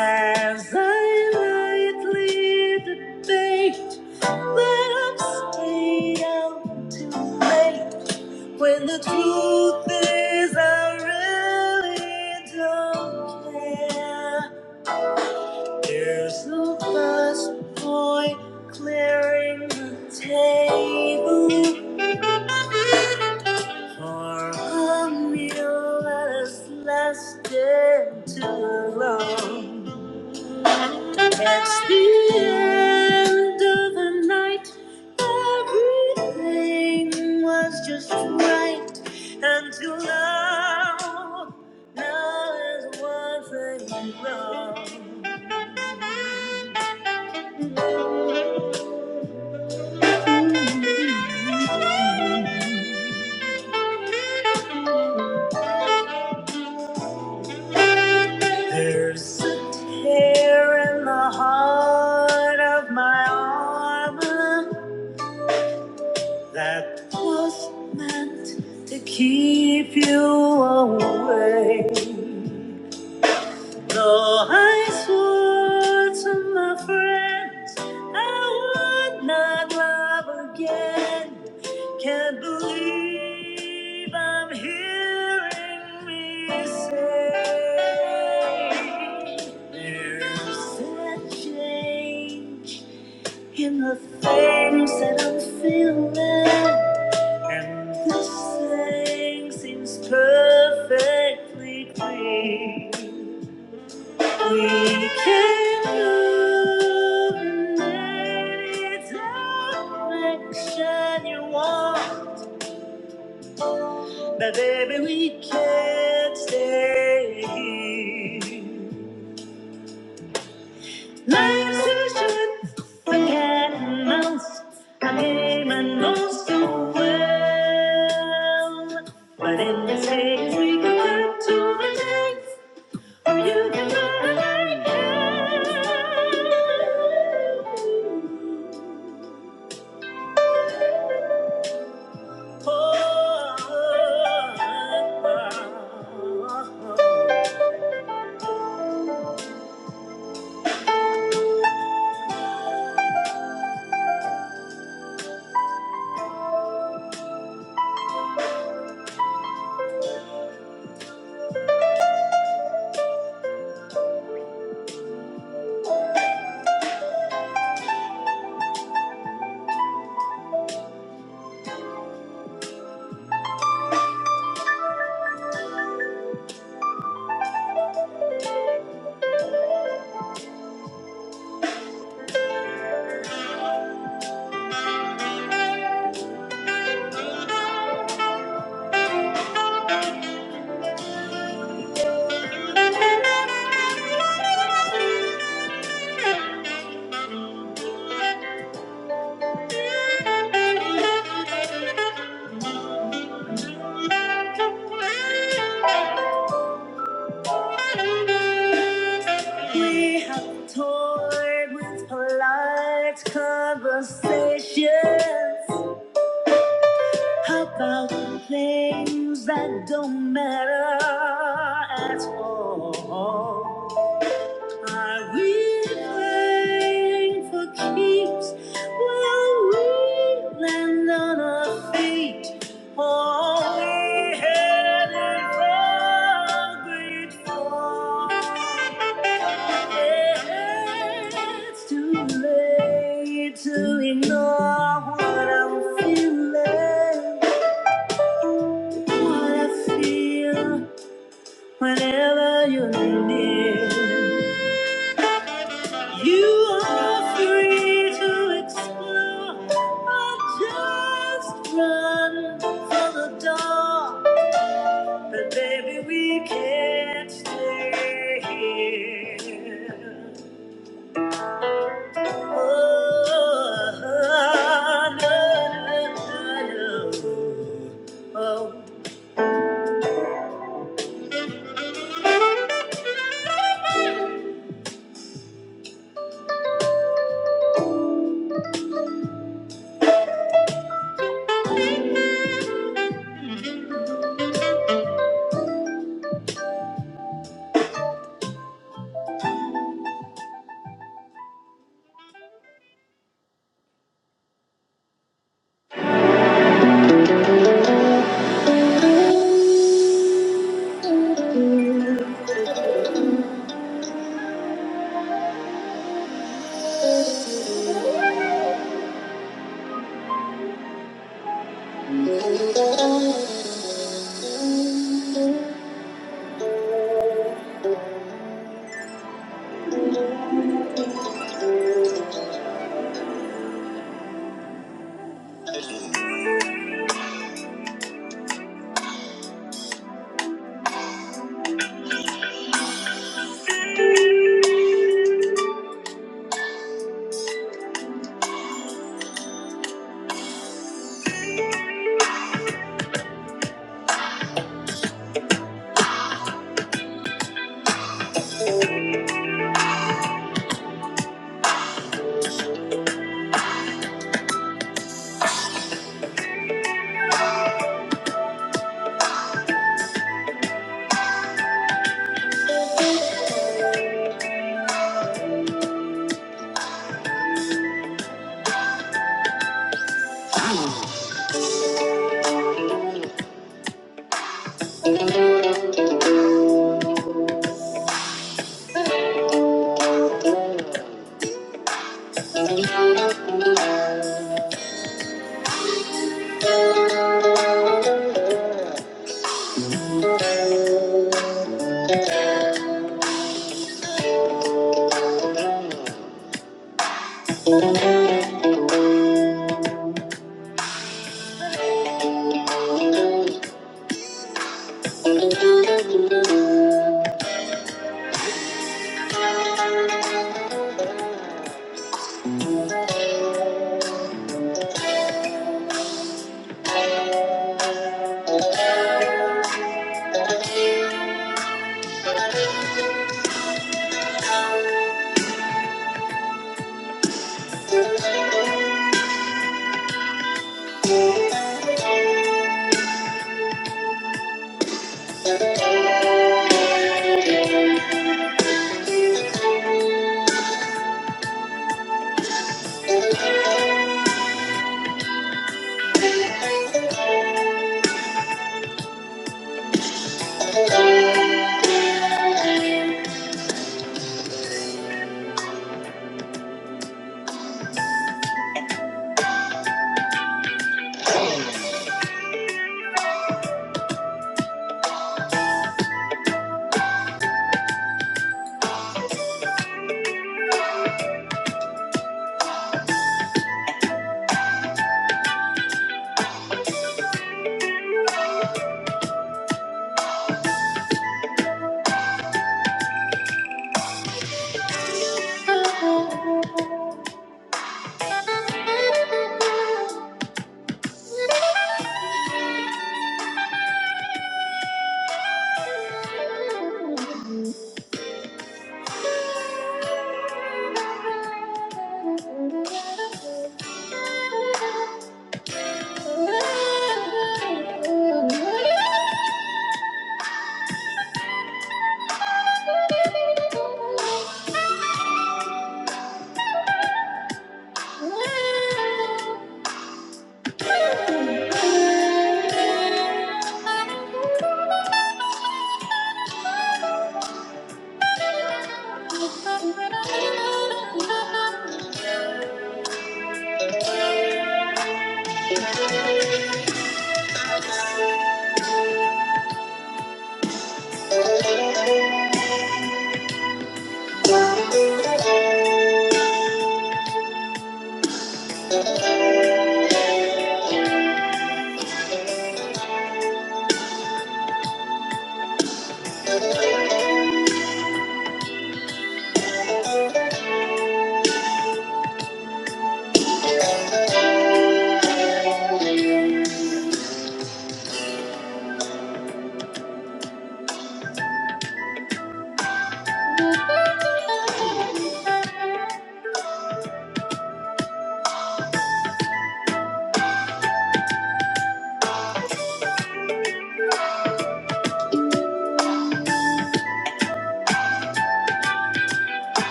S5: As I lightly debate that I've stayed out too late when the truth is I really don't care. Here's the first boy clearing the table for a meal that has lasted too long. It's the end of the night. Everything was just right until now. Now there's one thing wrong. Here in love, my. Though I might not love again, can't believe I'm hearing me say there's a change in the things that I'm feeling, and this thing seems perfectly clean. We can move in any direction you want, but baby, we can't stay here. Life's too short for cat and mouse. I came I know so well, but in this case, we can cut to the chase, or you can run away. How about things that don't matter at all? Are we playing for keeps? Will we land on our feet? Or we headed for a great fall? Yeah, It's too late to ignore what I'm feeling, what I feel whenever you're near. You are free to explore or just run for the door. But baby, we can't stay here. Oh, no, no, no, no. Oh.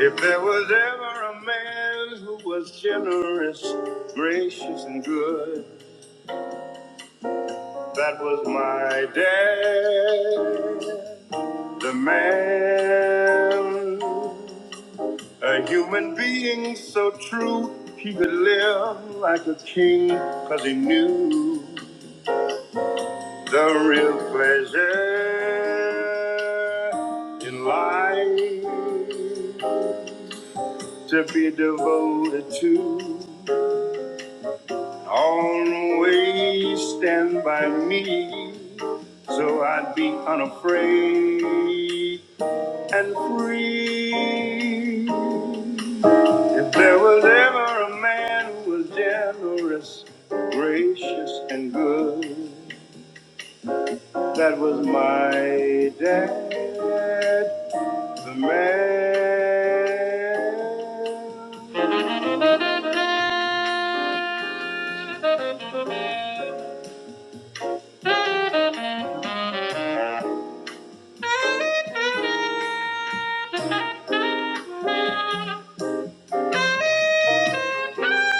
S5: If there was ever a man who was generous, gracious, and good. That was my dad, the man, a human being so true. He could live like a king, cause he knew the real pleasure in life to be devoted to. Always stand by me, so I'd be unafraid and free. If there was ever a man who was generous, gracious, and good, that was my dad, the man.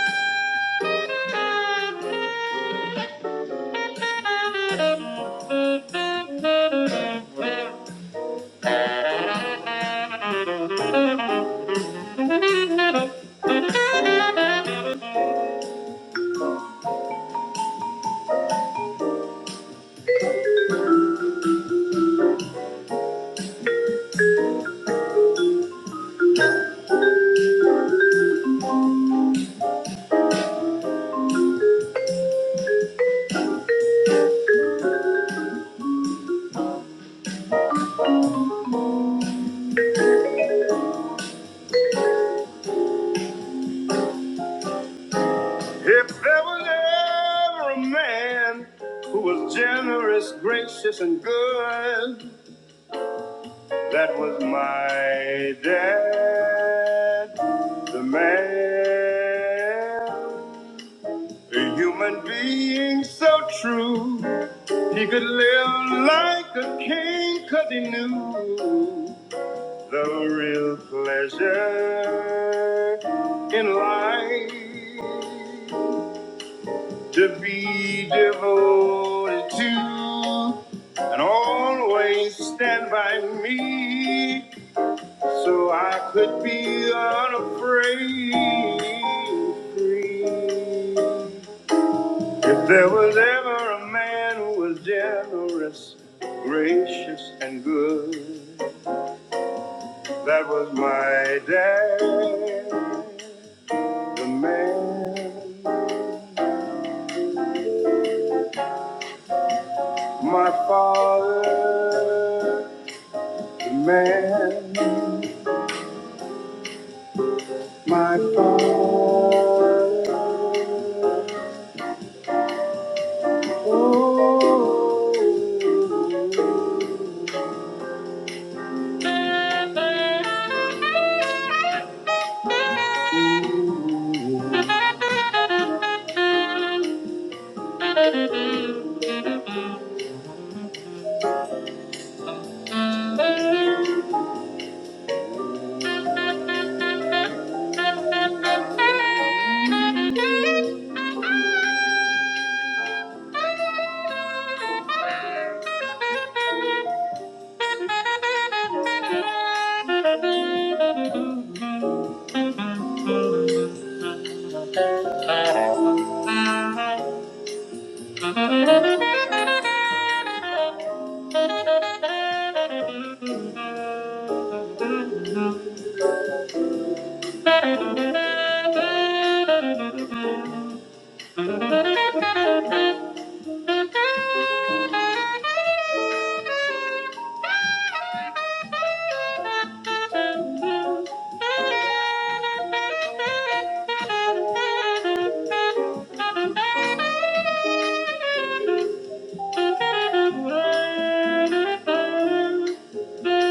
S5: If there was ever a man who was generous, gracious, and good, that was my dad, the man. A human being so true, He could live like a king cause he knew the real pleasure in life to be devoted to and always stand by me so I could be unafraid free. If there was ever a man who was generous, gracious, and good, that was my dad, the man, my father, the man, my father. Thank you. Thank <laughs>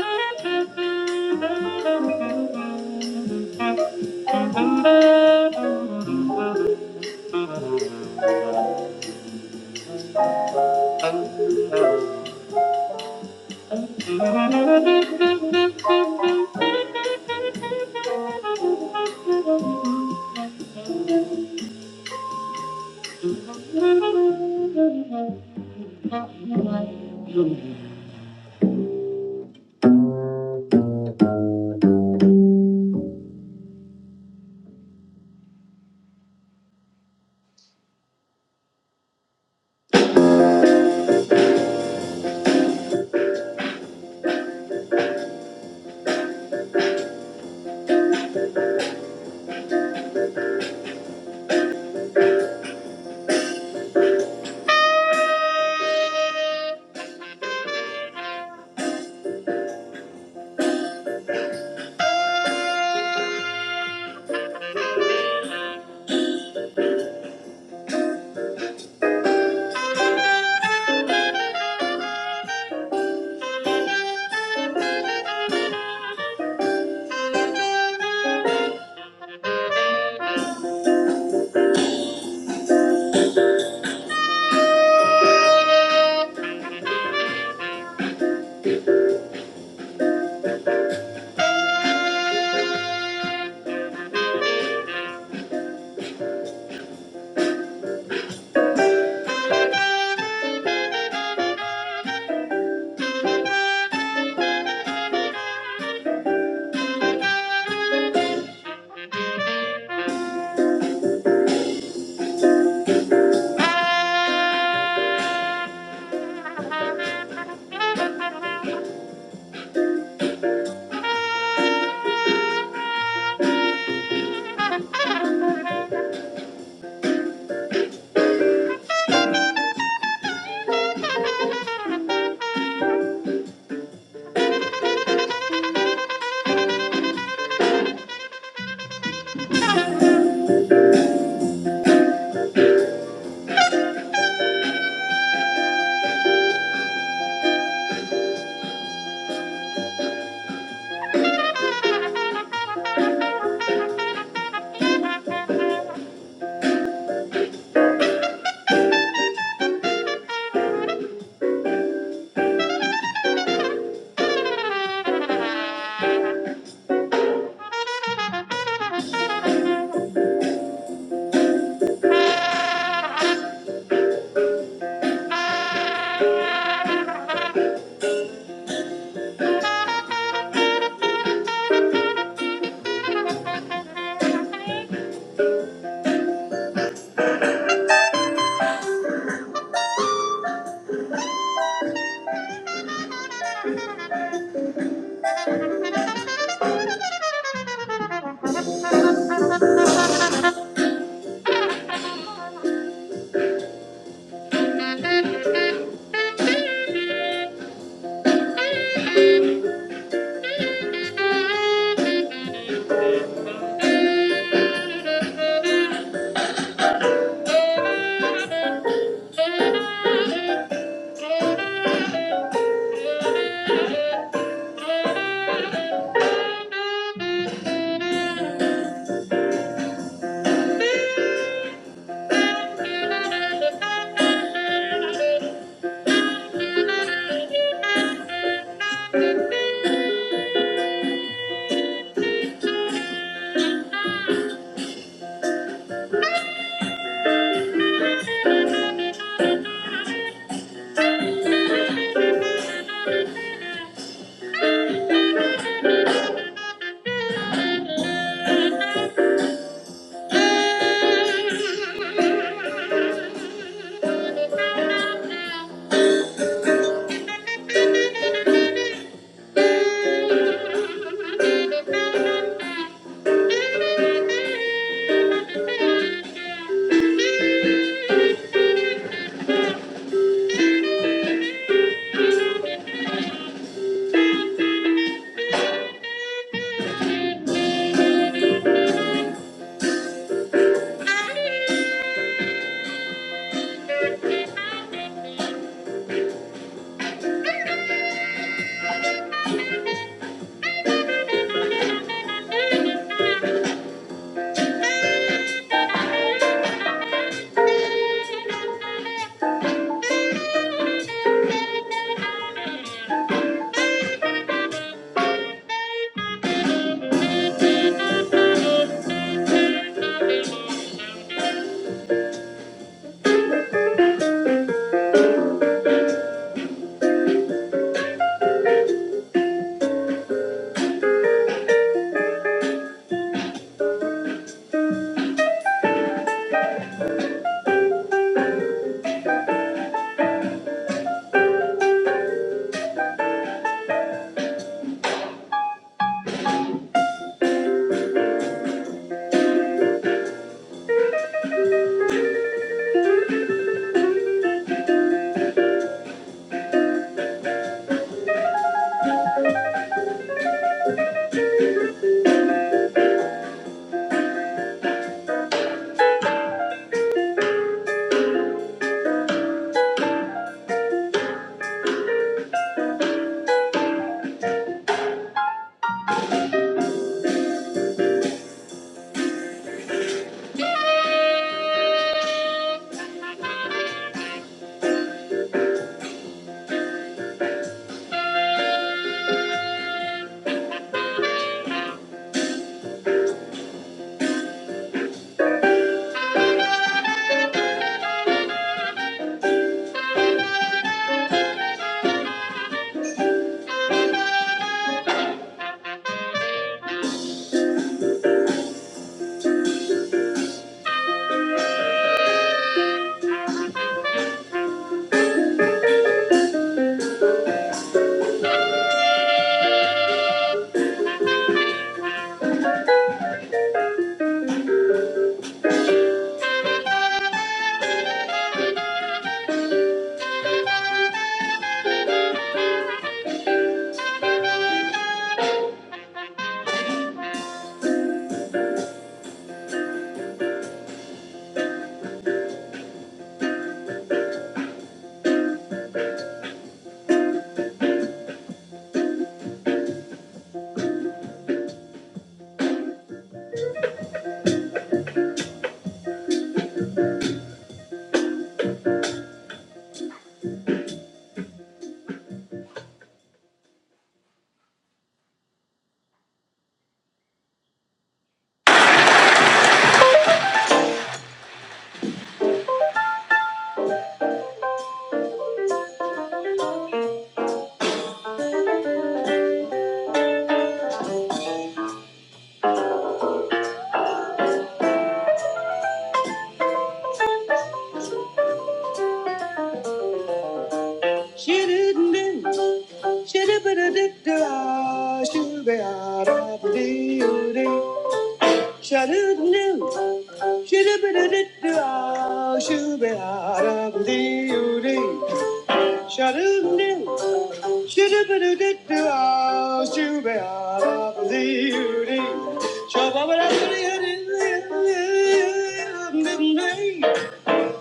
S5: you. Shabba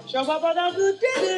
S5: Shall we?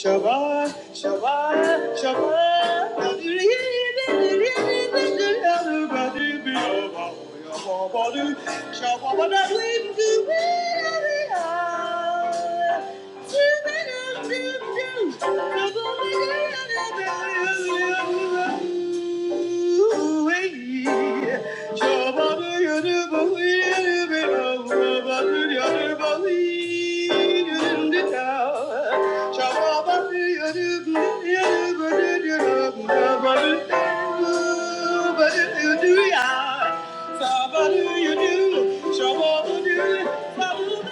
S5: Shabbat, Shabbat, Shabbat. Shabba do you do, shabba do, shabba do.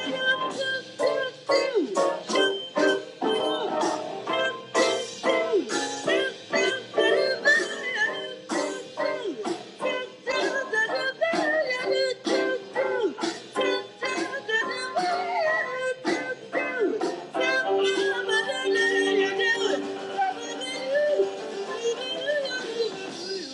S5: We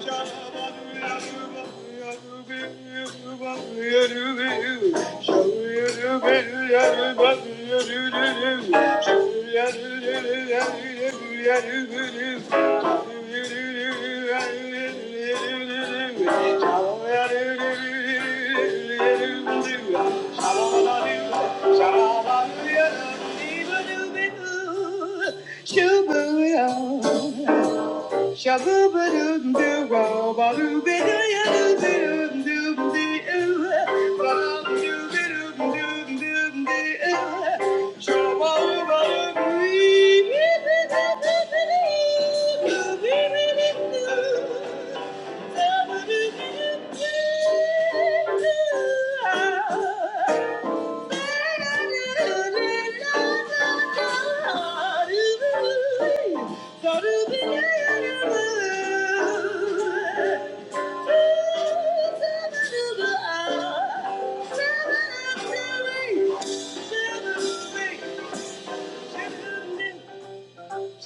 S5: Shabbat shalom. Shabba-doo-doo-doo.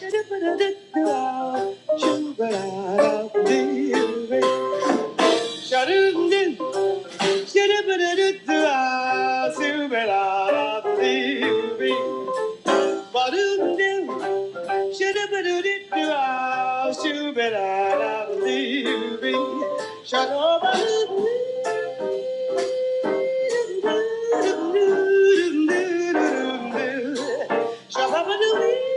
S5: Shut up and do Ba-doo-doo, shoo-doo-ba-doo-doo-doo, ah, shoo-ba-da-da-doo-doo, shoo-ba-ba-doo-doo-doo-doo-doo-doo-doo, shoo-ba-ba-doo-doo-doo-doo-doo-doo-doo-doo, shoo-ba-dee-dee-dee, oh, ba-doo-dee-dee-dee-dee-dee-dee-dee.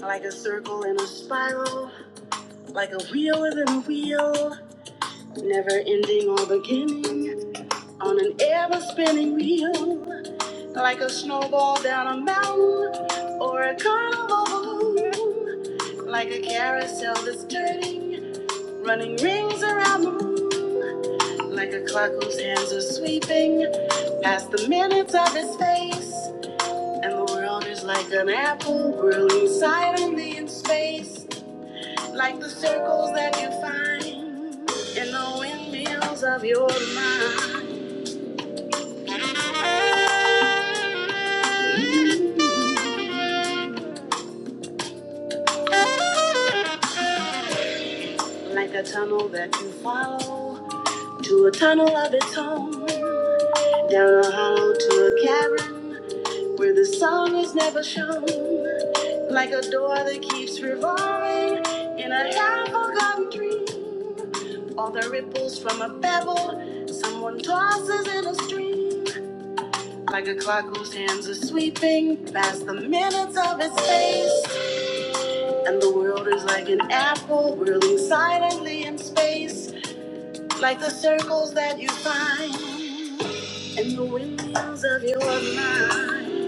S5: Like a circle in a spiral, like a wheel within a wheel, never ending or beginning, on an ever spinning wheel, like a snowball down a mountain or a carnival balloon, like a carousel that's turning, running rings around the room, like a clock whose hands are sweeping past the minutes of his face. And the world is like an apple grilling silently in space, like the circles that you find in the windmills of your mind, like a tunnel that you follow to a tunnel of its own, down a hollow to a cavern where the sun is never shown, like a door that keeps revolving in a half-forgotten dream, or the ripples from a pebble someone tosses in a stream. Like a clock whose hands are sweeping past the minutes of its face. And the world is like an apple whirling silently in space. Like the circles that you find in the windows of your mind.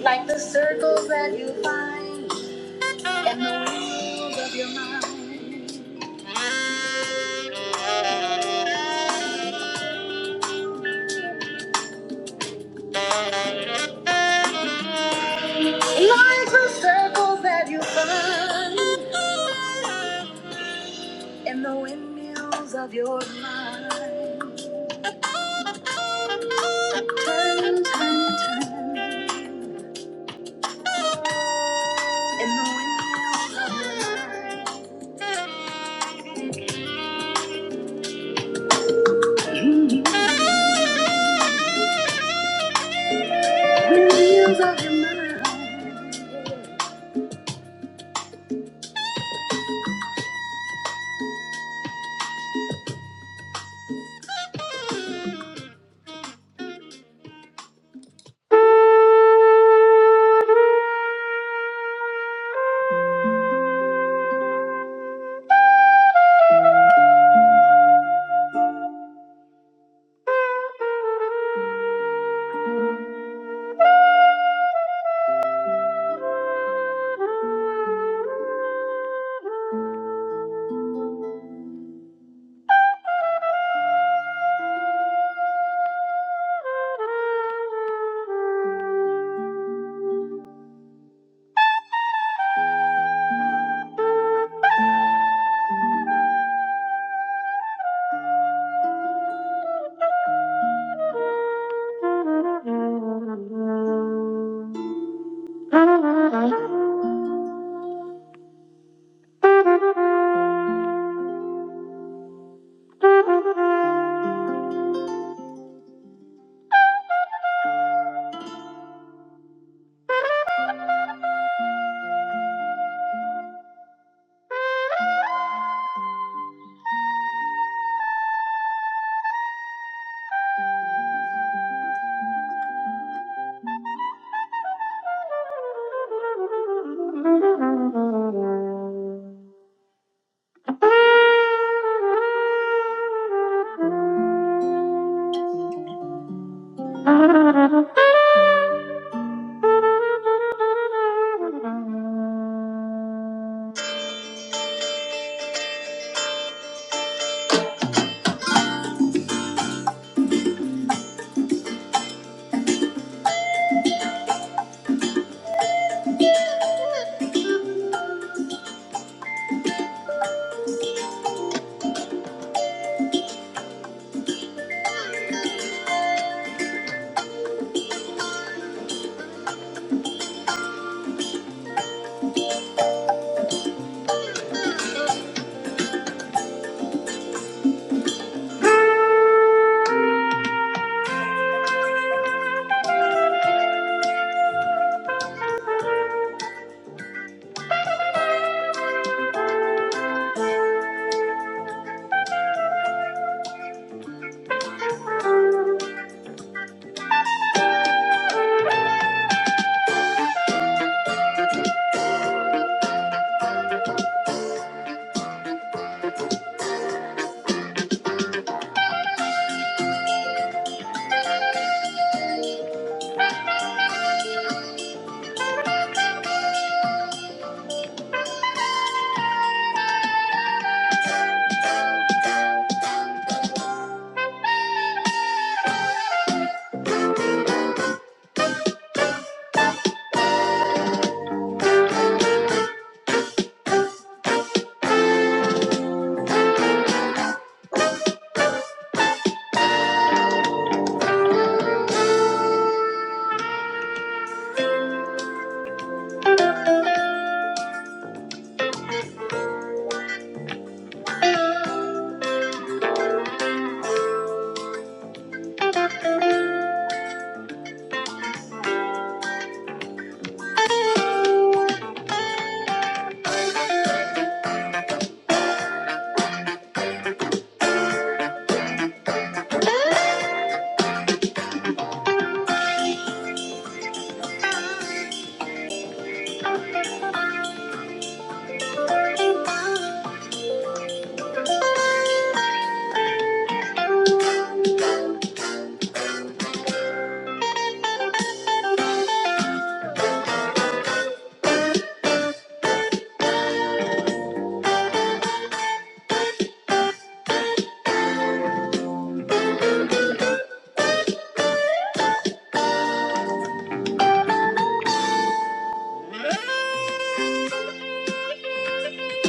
S5: Like the circles that you find in the windows of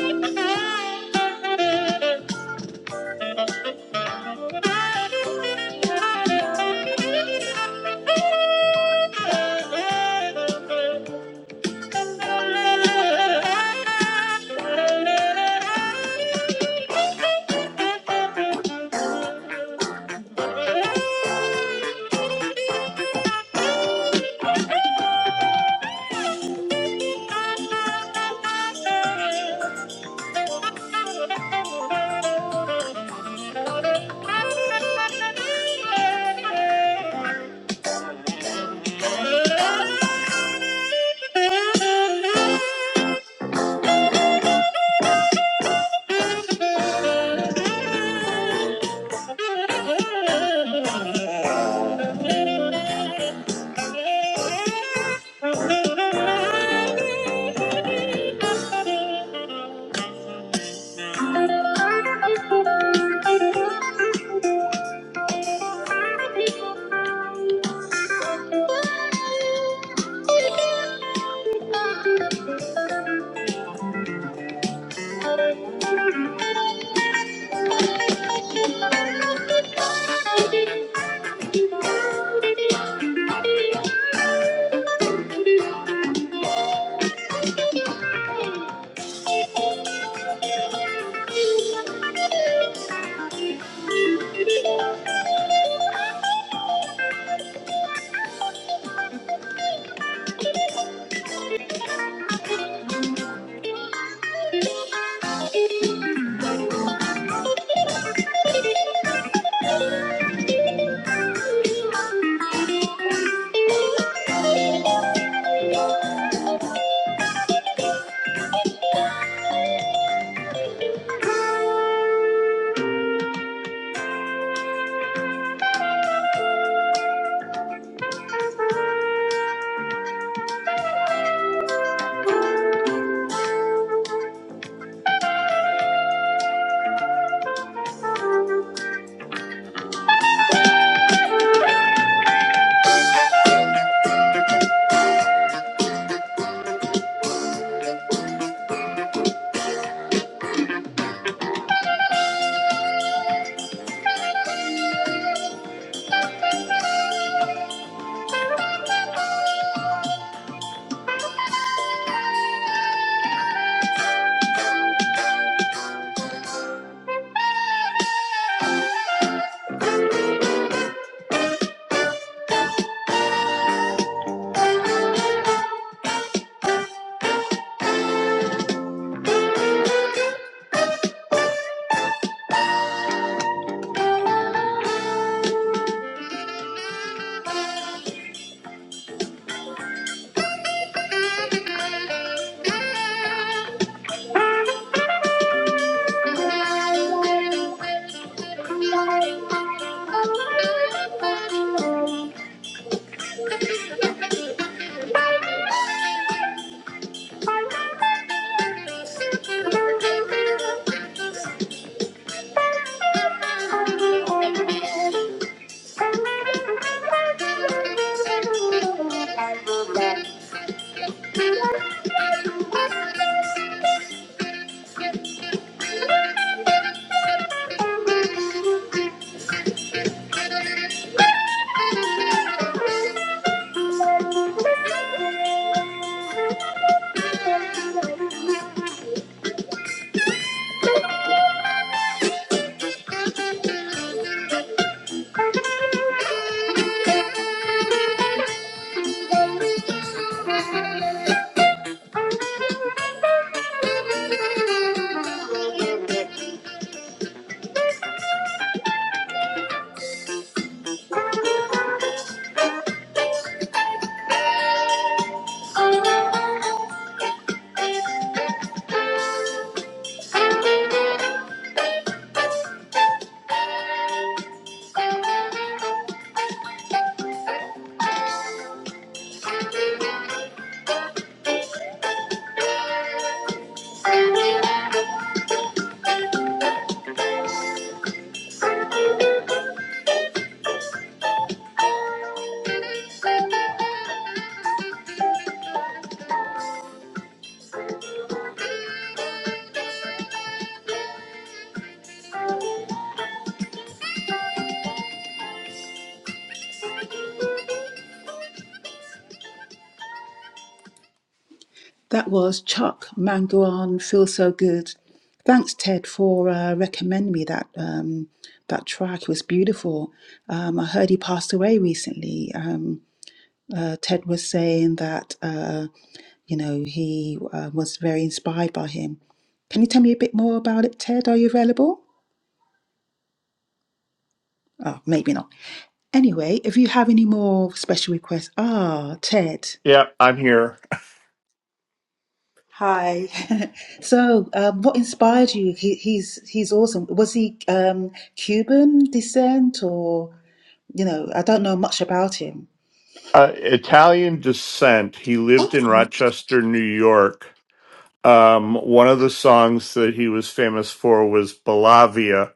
S5: your mind. Thank you. Thank you. Thank you. That was Chuck Mangione. Feel So Good. Thanks, Ted, for uh, recommending me that um, that track. It was beautiful. Um, I heard he passed away recently. Um, Uh, Ted was saying that uh, you know he uh, was very inspired by him. Can you tell me a bit more about it, Ted? Are you available? Oh, maybe not. Anyway, if you have any more special requests, ah, Ted.
S3: yeah, I'm here.
S5: Hi. <laughs> so, um, what inspired you? He, he's he's awesome. Was he um, Cuban descent, or you know? I don't know much about him.
S3: Uh, Italian descent. He lived in Rochester, New York. Um, one of the songs that he was famous for was Bellavia,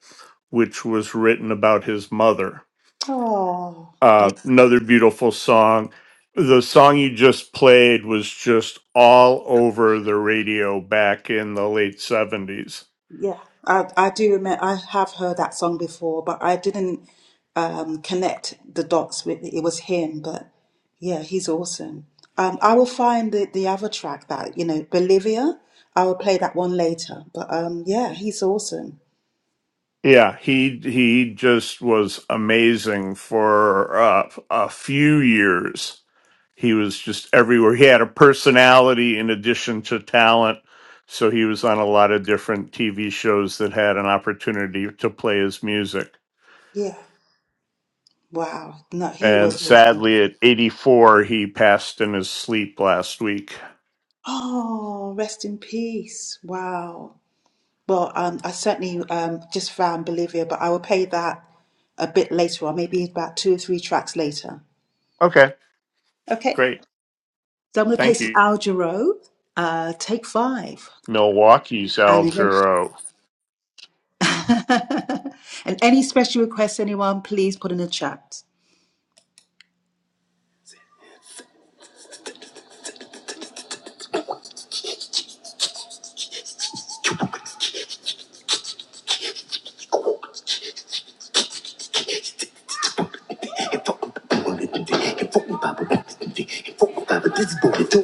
S3: which was written about his mother.
S5: Oh.
S3: Uh, another beautiful song. The song you just played was just all over the radio back in the late seventies.
S5: Yeah, I I do remember. I have heard that song before, but I didn't um, connect the dots with it was him. But yeah, he's awesome. Um, I will find the the other track that you know, Bolivia. I will play that one later. But um, yeah, he's awesome.
S3: Yeah, he he just was amazing for uh, a few years. He was just everywhere. He had a personality in addition to talent, so he was on a lot of different TV shows that had an opportunity to play his music.
S5: Yeah, wow. No, he
S3: And
S5: was awesome.
S3: sadly, at 84, he passed in his sleep last week.
S5: Oh, rest in peace. Wow. Well, um, I certainly um just found Bolivia, but I will play that a bit later on, maybe about two or three tracks later.
S3: Okay,
S5: Okay.
S3: great.
S5: So I'm going to play
S3: Thank
S5: some
S3: you.
S5: Al Jarreau, uh, take five.
S3: Milwaukee's
S5: And,
S3: Al Jarreau.
S5: <laughs> and any special requests, anyone, please put in the chat. Could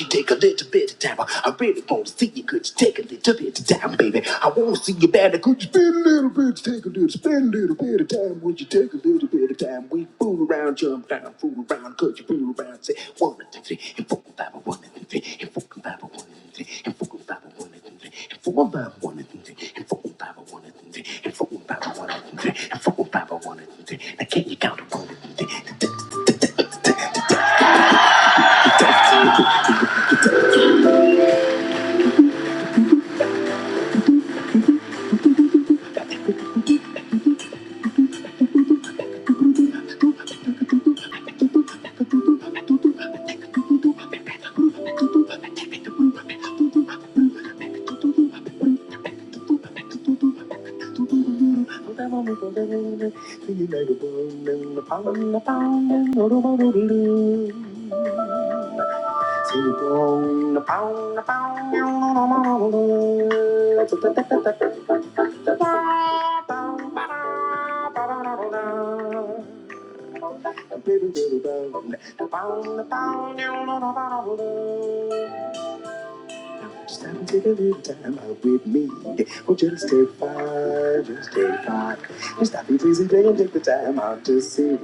S5: you take a little bit of time? I really want to see you. Could you take a little bit of time, baby? I want to see you better. Could you spend a little bit, take a little, spend a little bit of time? Would you take a little bit of time? We fool around, jump down, fool around. Could you fool around? Say one, two, three, and four, five, one, two, three, and four, five, one, two, three, and four, five, one. two, three. Thank you. know about all the Stand take a little time out with me. Oh, just take five, just take five. Just stop your pleasing play and take the time out to see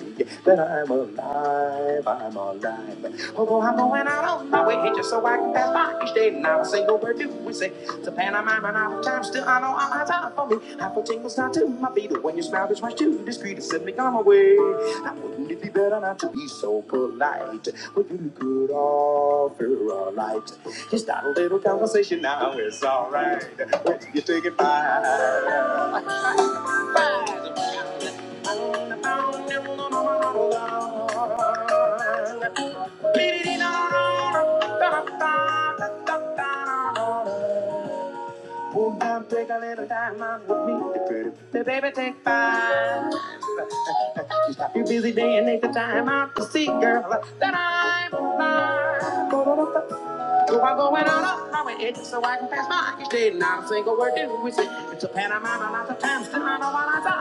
S5: that I'm alive, I'm alive. Although I'm going out on my way just so I can pass by each day. Not a single word do we say It's a pantomime and out of time. Still, I know I'm out for me. I put tingles down to my feet. and When you smile, it's much too discreet to send me on my way. Now, wouldn't it be better not to be so polite? Would you look good off your light? Just dial Conversation now is alright. Come Take a little time out with me. The baby take five. You busy day and that girl like to work. It's a time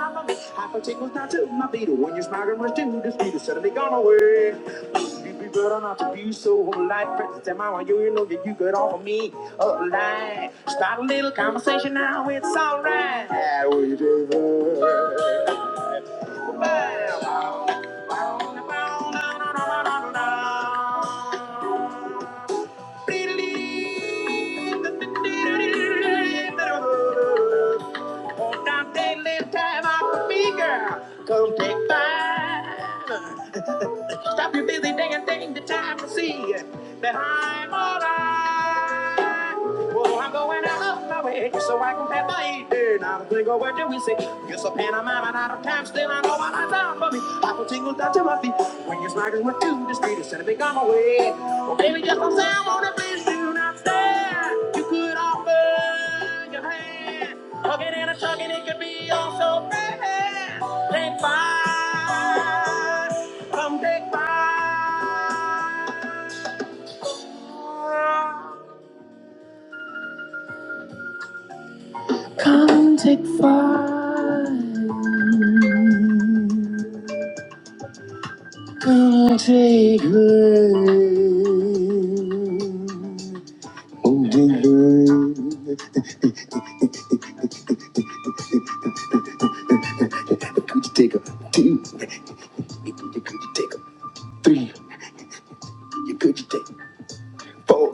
S5: for me. I can take down to my beat. When you're smiling, rush to this beat is suddenly gone away. you be better not to be so you know me. Start a little conversation now. I will deliver. On that daily time off for me, girl, come take mine. Stop your busy day and take the time to see that I'm alright. Oh, I'm going out of my way just so I can pass my evening. Not a single word do we say. Yes, a pantomime and out of time. Still, I know what I done for me. I will tingle down to my feet when your smiles went to the street instead of big on my way. Well, baby, just don't say I wanna please do not stare. You could offer your hand. Hugging and a chugging, it could be all so bad. Take five. Come Oh, good bird. Could you take a two? Could you take a three? Could you take a four?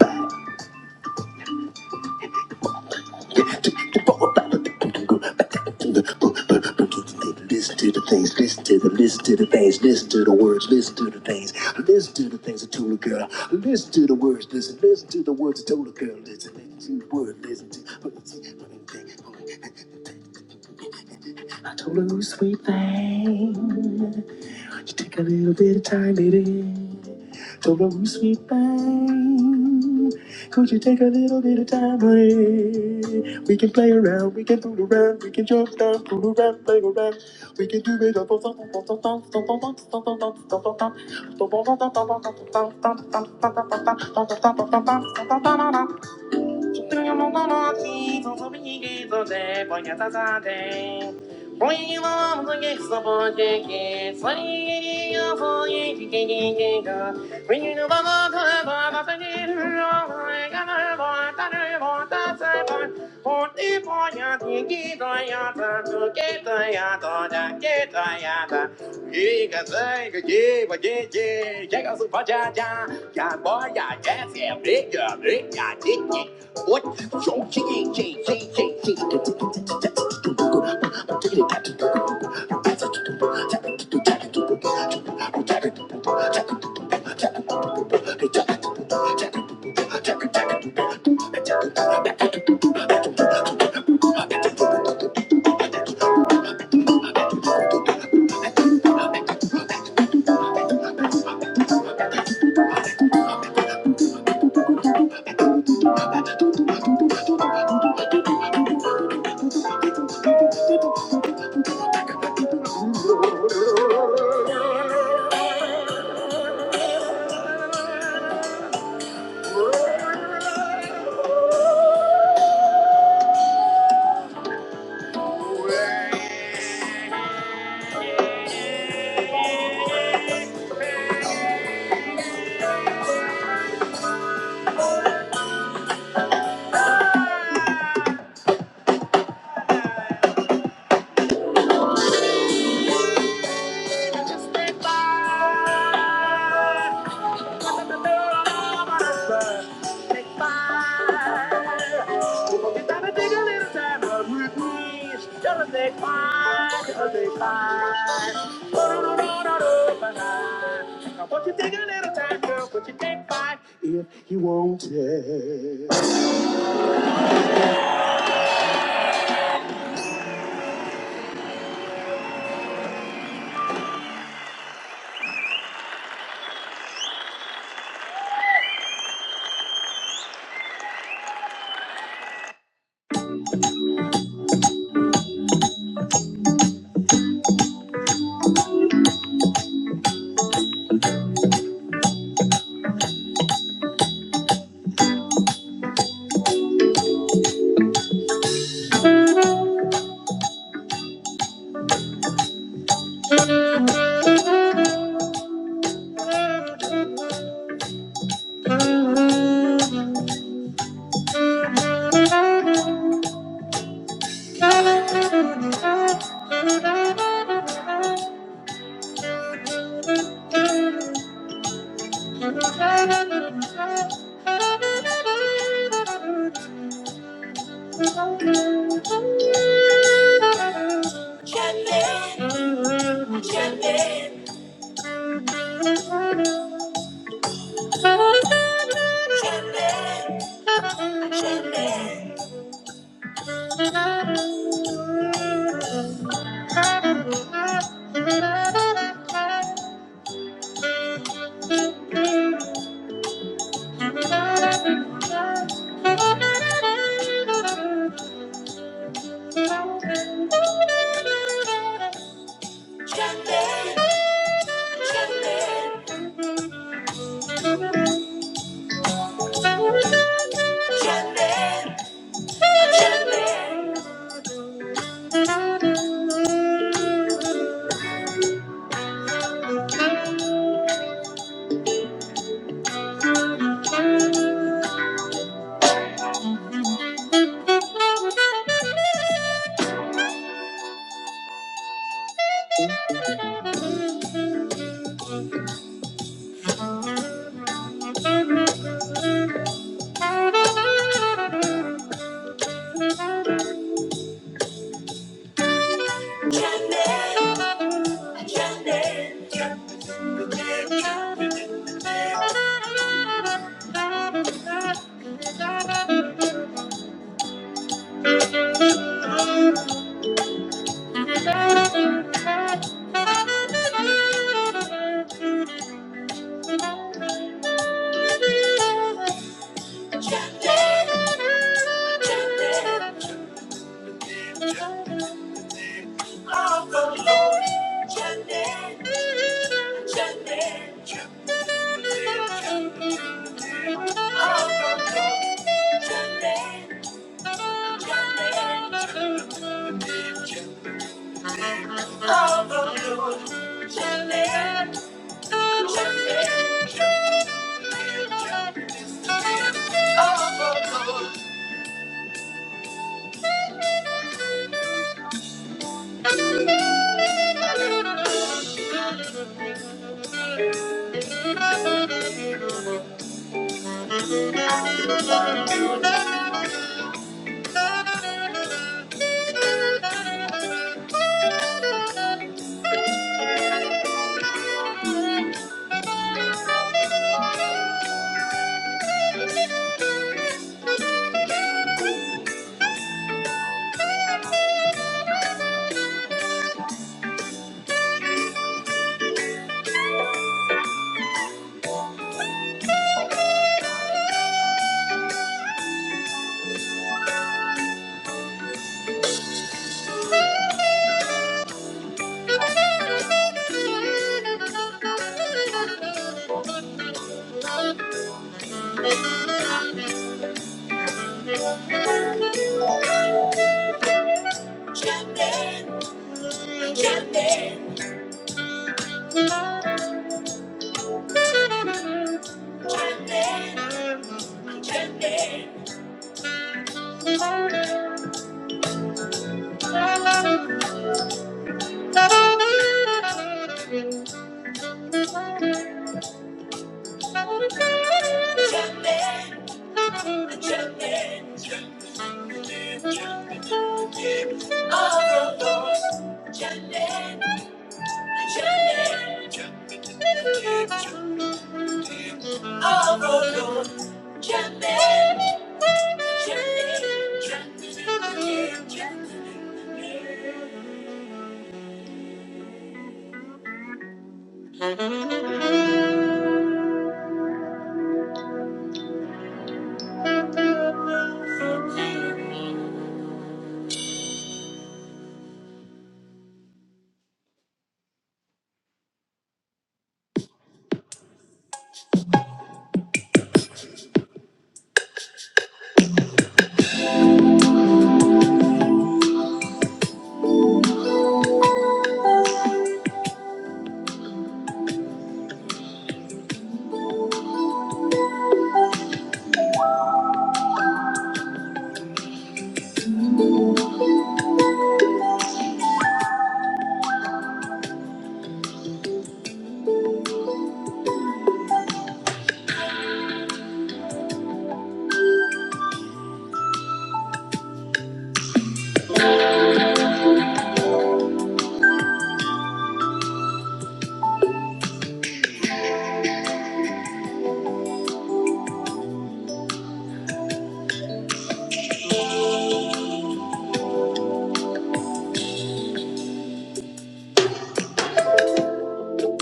S5: Two, Listen to the things, listen to the, listen to the things, listen to the words, listen to the things, listen to the things I told the girl, listen to the words, listen, listen to the words I told the girl, listen, listen to the word, listen to, I told her, sweet thing. Just take a little bit of time, baby. Don't know roll sweet pain. Could you take a little bit of time, honey? We can play around, we can fool around, we can jump down, fool around, play around. We can do it all. <laughs> If you wanted. Oh,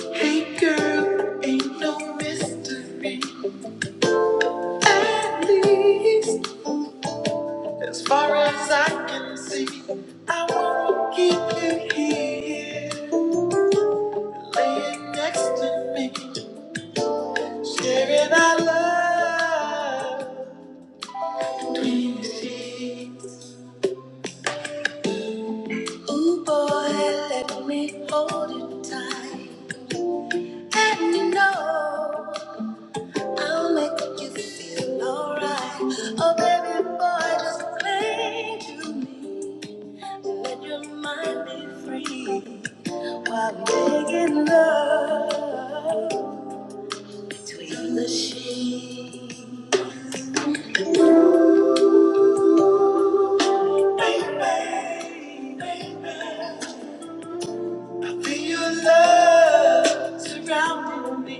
S5: Hey girl, ain't no mystery. At least, as far as I can see, I wanna keep you here, laying next to me, holding on. I'll make you feel alright. Oh, baby boy, just cling to me. Let your mind be free. Feel your love surrounding me.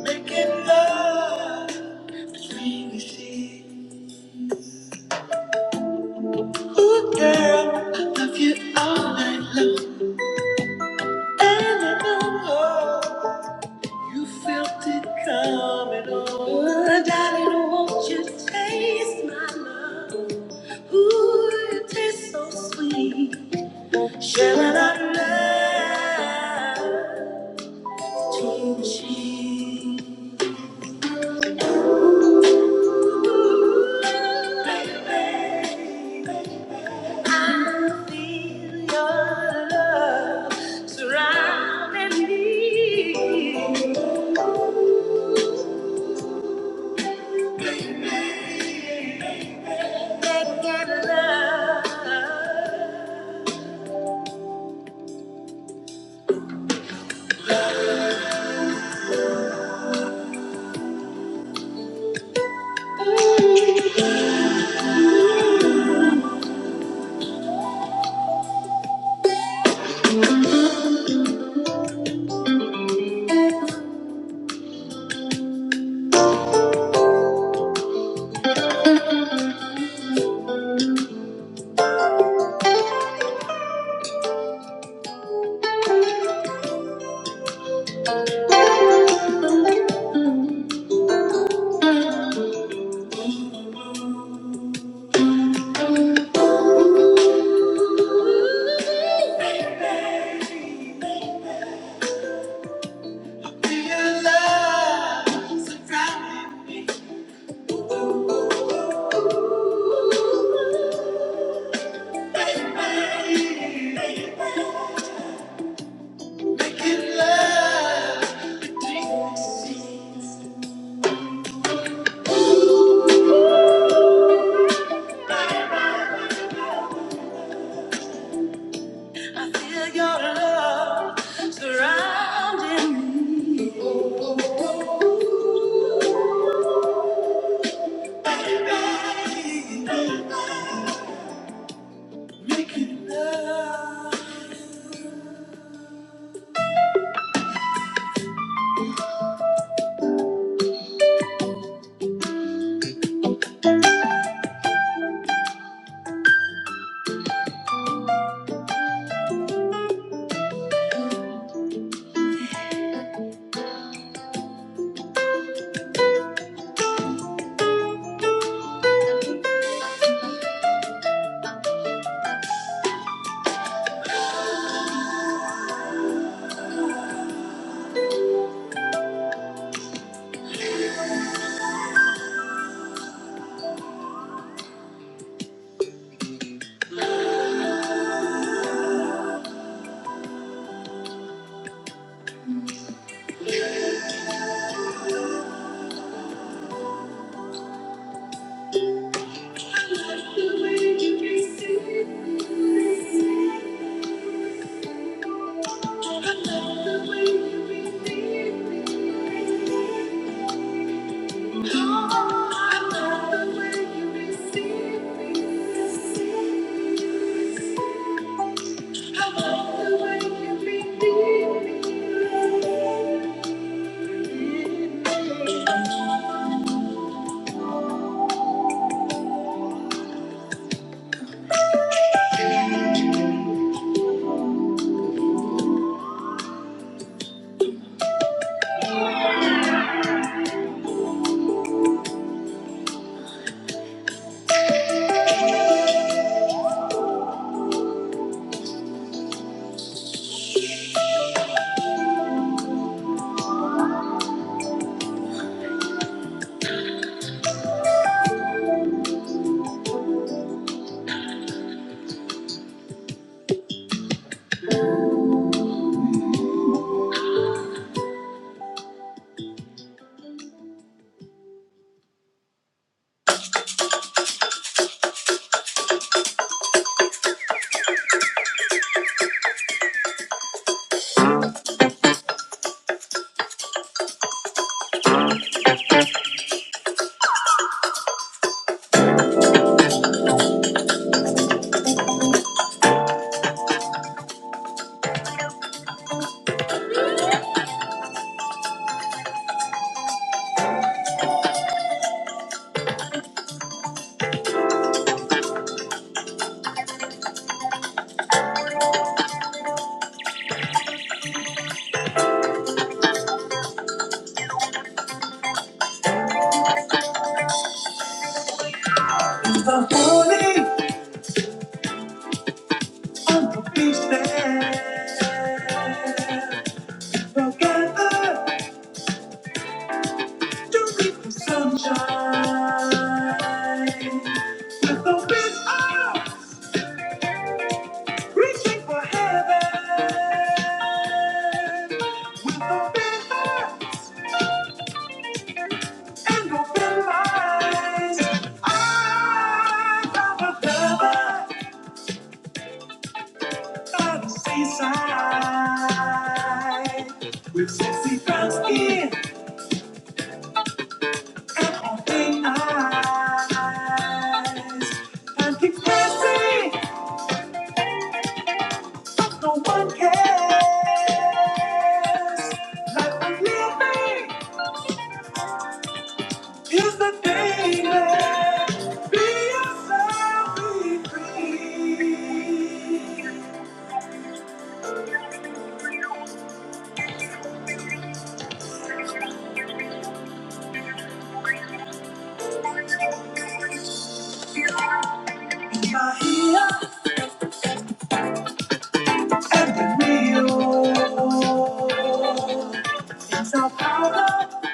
S5: Making love dream we see. Ooh, girl, I love you all night long. And I don't know you felt it coming on. Ooh, darling, won't you taste my love? Ooh, it tastes so sweet. Sharing our love on the beach there. Together to meet the sunshine. With open arms, reaching for heaven. With open hearts and open minds. Eyes of a lover. by the seaside with sexy brown skin and open eyes. And keep dancing, no one cares. Life I'm living is the thing that be yourself, be free. Bahia and the Rio. Sao Paulo.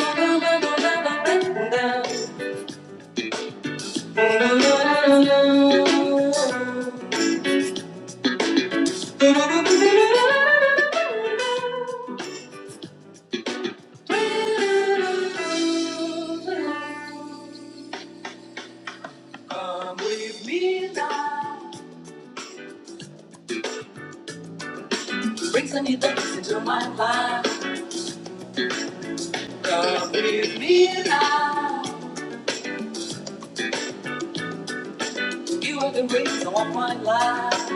S5: Into my life, you are the reason why my life.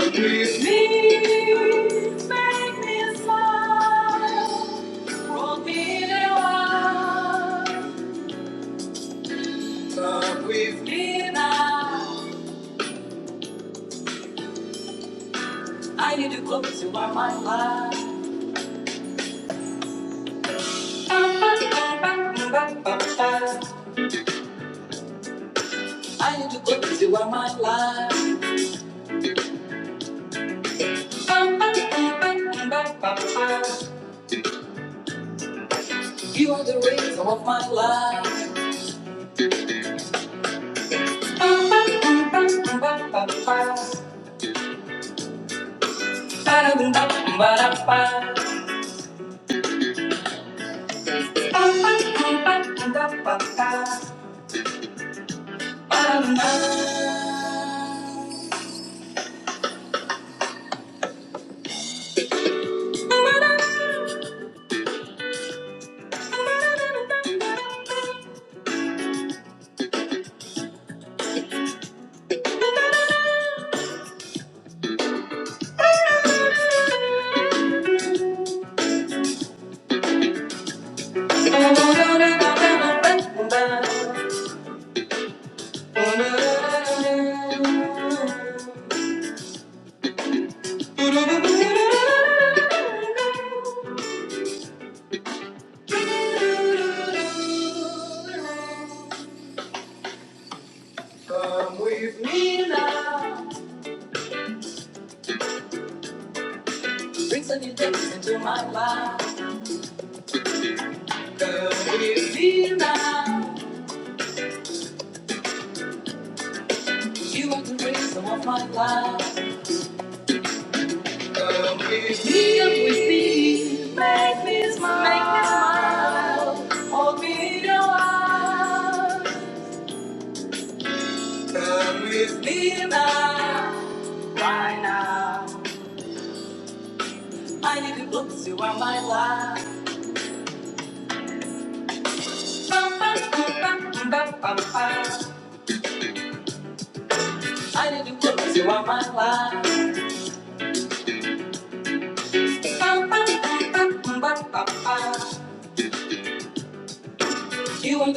S5: Please, make me smile. Roll me the wine. I need to put you on my life. You are the reason of my life. You are the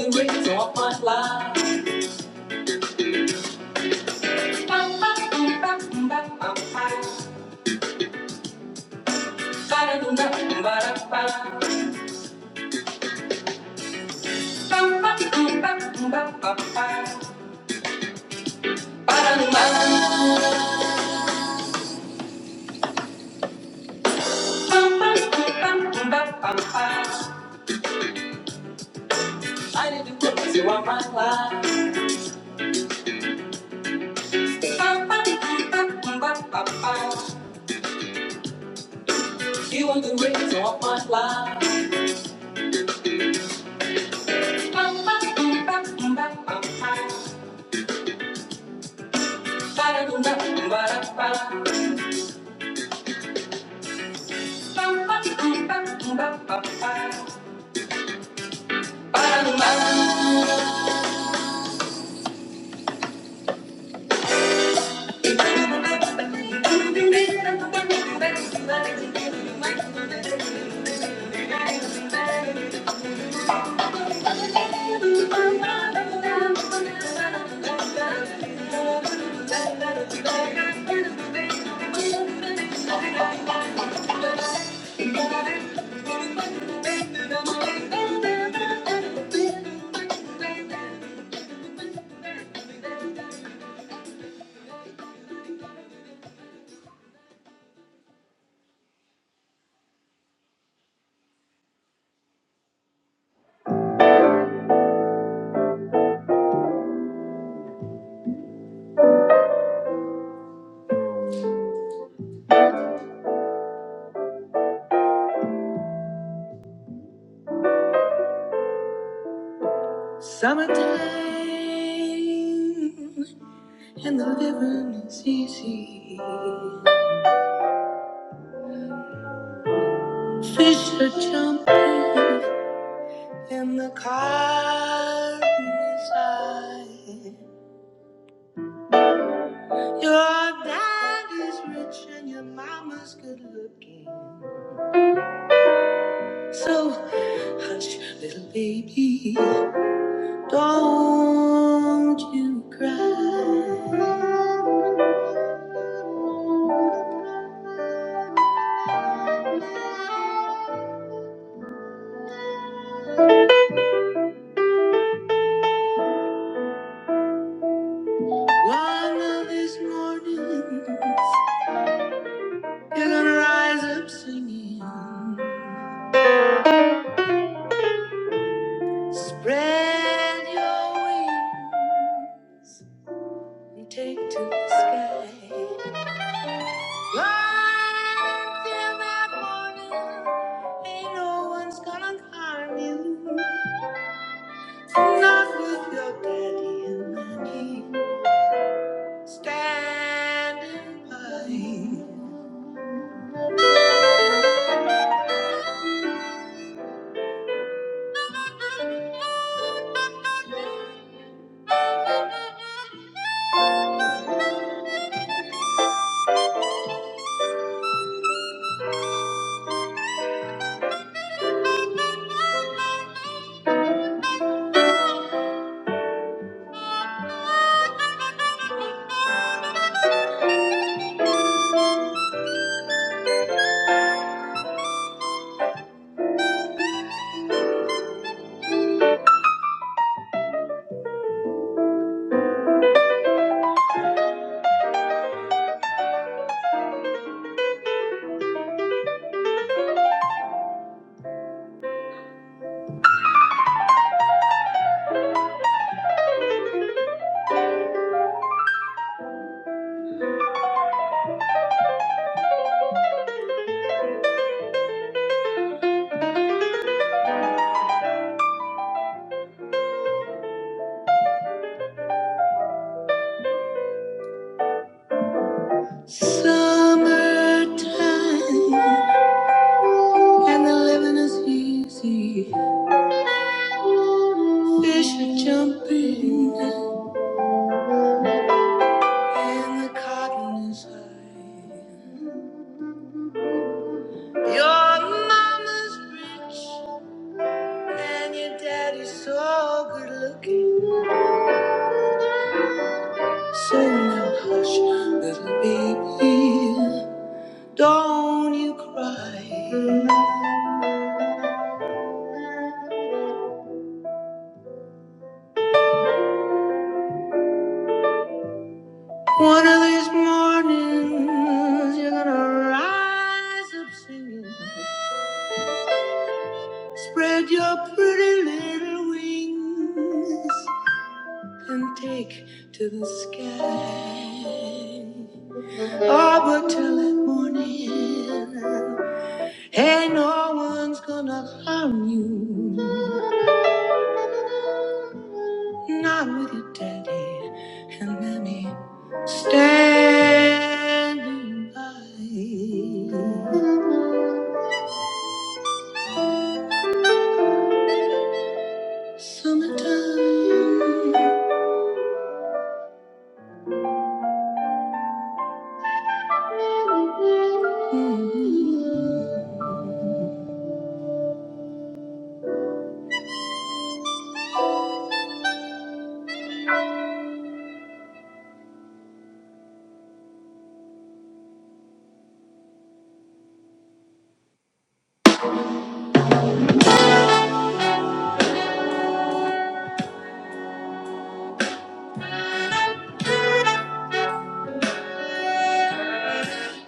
S5: reason of my life. I need to put you on my life. You are the reason of my life. Living is easy. To jump in the car inside. Your heart is rich and your mama's good looking. So Hush, little baby, don't you cry. One of these mornings, you're gonna rise up singing. Spread your wings and take to the sky. Fly till that morning, ain't no one's gonna harm you. Not with your daddy and mommy. Standing by to jump in his feelings take to the sky. Oh, but till that morning, hey, no one's gonna harm.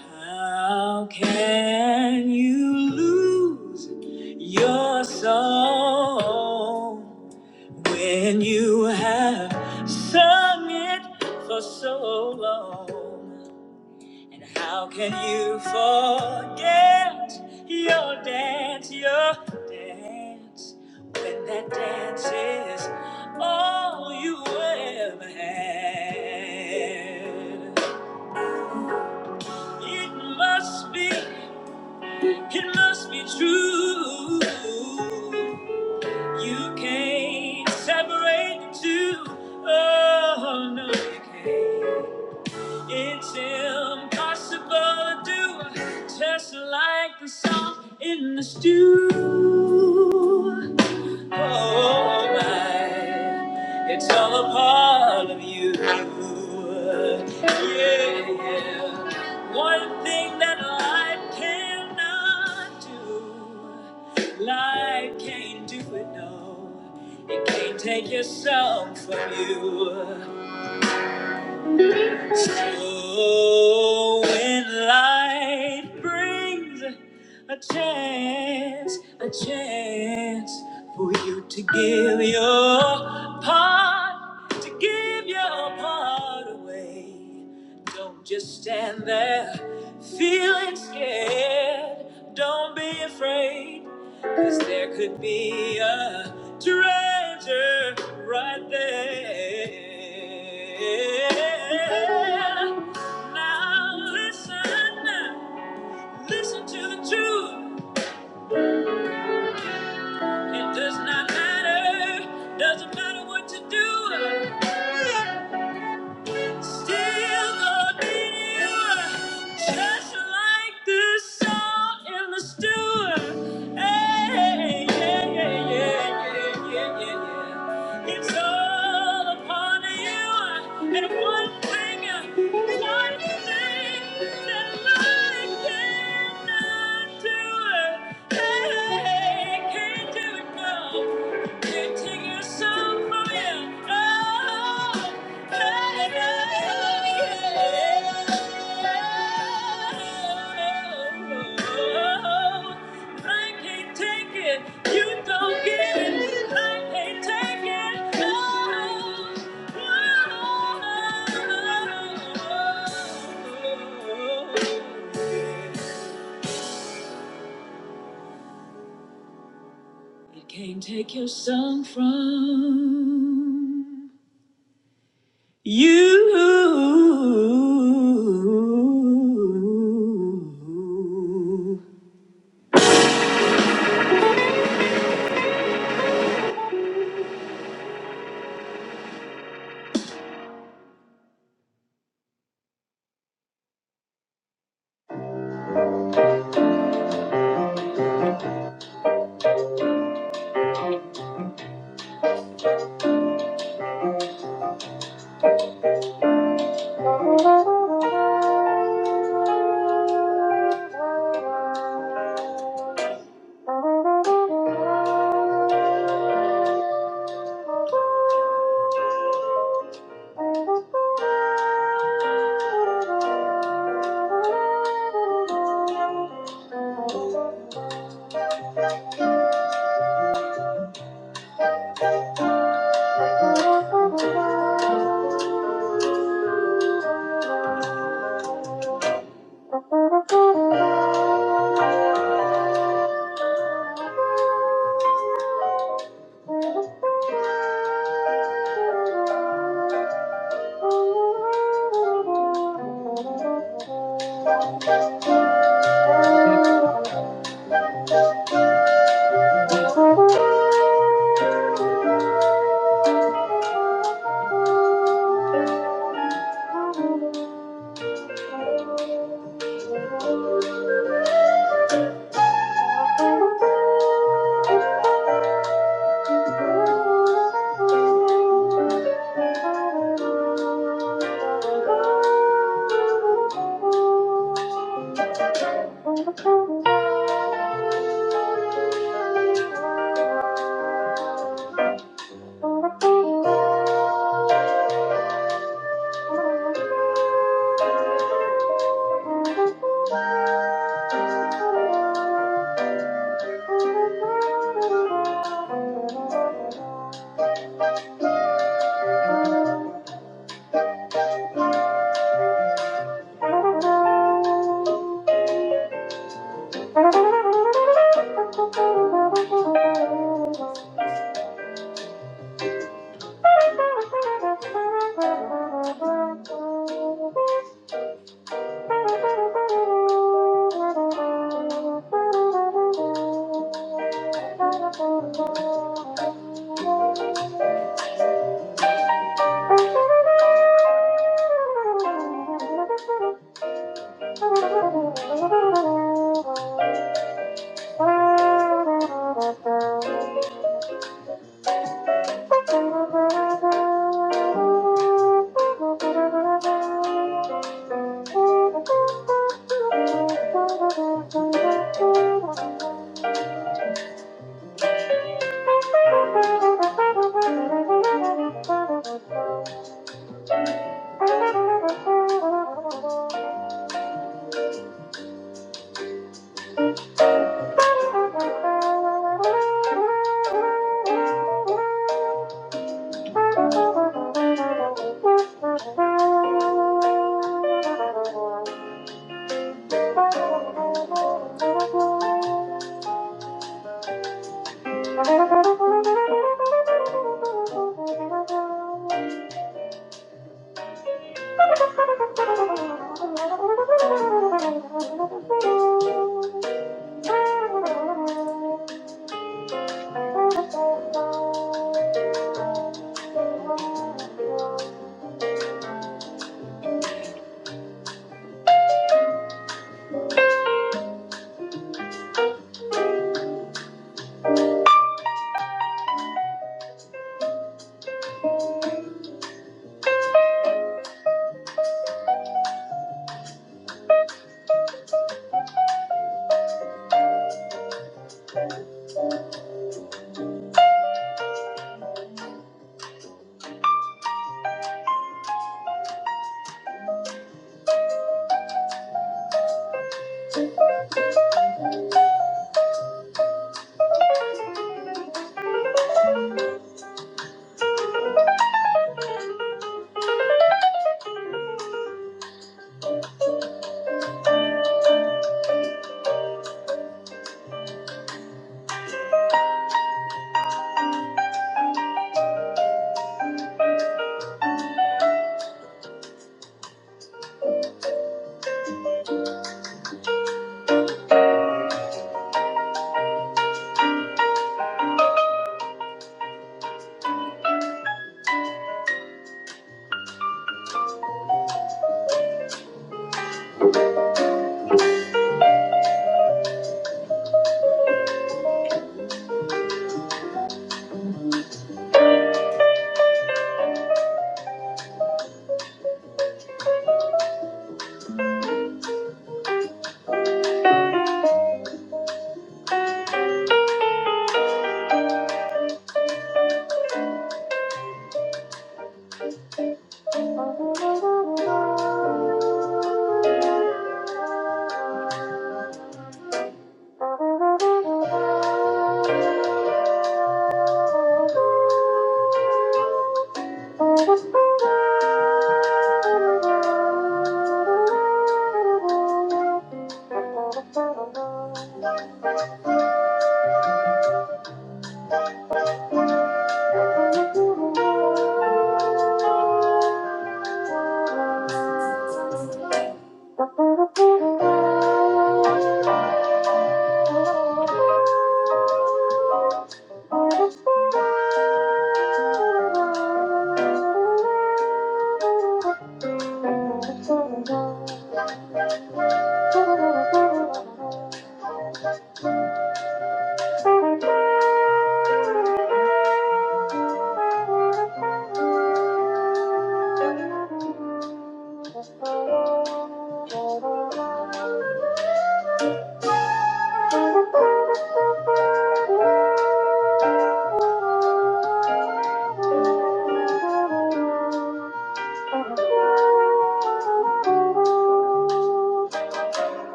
S5: How can you lose your soul when you have sung it for so long? And how can you forget your dance, your dance, when that dance is all you ever had? It must be, it must be true. You can't separate the two. Oh, no, you can't. It's impossible to do, just like the song in the stew. Oh my, it's all a part of you. Yeah, one thing that life cannot do, life can't do it, no. It can't take your soul from you. Oh, when light brings a chance, a chance for you to give your part, to give your part away. Don't just stand there feeling scared. Don't be afraid. Cause there could be a treasure right there. Now listen, listen to the truth. It does not matter, doesn't matter what you do. Still the dealer, just like this song in the stew. Hey, yeah, yeah, yeah, yeah, yeah, yeah, yeah. It's all upon you, and one thing, one thing that life cannot do. You don't get it. I can't take it. Oh, oh, oh, oh.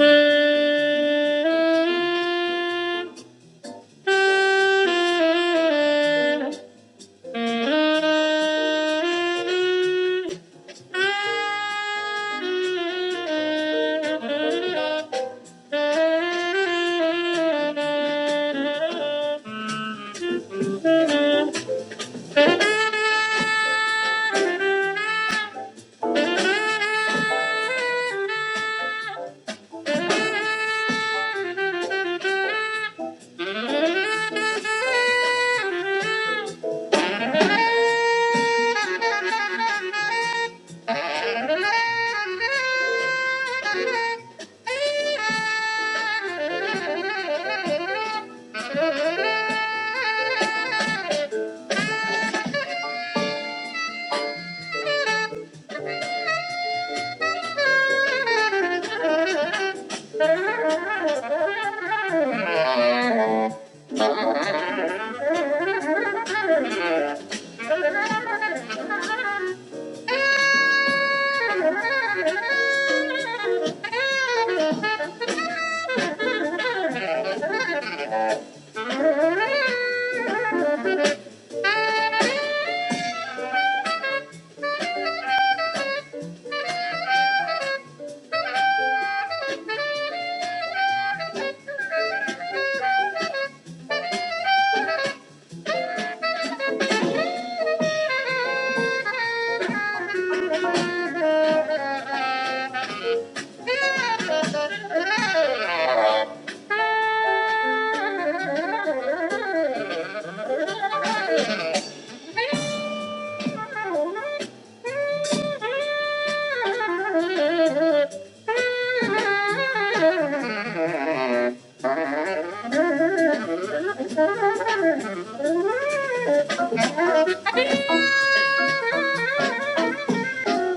S5: Thank you. Thank you. Thank <laughs> you. Thank you. Thank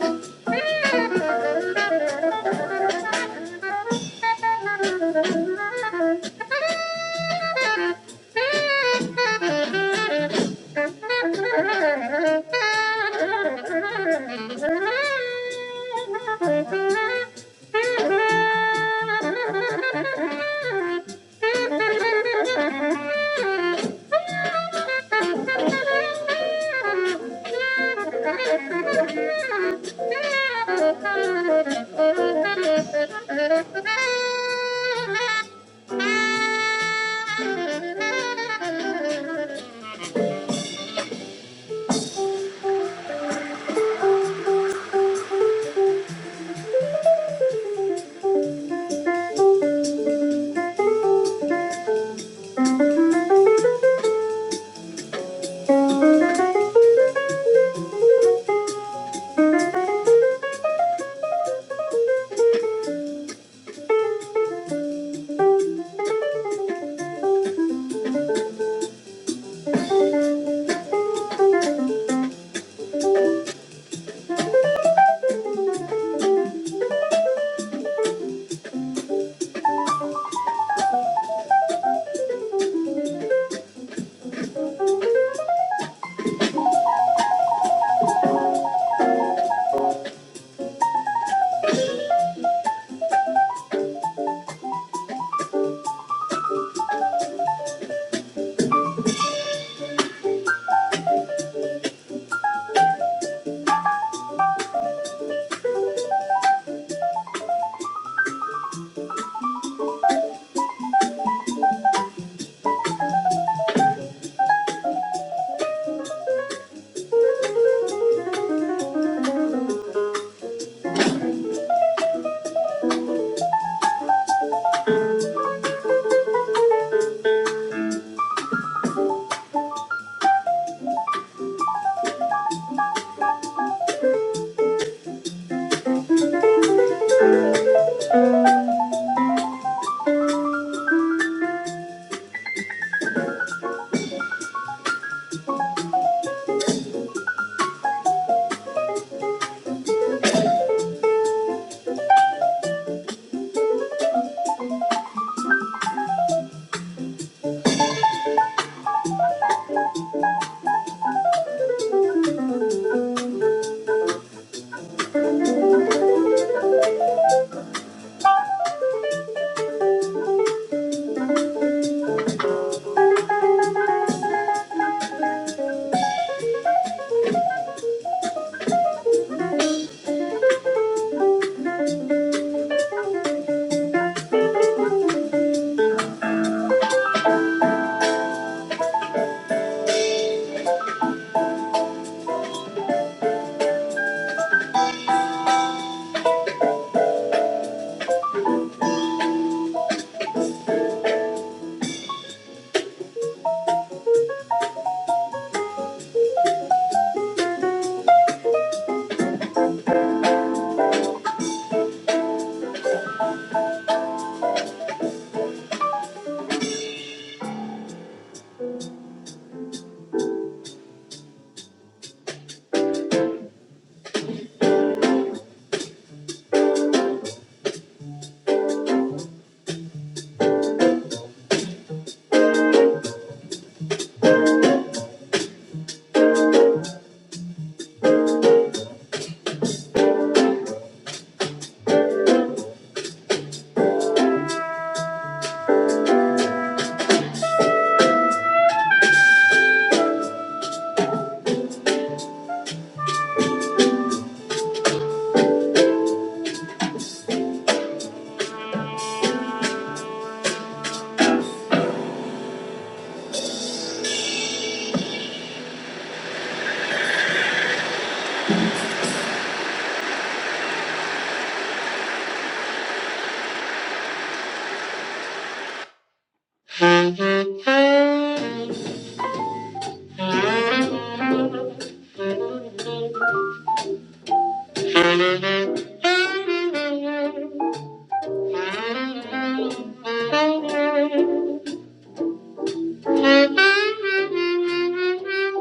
S5: you. Thank <laughs> you.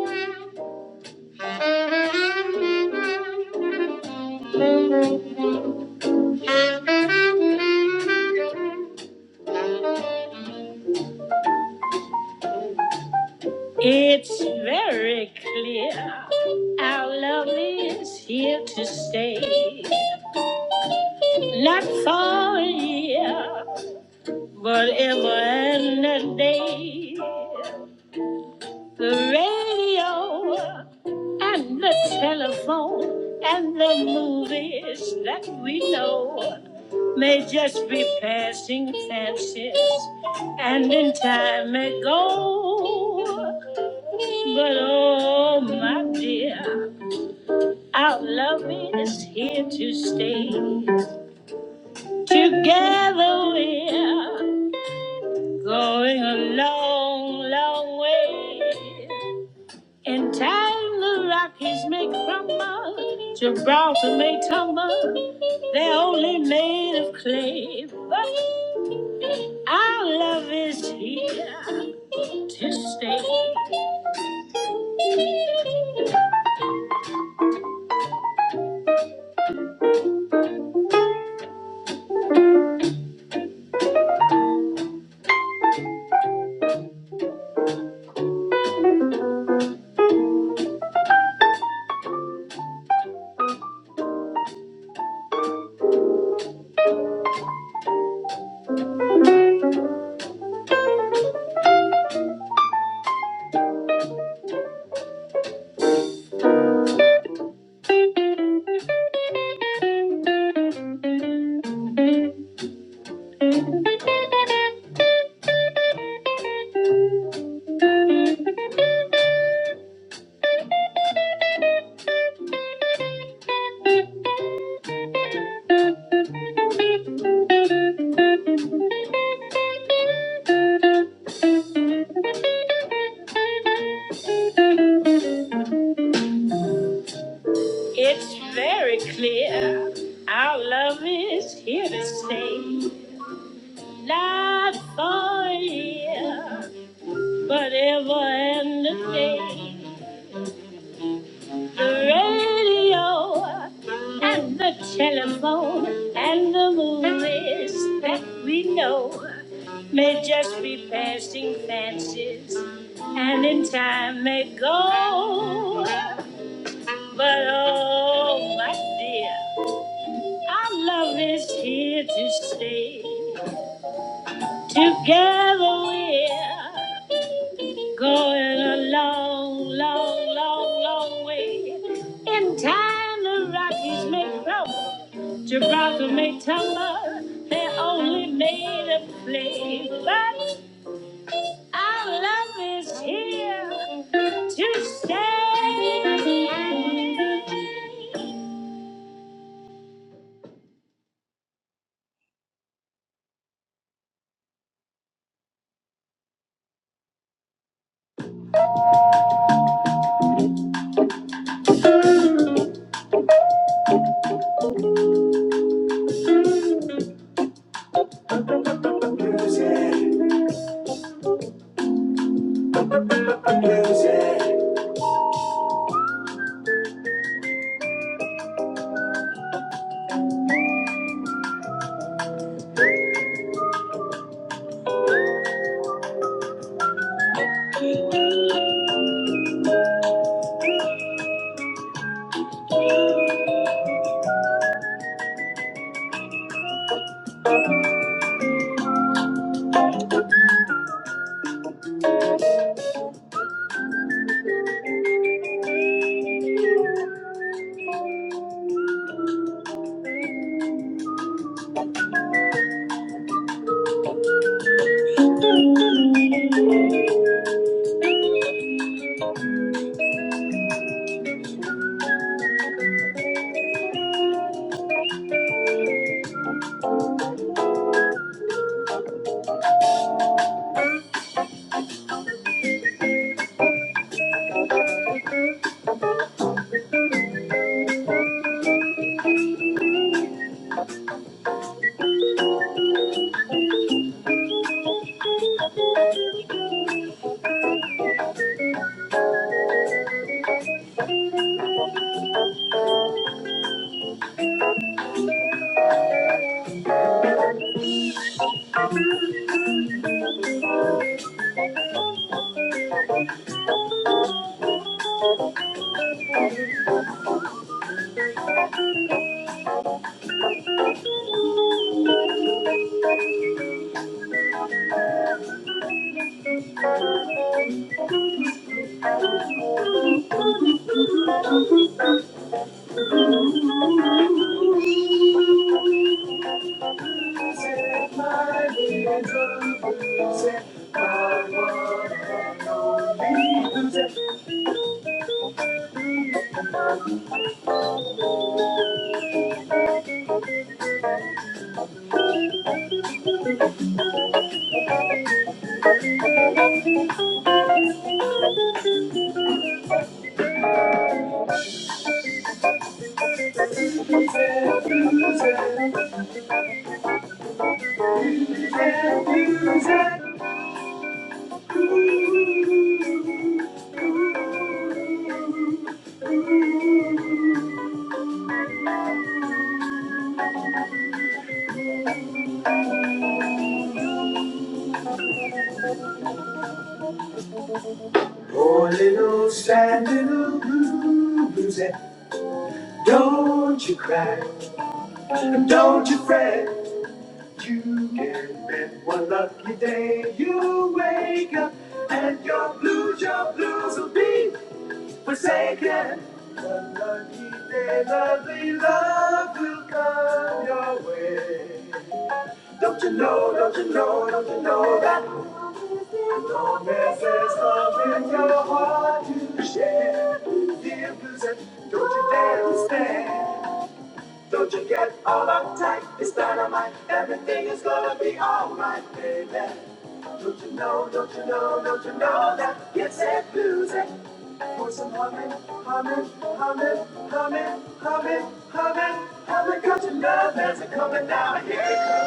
S5: Thank you. It's very clear our love is here to stay. Not for a year, but ever and a day. The radio and the telephone and the movies that we know. may just be passing fancies, and in time may go. But oh, my dear, our love is here to stay. Together we're going a long, long way. In time, the Rockies may crumble, Gibraltar may tumble. They're only made of clay, but our love is here. to stay live for you. Whatever radio, the, the movies that we know may just be passing fancies, and in time may go. But oh, my dear, our love is here to stay. Together we're. Going a long, long, long, long way. In time, the Rockies may crumble, Gibraltar may tumble. They're only made of clay. But Our love is here to stay. Bluesy, bluesy, poor little sandy Lou Bluesy, don't you cry, don't you fret. You can bet one lucky day you wake up and your blues, your blues will be forsaken. One lucky day, lovely love will come your way. Don't you know, don't you know, don't you know that Loneliness is love in your heart to share. Dear blues, and don't you dare to stay. Don't you get all uptight? It's dynamite. Everything is gonna be alright, baby. Don't you know? Don't you know? Don't you know that it's a music? For some humming, humming, humming, humming, humming, humming, humming. Cause you know there's a coming down here.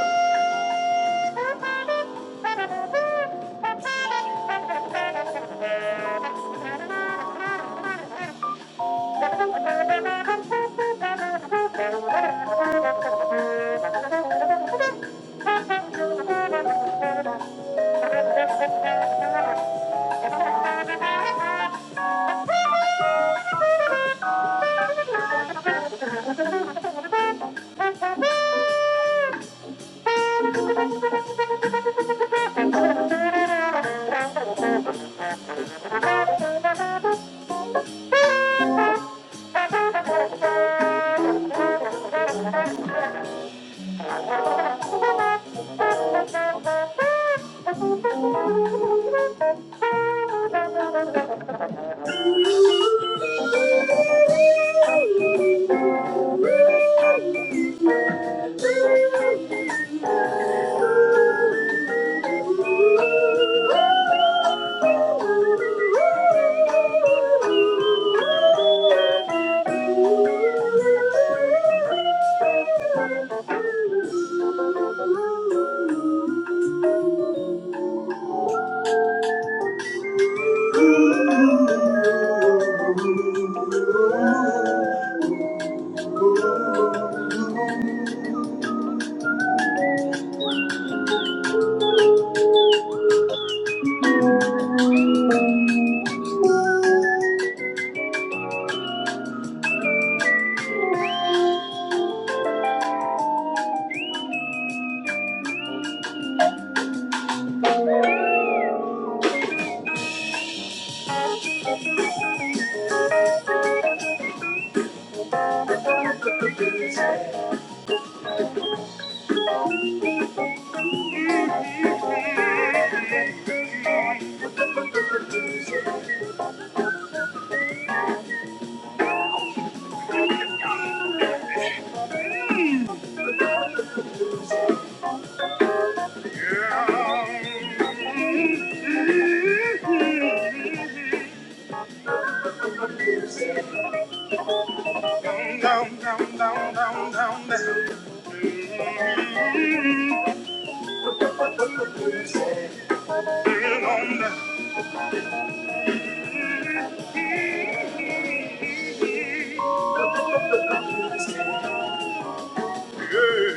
S5: It comes. <laughs> Down, down, down, down, down. Barefoot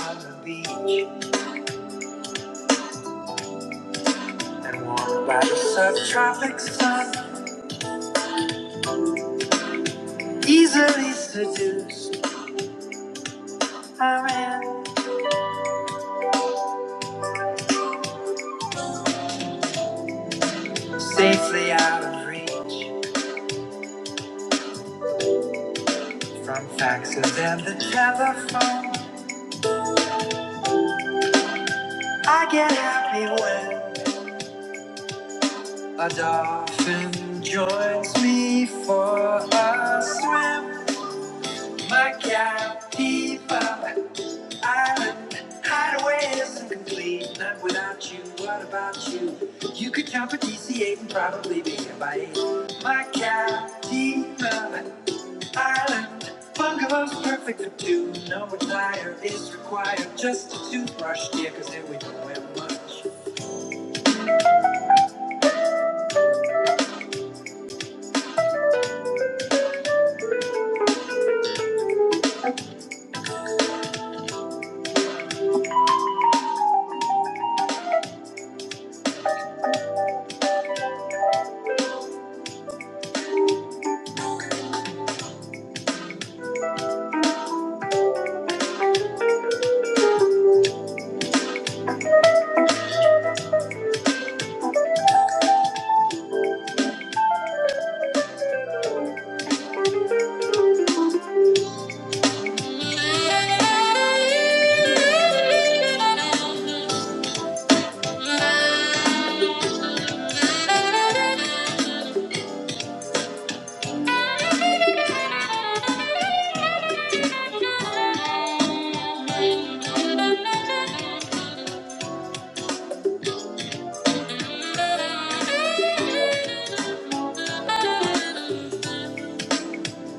S5: on the beach and warmed by the subtropic sun, easily seduced, I ran safely out of reach from faxes and the telephone. I get happy when. A dolphin joins me for a swim. My captiva island hideaway is incomplete. Not without you. What about you? You could count for DC8 and probably be here by 8. My captiva island. Bungalow's perfect for two. No attire is required. Just a toothbrush, dear, 'cause here we don't wear much.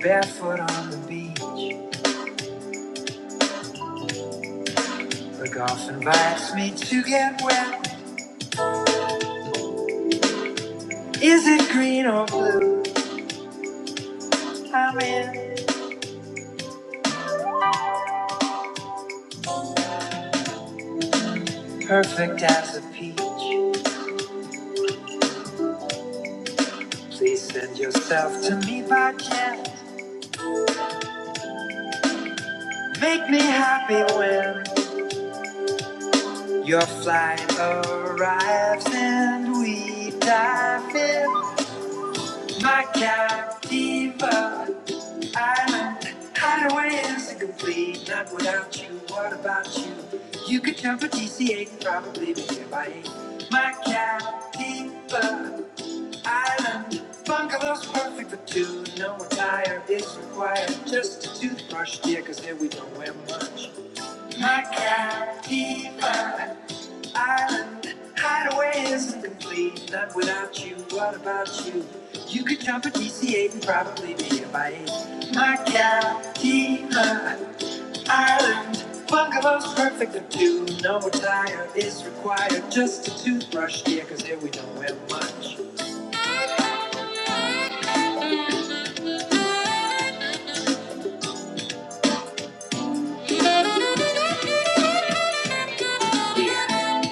S5: Barefoot on the beach, the golf invites me to get wet. Is it green or blue? I'm in. Perfect as a peach. Please send yourself to me by jet. Make me happy when your flight arrives and we dive in. My captiva island hideaway is incomplete. Not without you. What about you? You could come for TCA and probably be here by eight. My captiva island bungalow's perfect for two. No attire is required. Just a toothbrush, dear, 'cause here we don't wear much. My Macatipa Island hideaway isn't complete. Not without you. What about you? You could jump a DC-8 and probably be a My Macatipa Island bungalow's perfect for two. No attire is required. Just a toothbrush, dear, 'cause here we don't wear much.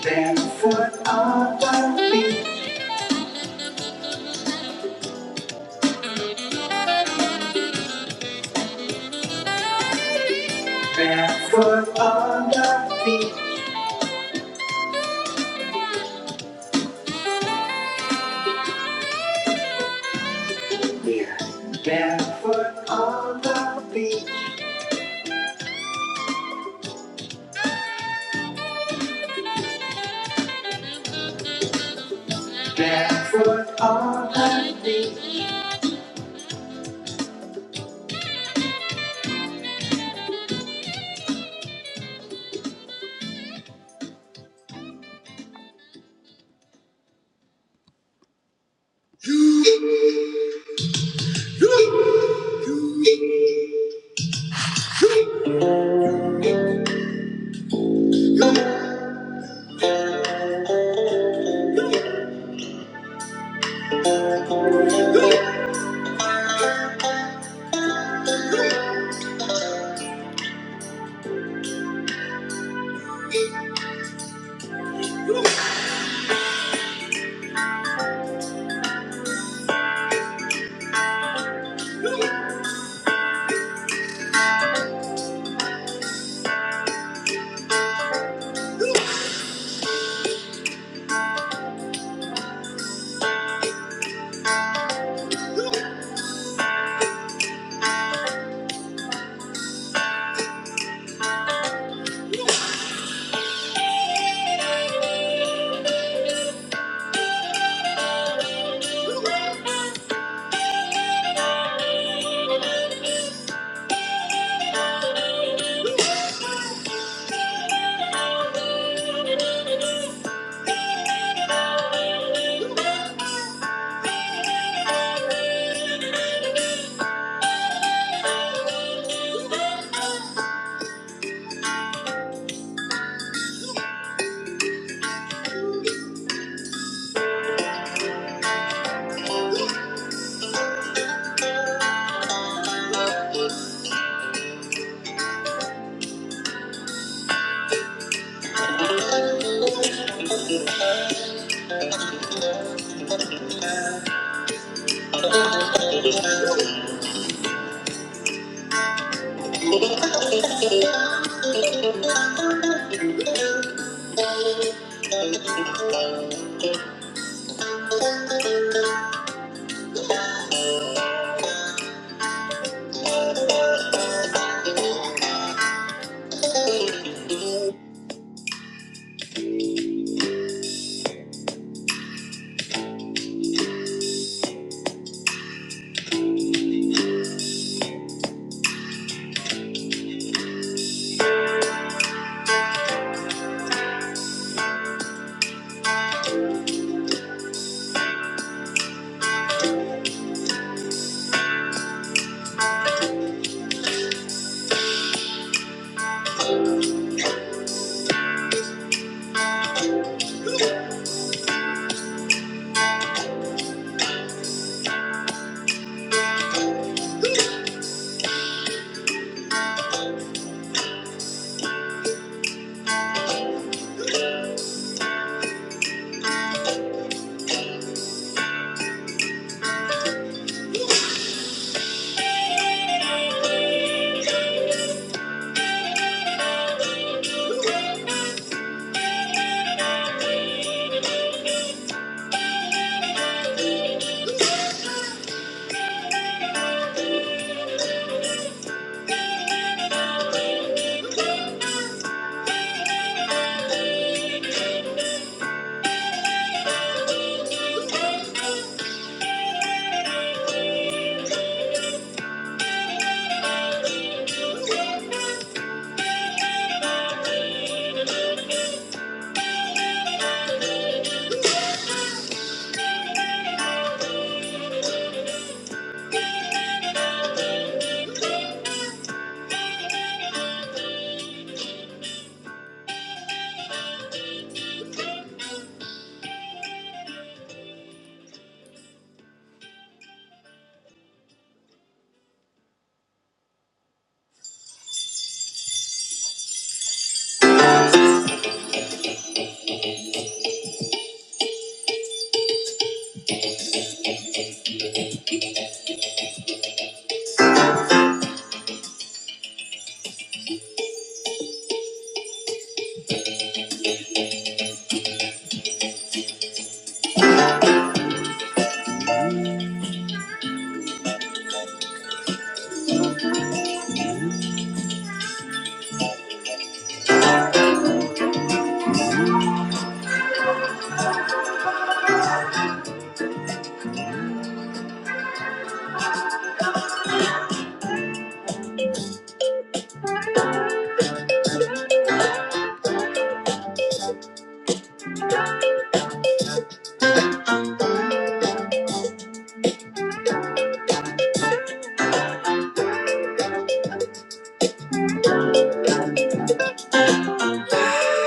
S5: Barefoot on the beach, barefoot on the beach. We're barefoot on the beach, barefoot on the beach.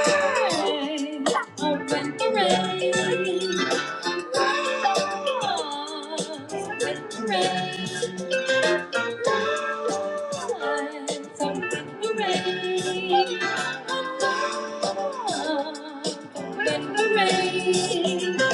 S5: Hey, Open parade. Open the rain, open parade. Open the rain.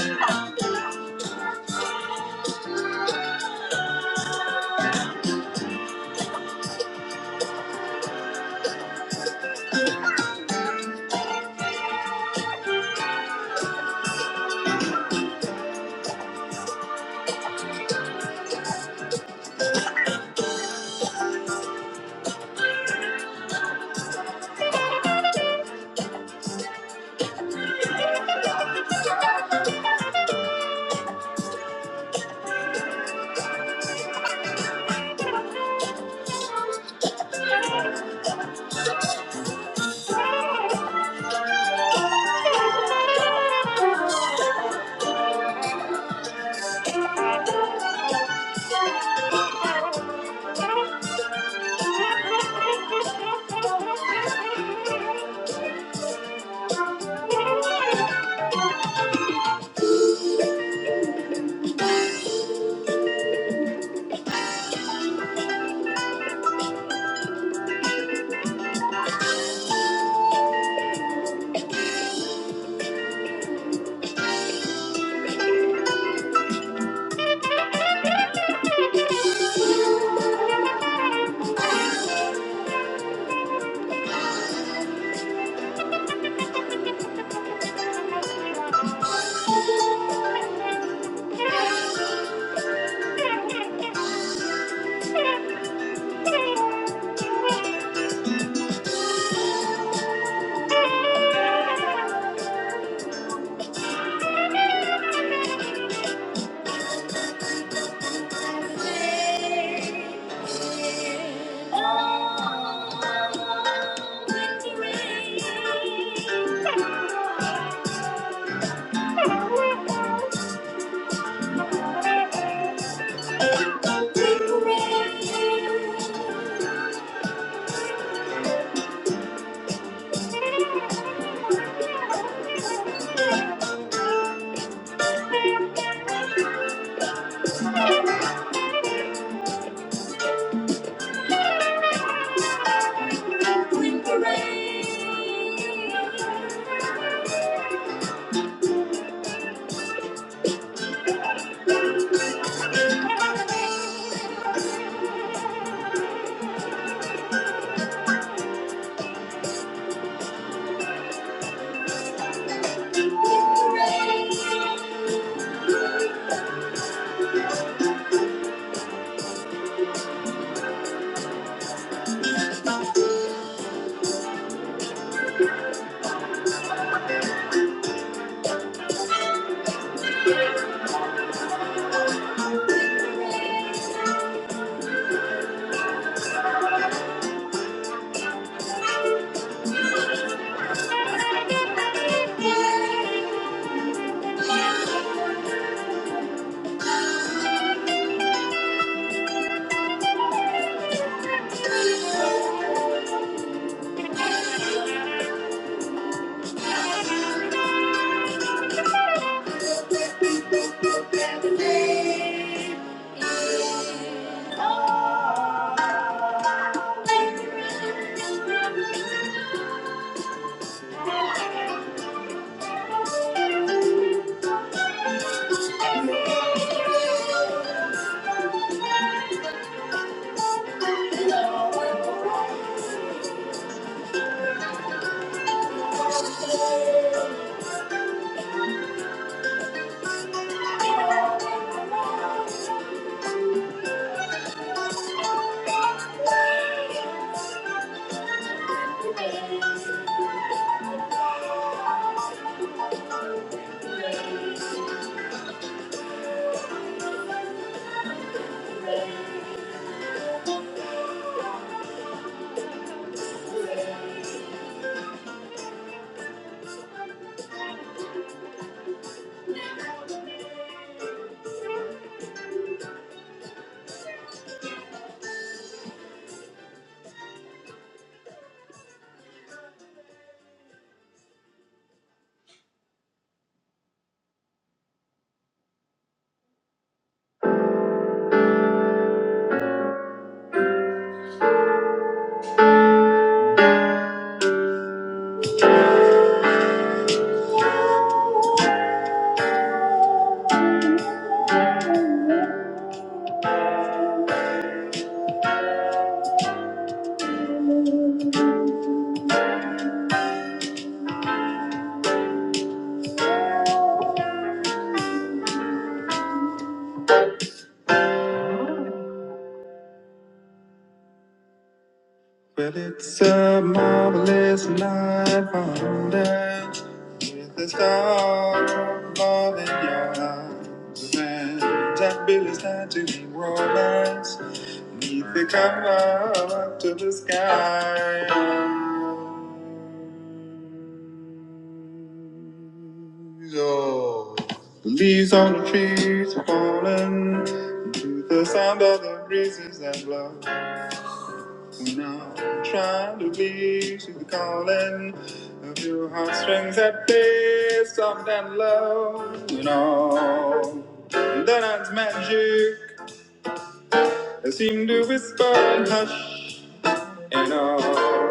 S5: Well, it's a marvelous night for with the star of love in your eyes. And that bill is not to be romance, neath the cover to the sky. Oh. The leaves on the trees are falling to the sound of the breezes that blow. Now I'm trying to be to the calling of your heartstrings that play soft and low and all. the night's magic I seem to whisper and hush and all.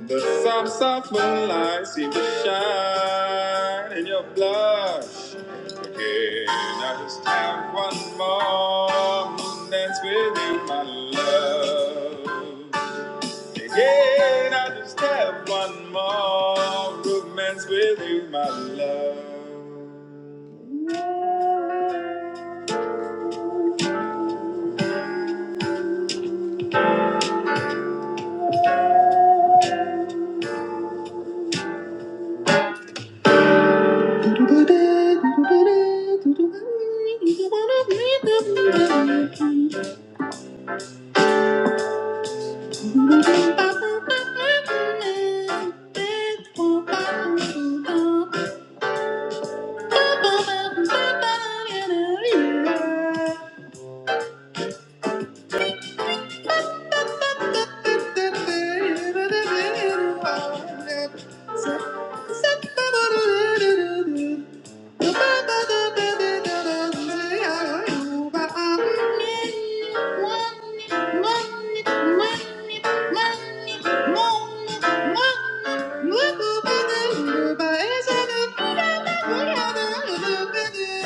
S5: The soft, soft moonlight seems to shine in your blush. Again, I just have one more moon dance with you, my love. Again, I just have one more romance with you, my love.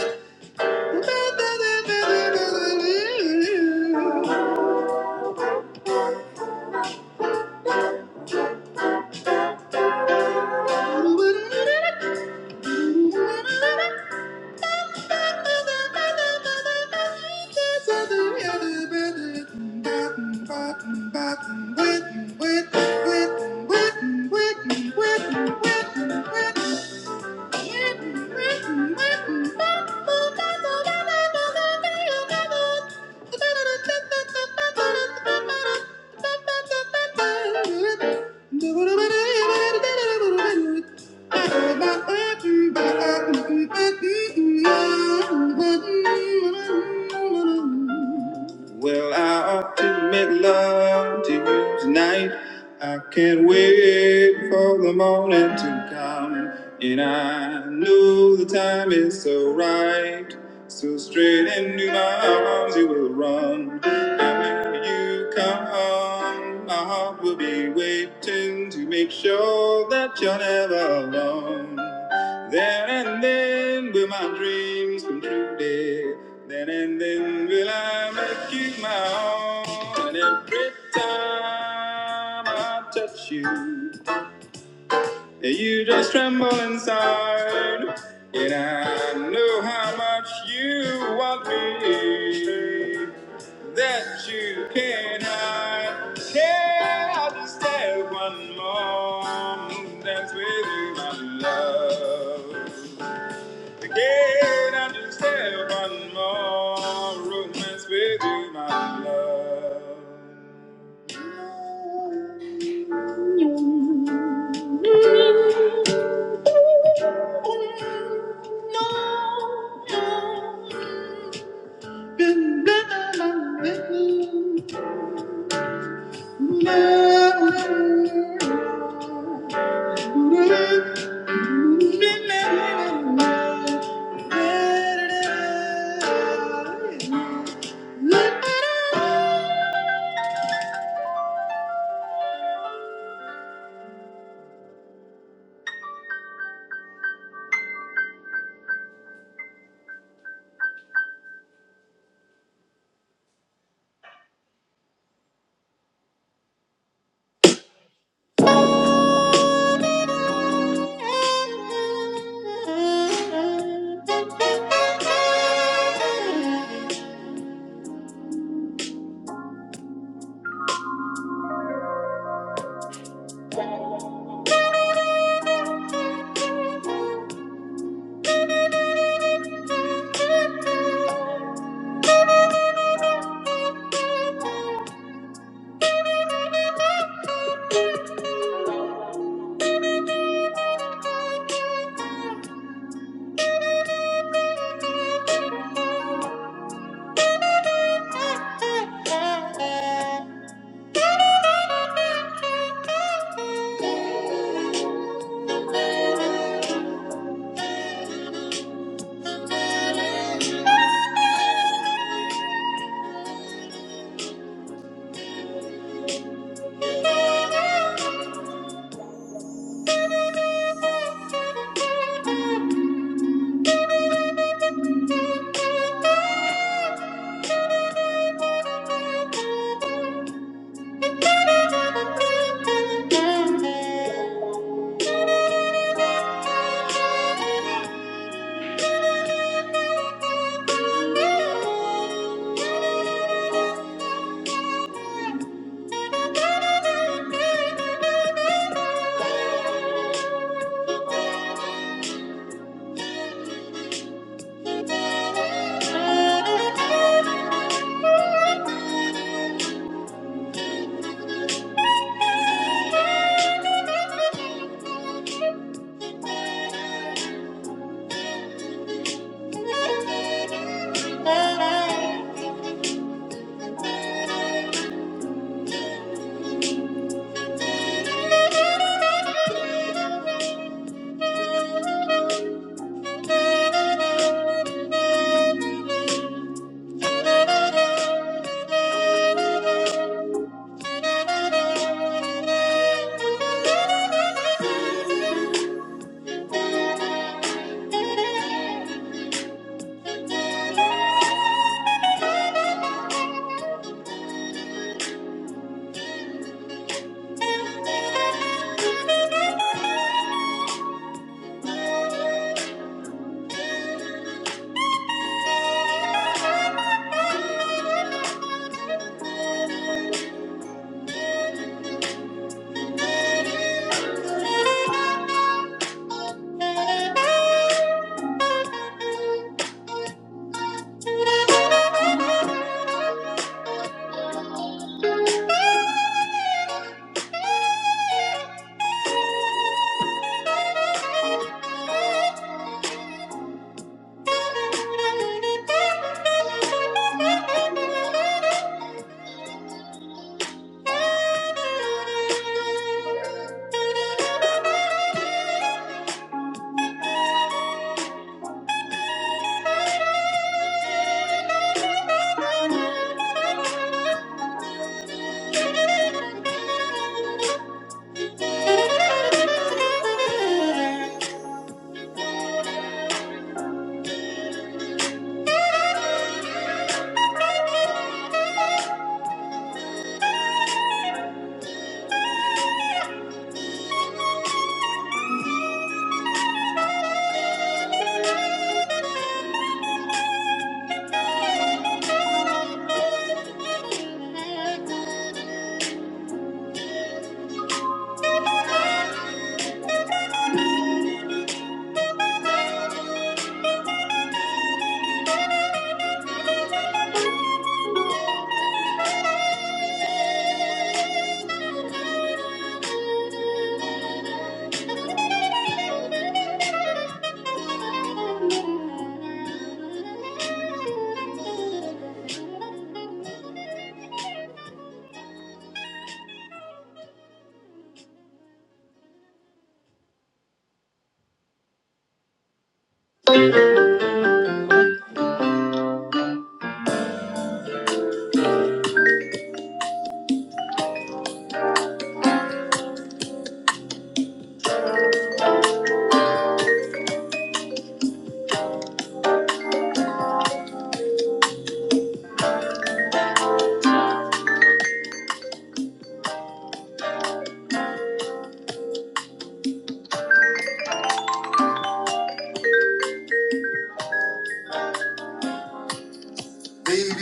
S5: <laughs> Thank you. Thank you. Well, I ought to make love to you tonight. I can't wait for the morning to come. And I know the time is so right. So straight into my arms you will run. And when you come on. My heart will be waiting to make sure that you're never alone. Then and then will my dreams come true, dear. Then and then will I make you my own. And every time I touch you. You just tremble inside, and I know how much you want me. That you cannot. Can I just have one more dance with you, my love? Can I just have one more romance with you, my love?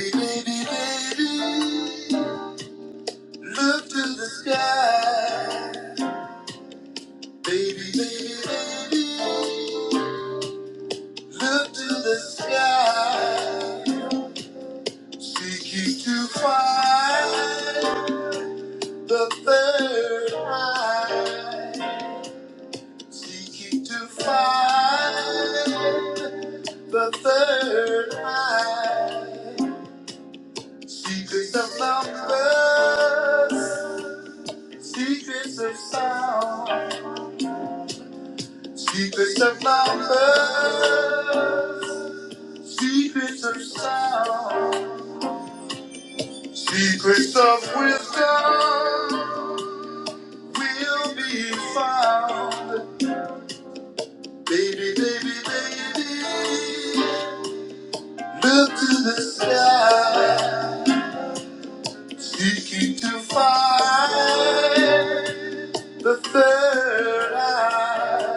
S5: Baby, lift to the sky, take you to fly. The third eye, seeking to find the third eye, secrets of numbers, secrets of sound, secrets of numbers, secrets of sound, secrets of wisdom will be found. Baby, baby, baby. Look to the sky, seeking to find the third eye.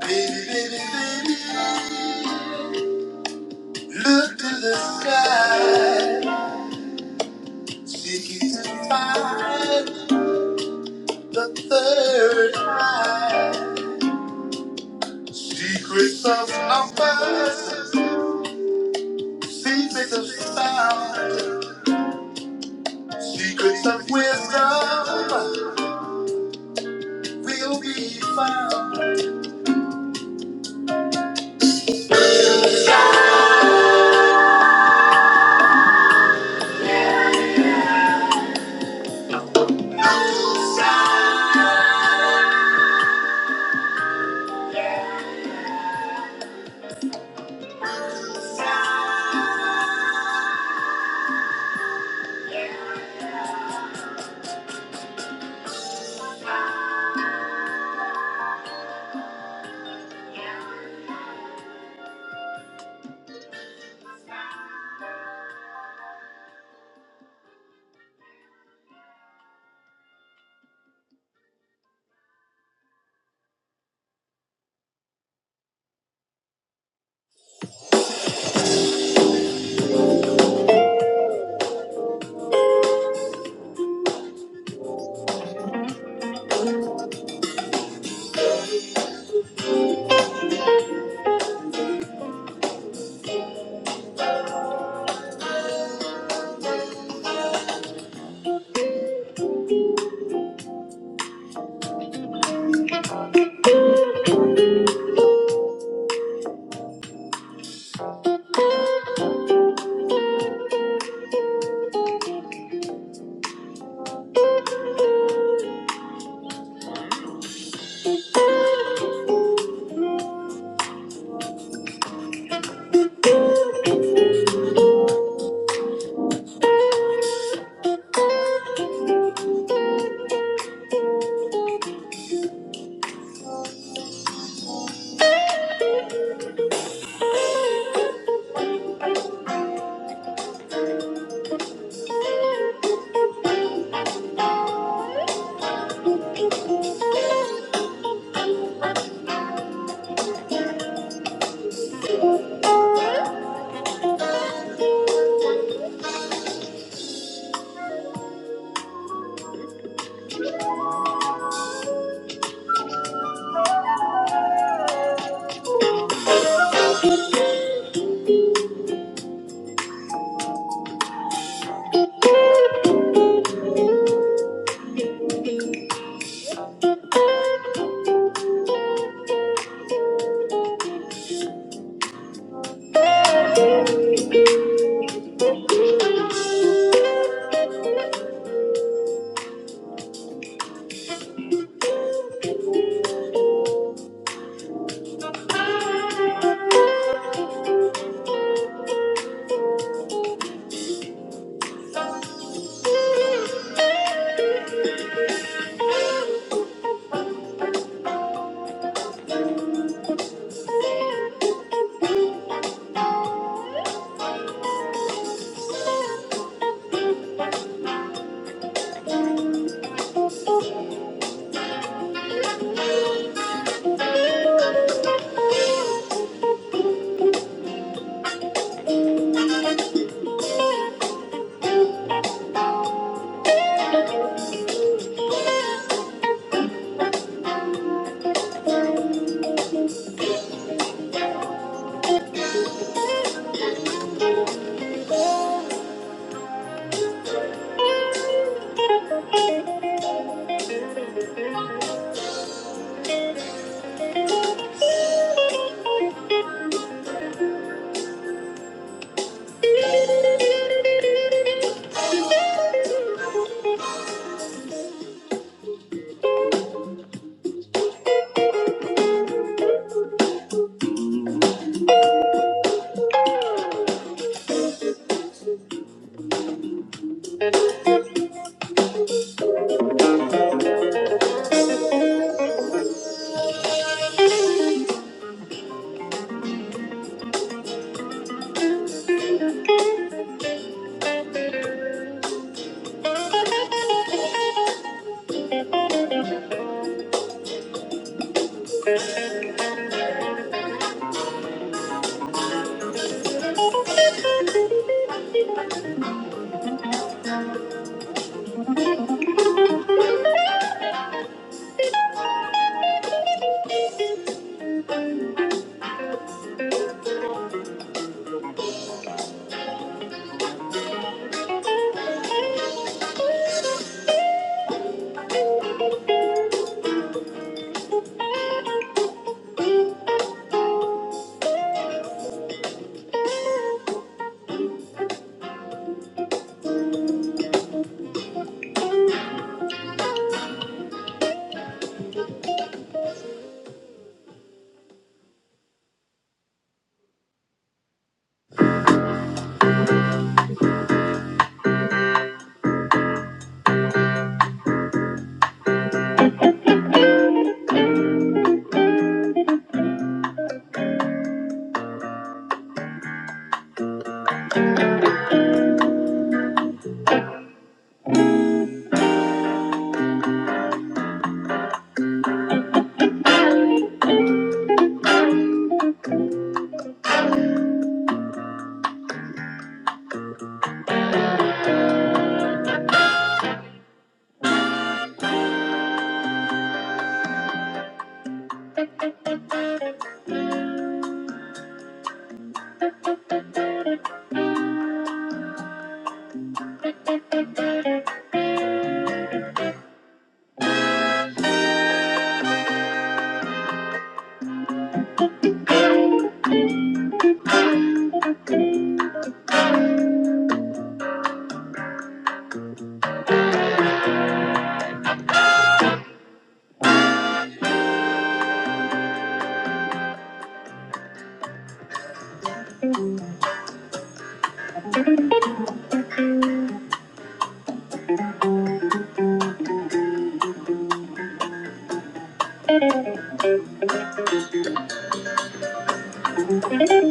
S5: Baby, baby, baby, look to the sky, seeking to find the third eye. Secrets of numbers, secrets of sound, secrets of wisdom will be found. Thank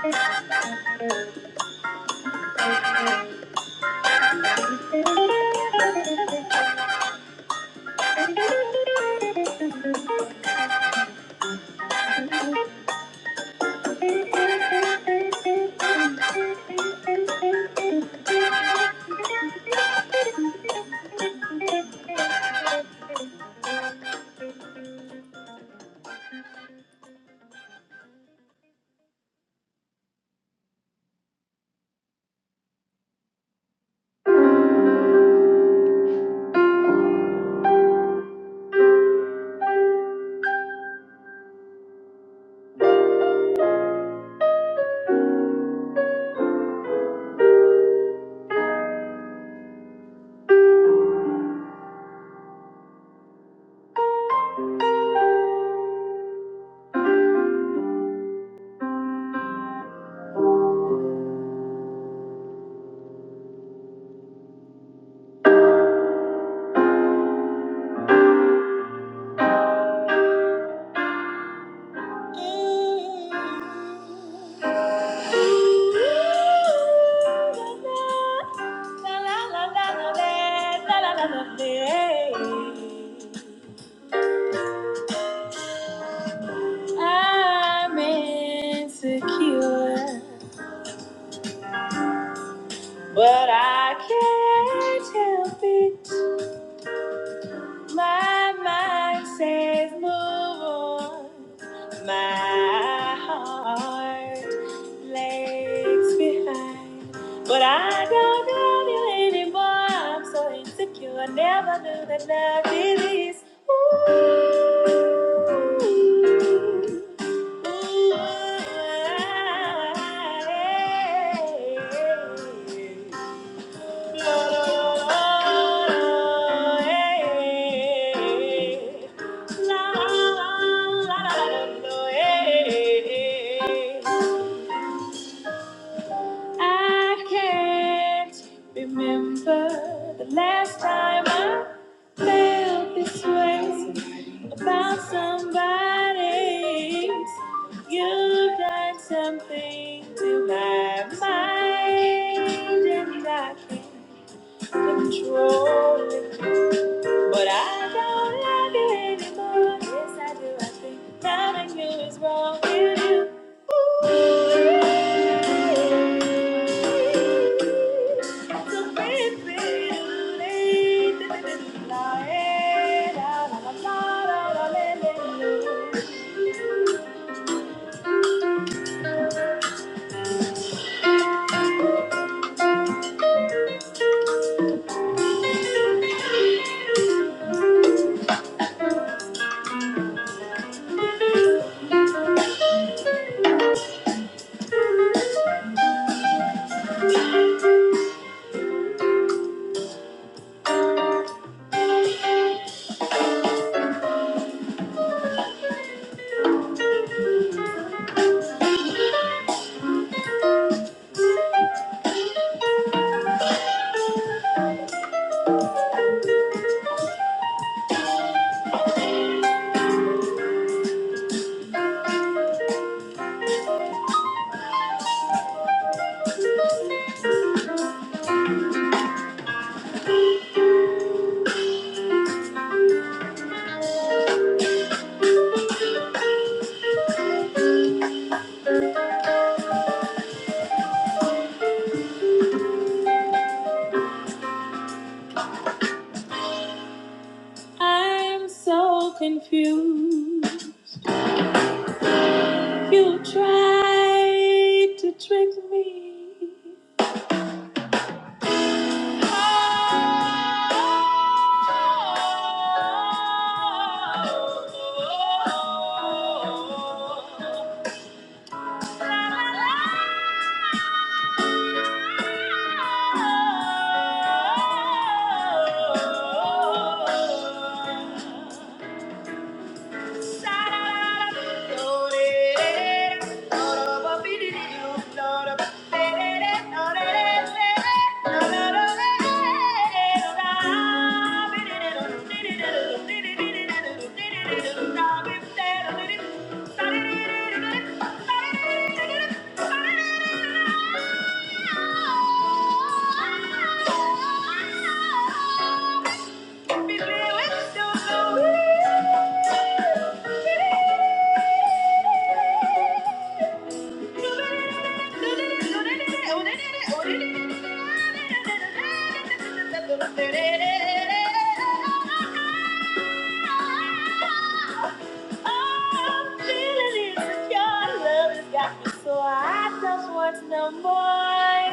S5: you. I'm insecure, but I can't help it. My mind says move on. My heart lags behind. But I don't love you anymore. I'm so insecure. I never knew that love did this. Ooh, ooh, I can't remember the last time I felt this way about somebody. You done something to my mind, and I can't control it. But I don't love you anymore. Yes, I do. I think that I knew is wrong with you. Ooh, It's a bit, bit late. La, eh, la, la, la, la, la, la, la. la. I'm so confused. You tried to trick me. Oh Thank you. So no more.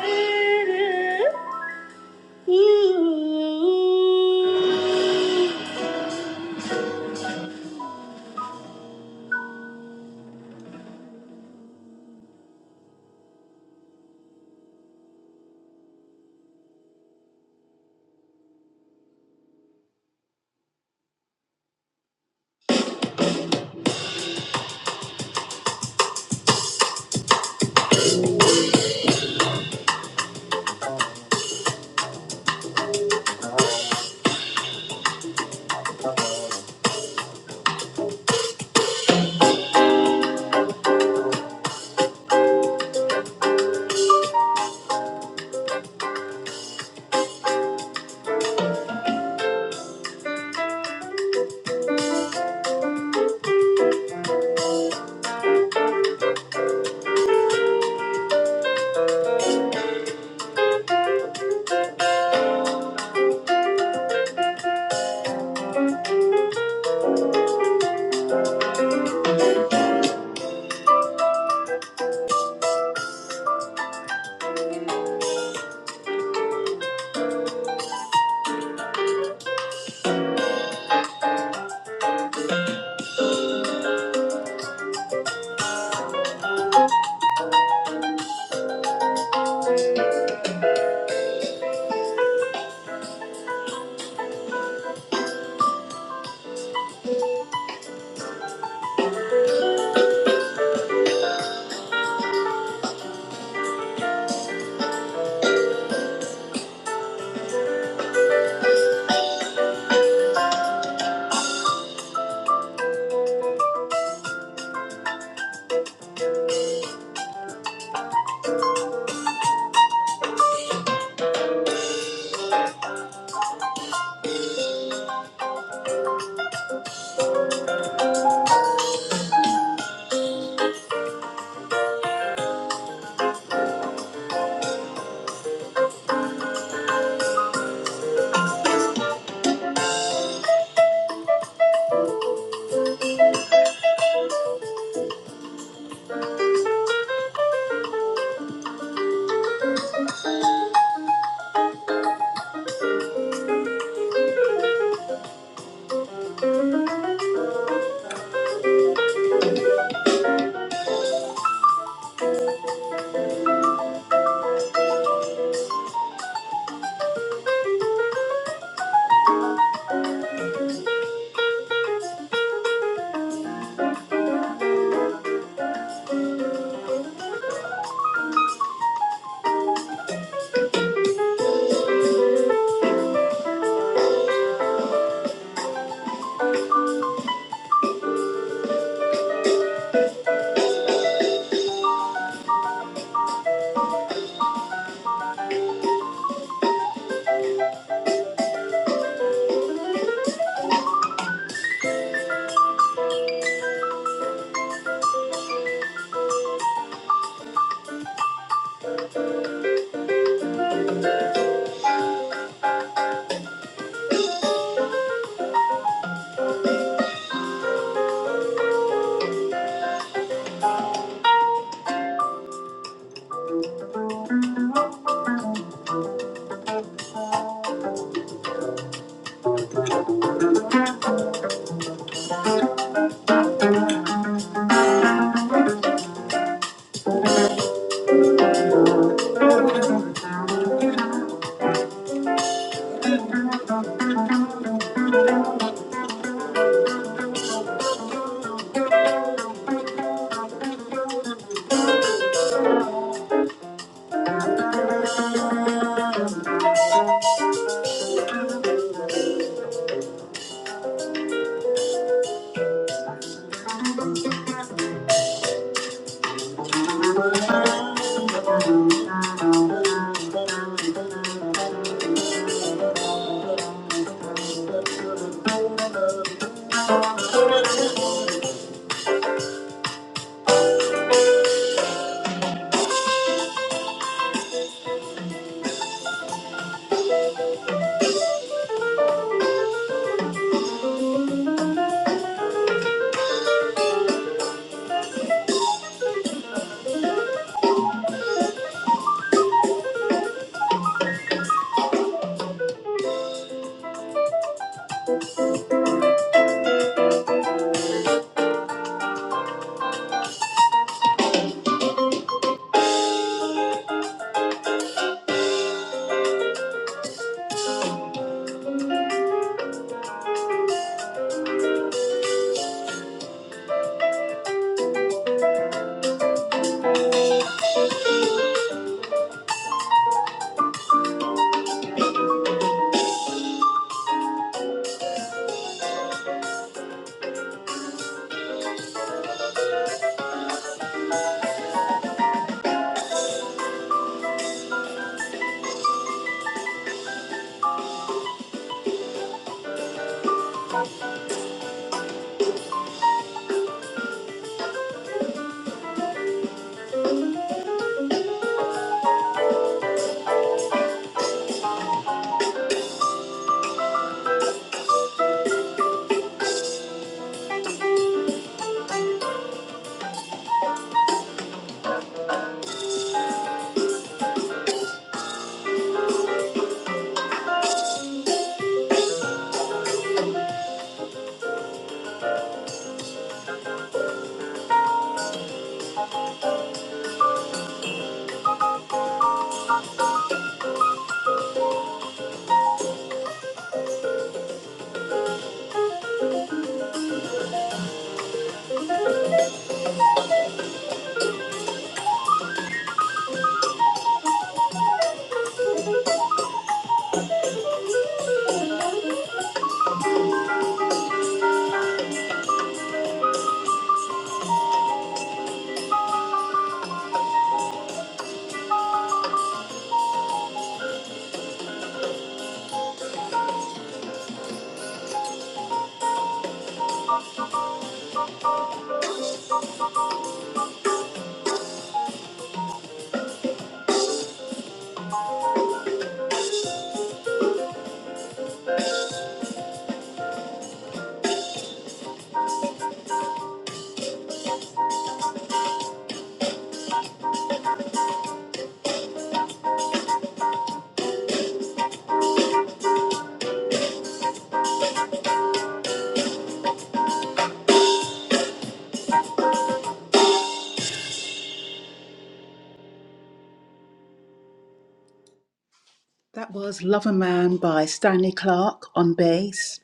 S5: That was Love a Man by Stanley Clarke on bass,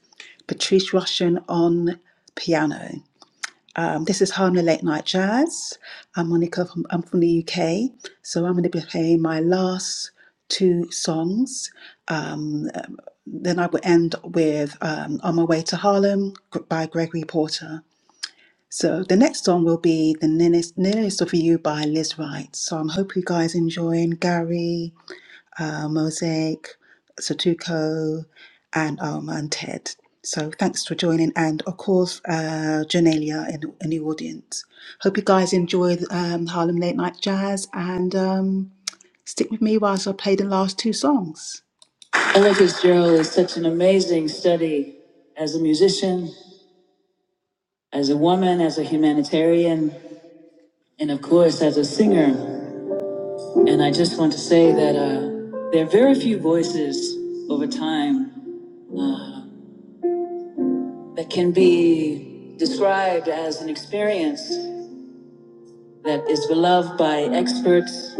S5: Patrice Rushen on piano. Um, this is Harlem Late Night Jazz. I'm Monica, from, I'm from the UK. So I'm going to be playing my last two songs. Um, um, then I will end with um, On My Way to Harlem by Gregory Porter. So the next song will be The Nearest, Nearest of You by Liz Wright. So I'm hope you guys enjoying Gary uh, Mosaic, Sudoku, and um, and TED. So thanks for joining, and of course, uh, Janelia in, in the audience. Hope you guys enjoyed um, Harlem Late Night Jazz, and um, stick with me whilst I play the last two songs. Joe's amazing study as a musician, as a woman, as a humanitarian, of course. And I just want to say that uh, very few voices over time that can be described as an experience that is beloved by experts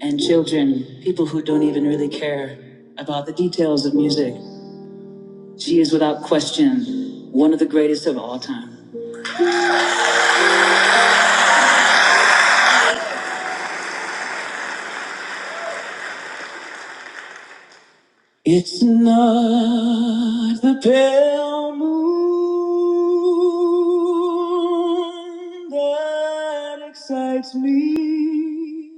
S5: and children, people who don't even really care about the details of music. She is without question one of the greatest of all time. It's not the pale moon that excites me.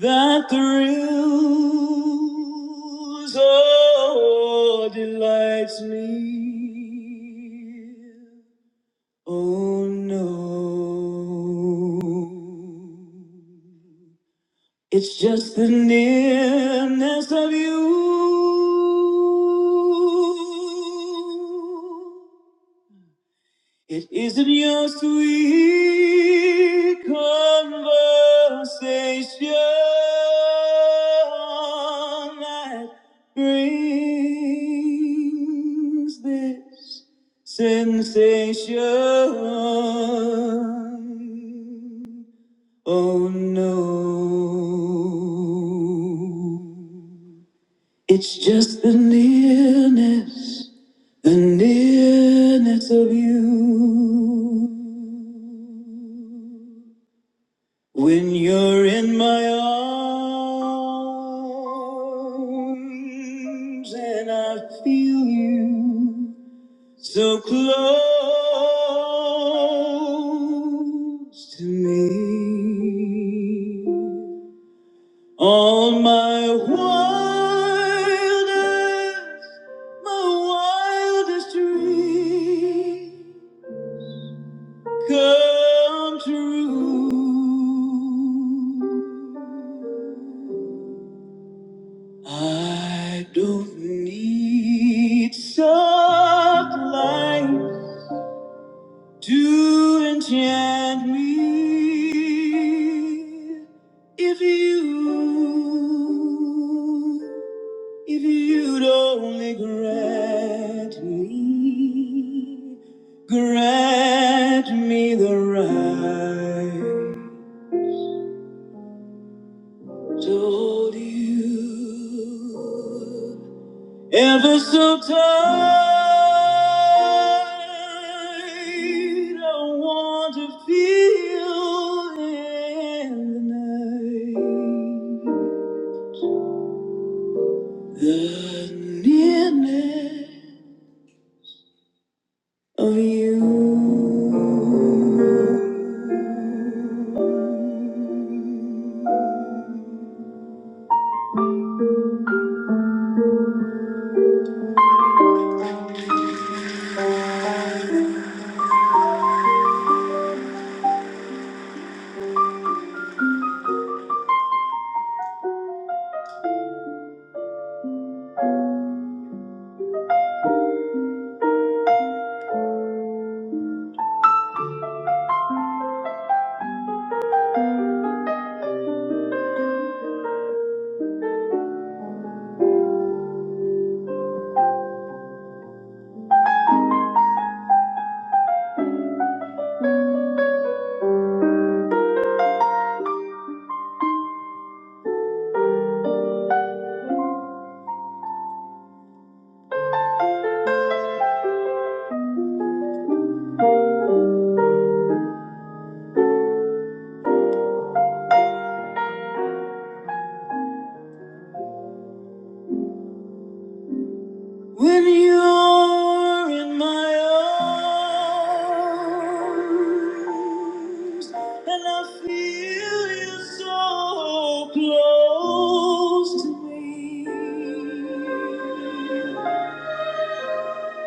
S5: that thrills oh, delights me. Oh no, it's just the nearness of you. It isn't your sweet conversation that brings this sensation. Oh no, it's just the nearness, the nearness of you. When you're in my arms and I feel you so close to me, all my wildest, my wildest dreams. come true. I don't need such light to enchant me. If you, if you'd only grant me, grant me the right. of you.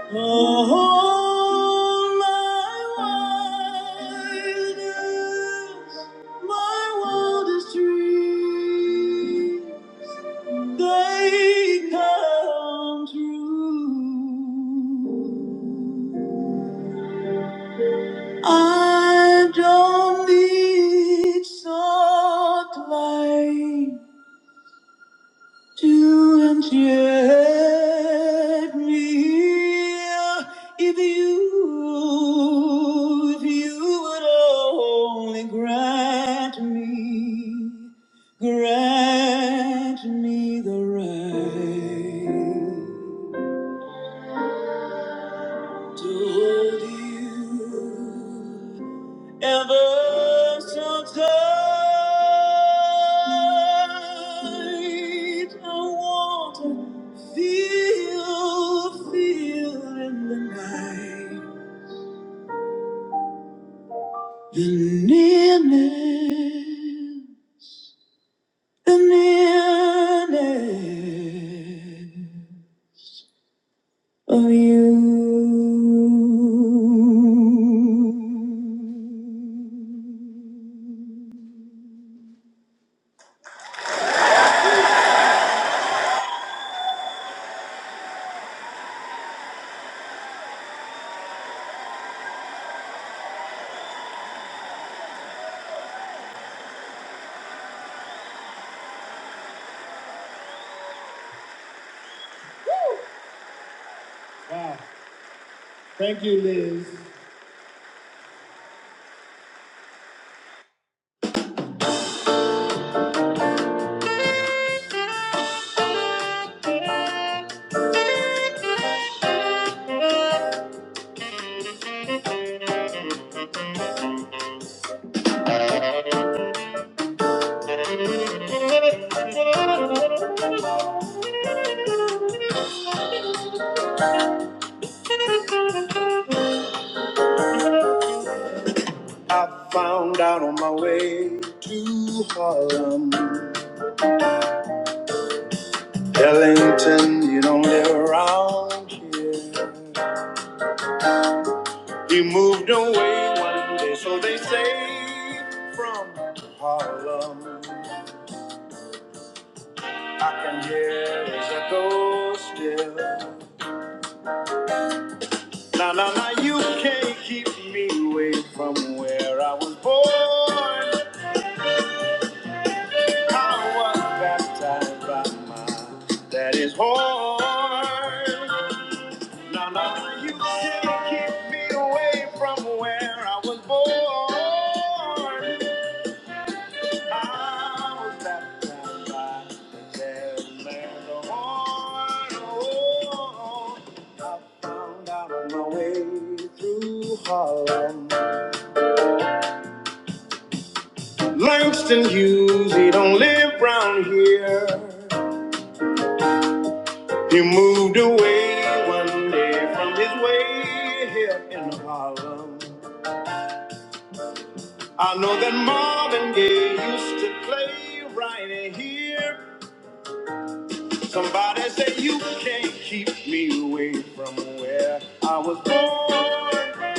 S5: All I want is my wildest dream. They come true. I don't need salt to enchant me if you, if you would only grant me, grant me the right to hold you ever so tight. I want to feel, feel in the night. the nearness, the nearness of you. Thank you, Liz. I found out on my way to Harlem. Ellington, you don't live around here. He moved away one day, so they say, from Harlem. I can hear his echo still. Now, now, now, you can't keep me away from where I was born. I was baptized by my daddy's horn. No, no, you can't keep me away from where I was born. I was baptized by the dead man, the horn. Oh, I found out on my way through Harlem. Langston Hughes, he don't live round here. He moved away one day from his way here in Harlem. I know that Marvin Gaye used to play right here. Somebody said you can't keep me away from where I was born.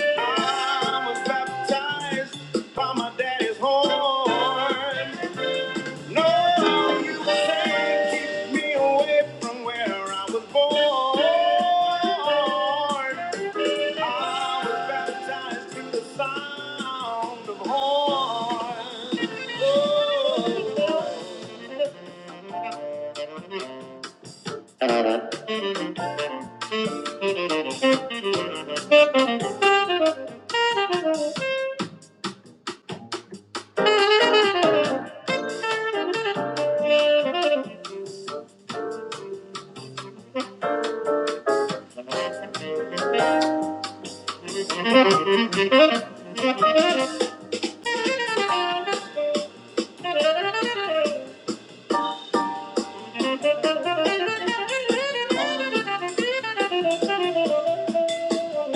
S5: I was baptized by my daddy's horn. No, you can't keep me away from where I was born. I was baptized to the sound of horn.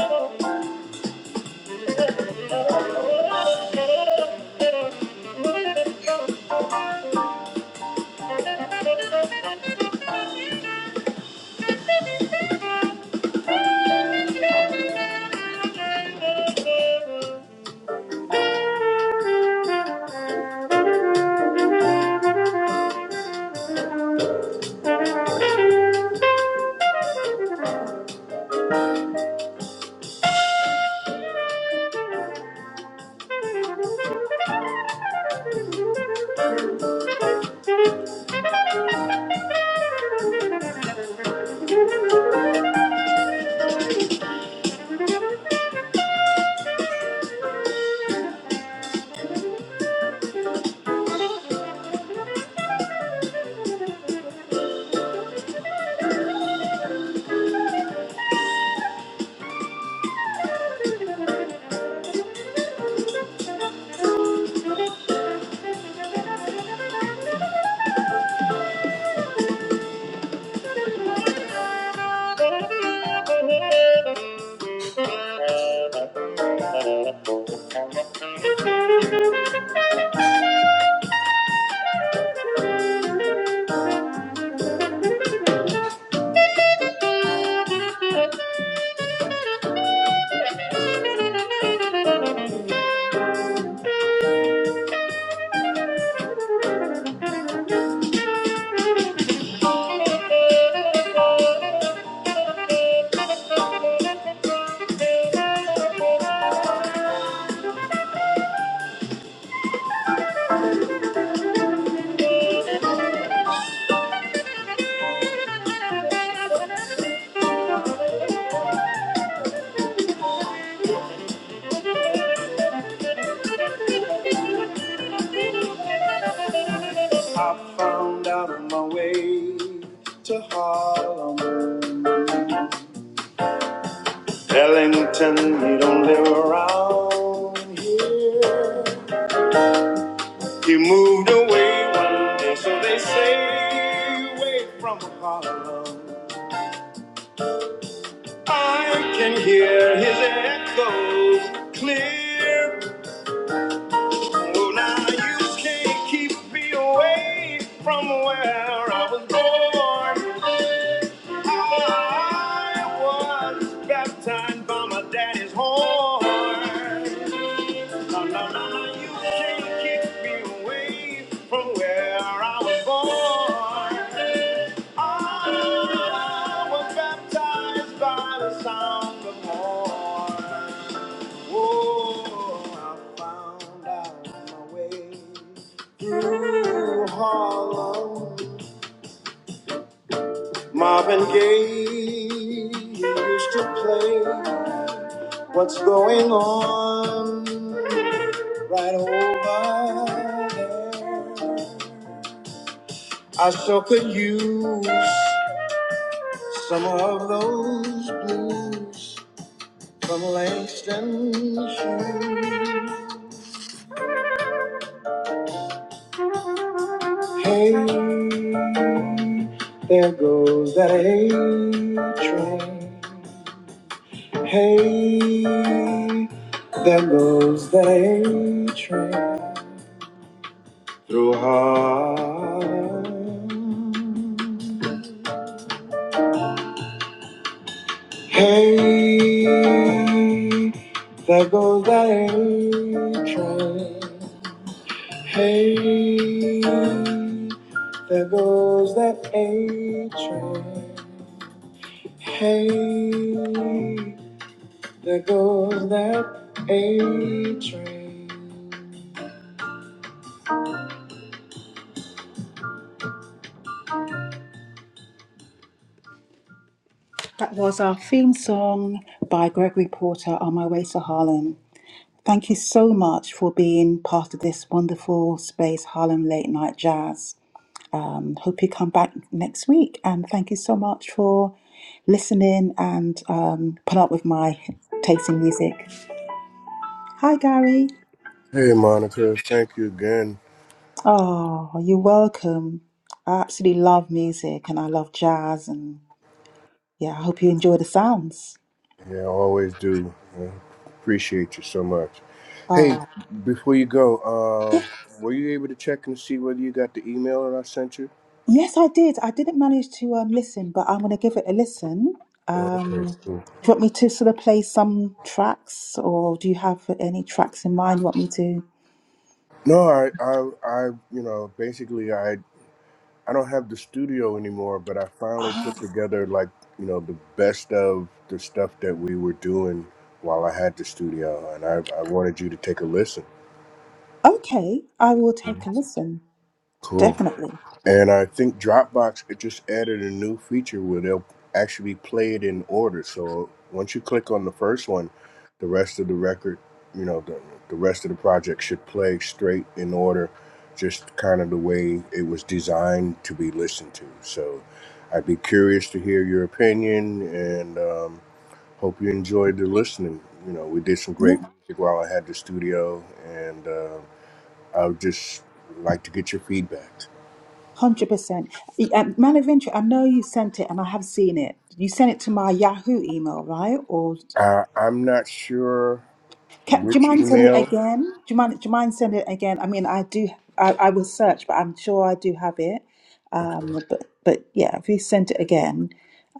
S5: Oh. <laughs> I found out on my way to Harlem. Ellington, you don't live around here. You moved away one day, so they say, away from Apollo. I can hear his echoes clear. Well, now you can't keep me away from where I was born. I was baptized by my daddy's horn. No, no, no, no, you can't kick me away from where I was born. I was baptized by the sound of morn. Oh, I found out my way through Harlem. Marvin Gaye used to play. What's going on right over? There goes that A-train. Hey. That was our theme song by Gregory Porter on my way to Harlem. Thank you so much for being part of this wonderful space, Harlem Late Night Jazz. Hope you come back next week. And thank you so much for listening and um, put up with my tasting music. Hi, Gary.
S6: Hey, Monica. Thank you again.
S5: Oh, you're welcome. I absolutely love music and I love jazz and yeah, I hope you enjoy the sounds.
S6: Yeah, I always do. Yeah, Appreciate you so much. Hey,
S5: Oh,
S6: before you go,
S5: <laughs> yeah.
S6: uh, were you able to check and see whether you got the email that I sent you?
S5: Yes, I did. I didn't manage to um, listen, but I'm going to give it a listen.
S6: Oh,
S5: Um,
S6: okay,
S5: do
S6: cool.
S5: you want me to sort of play some tracks or do you have any tracks in mind you want me to?
S6: No, I, I, I, you know, basically, I, I don't have the studio anymore, but I finally put together like, you know, the best of the stuff that we were doing while I had the studio, and I, I wanted you to take a listen.
S5: Okay, I will take a listen.
S6: Cool.
S5: Definitely.
S6: And I think Dropbox it just added a new feature where they'll actually play it in order. So once you click on the first one, the rest of the record, you know, the, the rest of the project should play straight in order, just kind of the way it was designed to be listened to. So I'd be curious to hear your opinion and um, hope you enjoyed the listening. You know, we did some
S5: Yeah,
S6: great music while I had the studio, and uh, I would just like to get your feedback.
S5: 100%. And Man of Interest, I know you sent it and I have seen it. You sent it to my Yahoo email, right? Or
S6: Uh, I'm not sure
S5: Ca- Do you
S6: which
S5: mind sending it
S6: email.
S5: again? Do you mind? Do you mind sending it again? I mean, I do. I, I will search, but I'm sure I do have it.
S6: Okay.
S5: Um, but but yeah, if you send it again,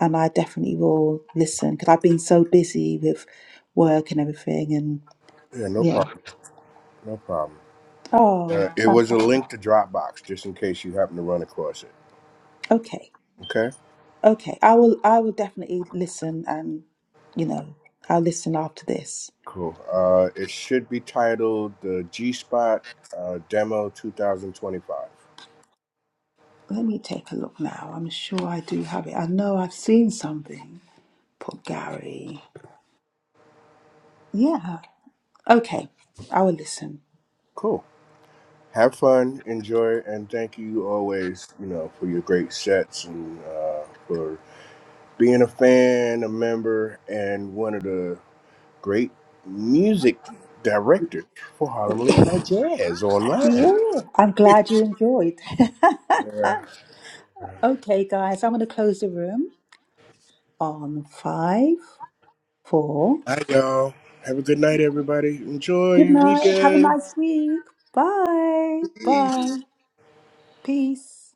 S5: and I definitely will listen because I've been so busy with work and everything, and
S6: Yeah, no
S5: yeah.
S6: problem. No problem. Uh,
S5: Oh,
S6: it was a
S5: fantastic.
S6: link to Dropbox, just in case you happen to run across it.
S5: Okay,
S6: Okay.
S5: okay. I will. I will definitely listen, and you know, I'll listen after this.
S6: Cool. Uh, it should be titled the G Spot uh, Demo 2025.
S5: Let me take a look now. I'm sure I do have it. I know I've seen something. Put Gary. Yeah, Okay, I will listen.
S6: Cool. Have fun, enjoy, and thank you always. You know for your great sets and uh, for being a fan, a member, and one of the great music director for Harlem Late Night Jazz online.
S5: Yeah. I'm
S6: <laughs>
S5: glad you enjoyed.
S6: yeah.
S5: <laughs> okay, guys, I'm going to close the room on five, four.
S6: Hi, y'all. Have a good night, everybody. Enjoy
S5: Good
S6: your
S5: night. Have a
S6: weekend.
S5: nice week. Bye.
S6: Peace.
S5: Bye. Peace.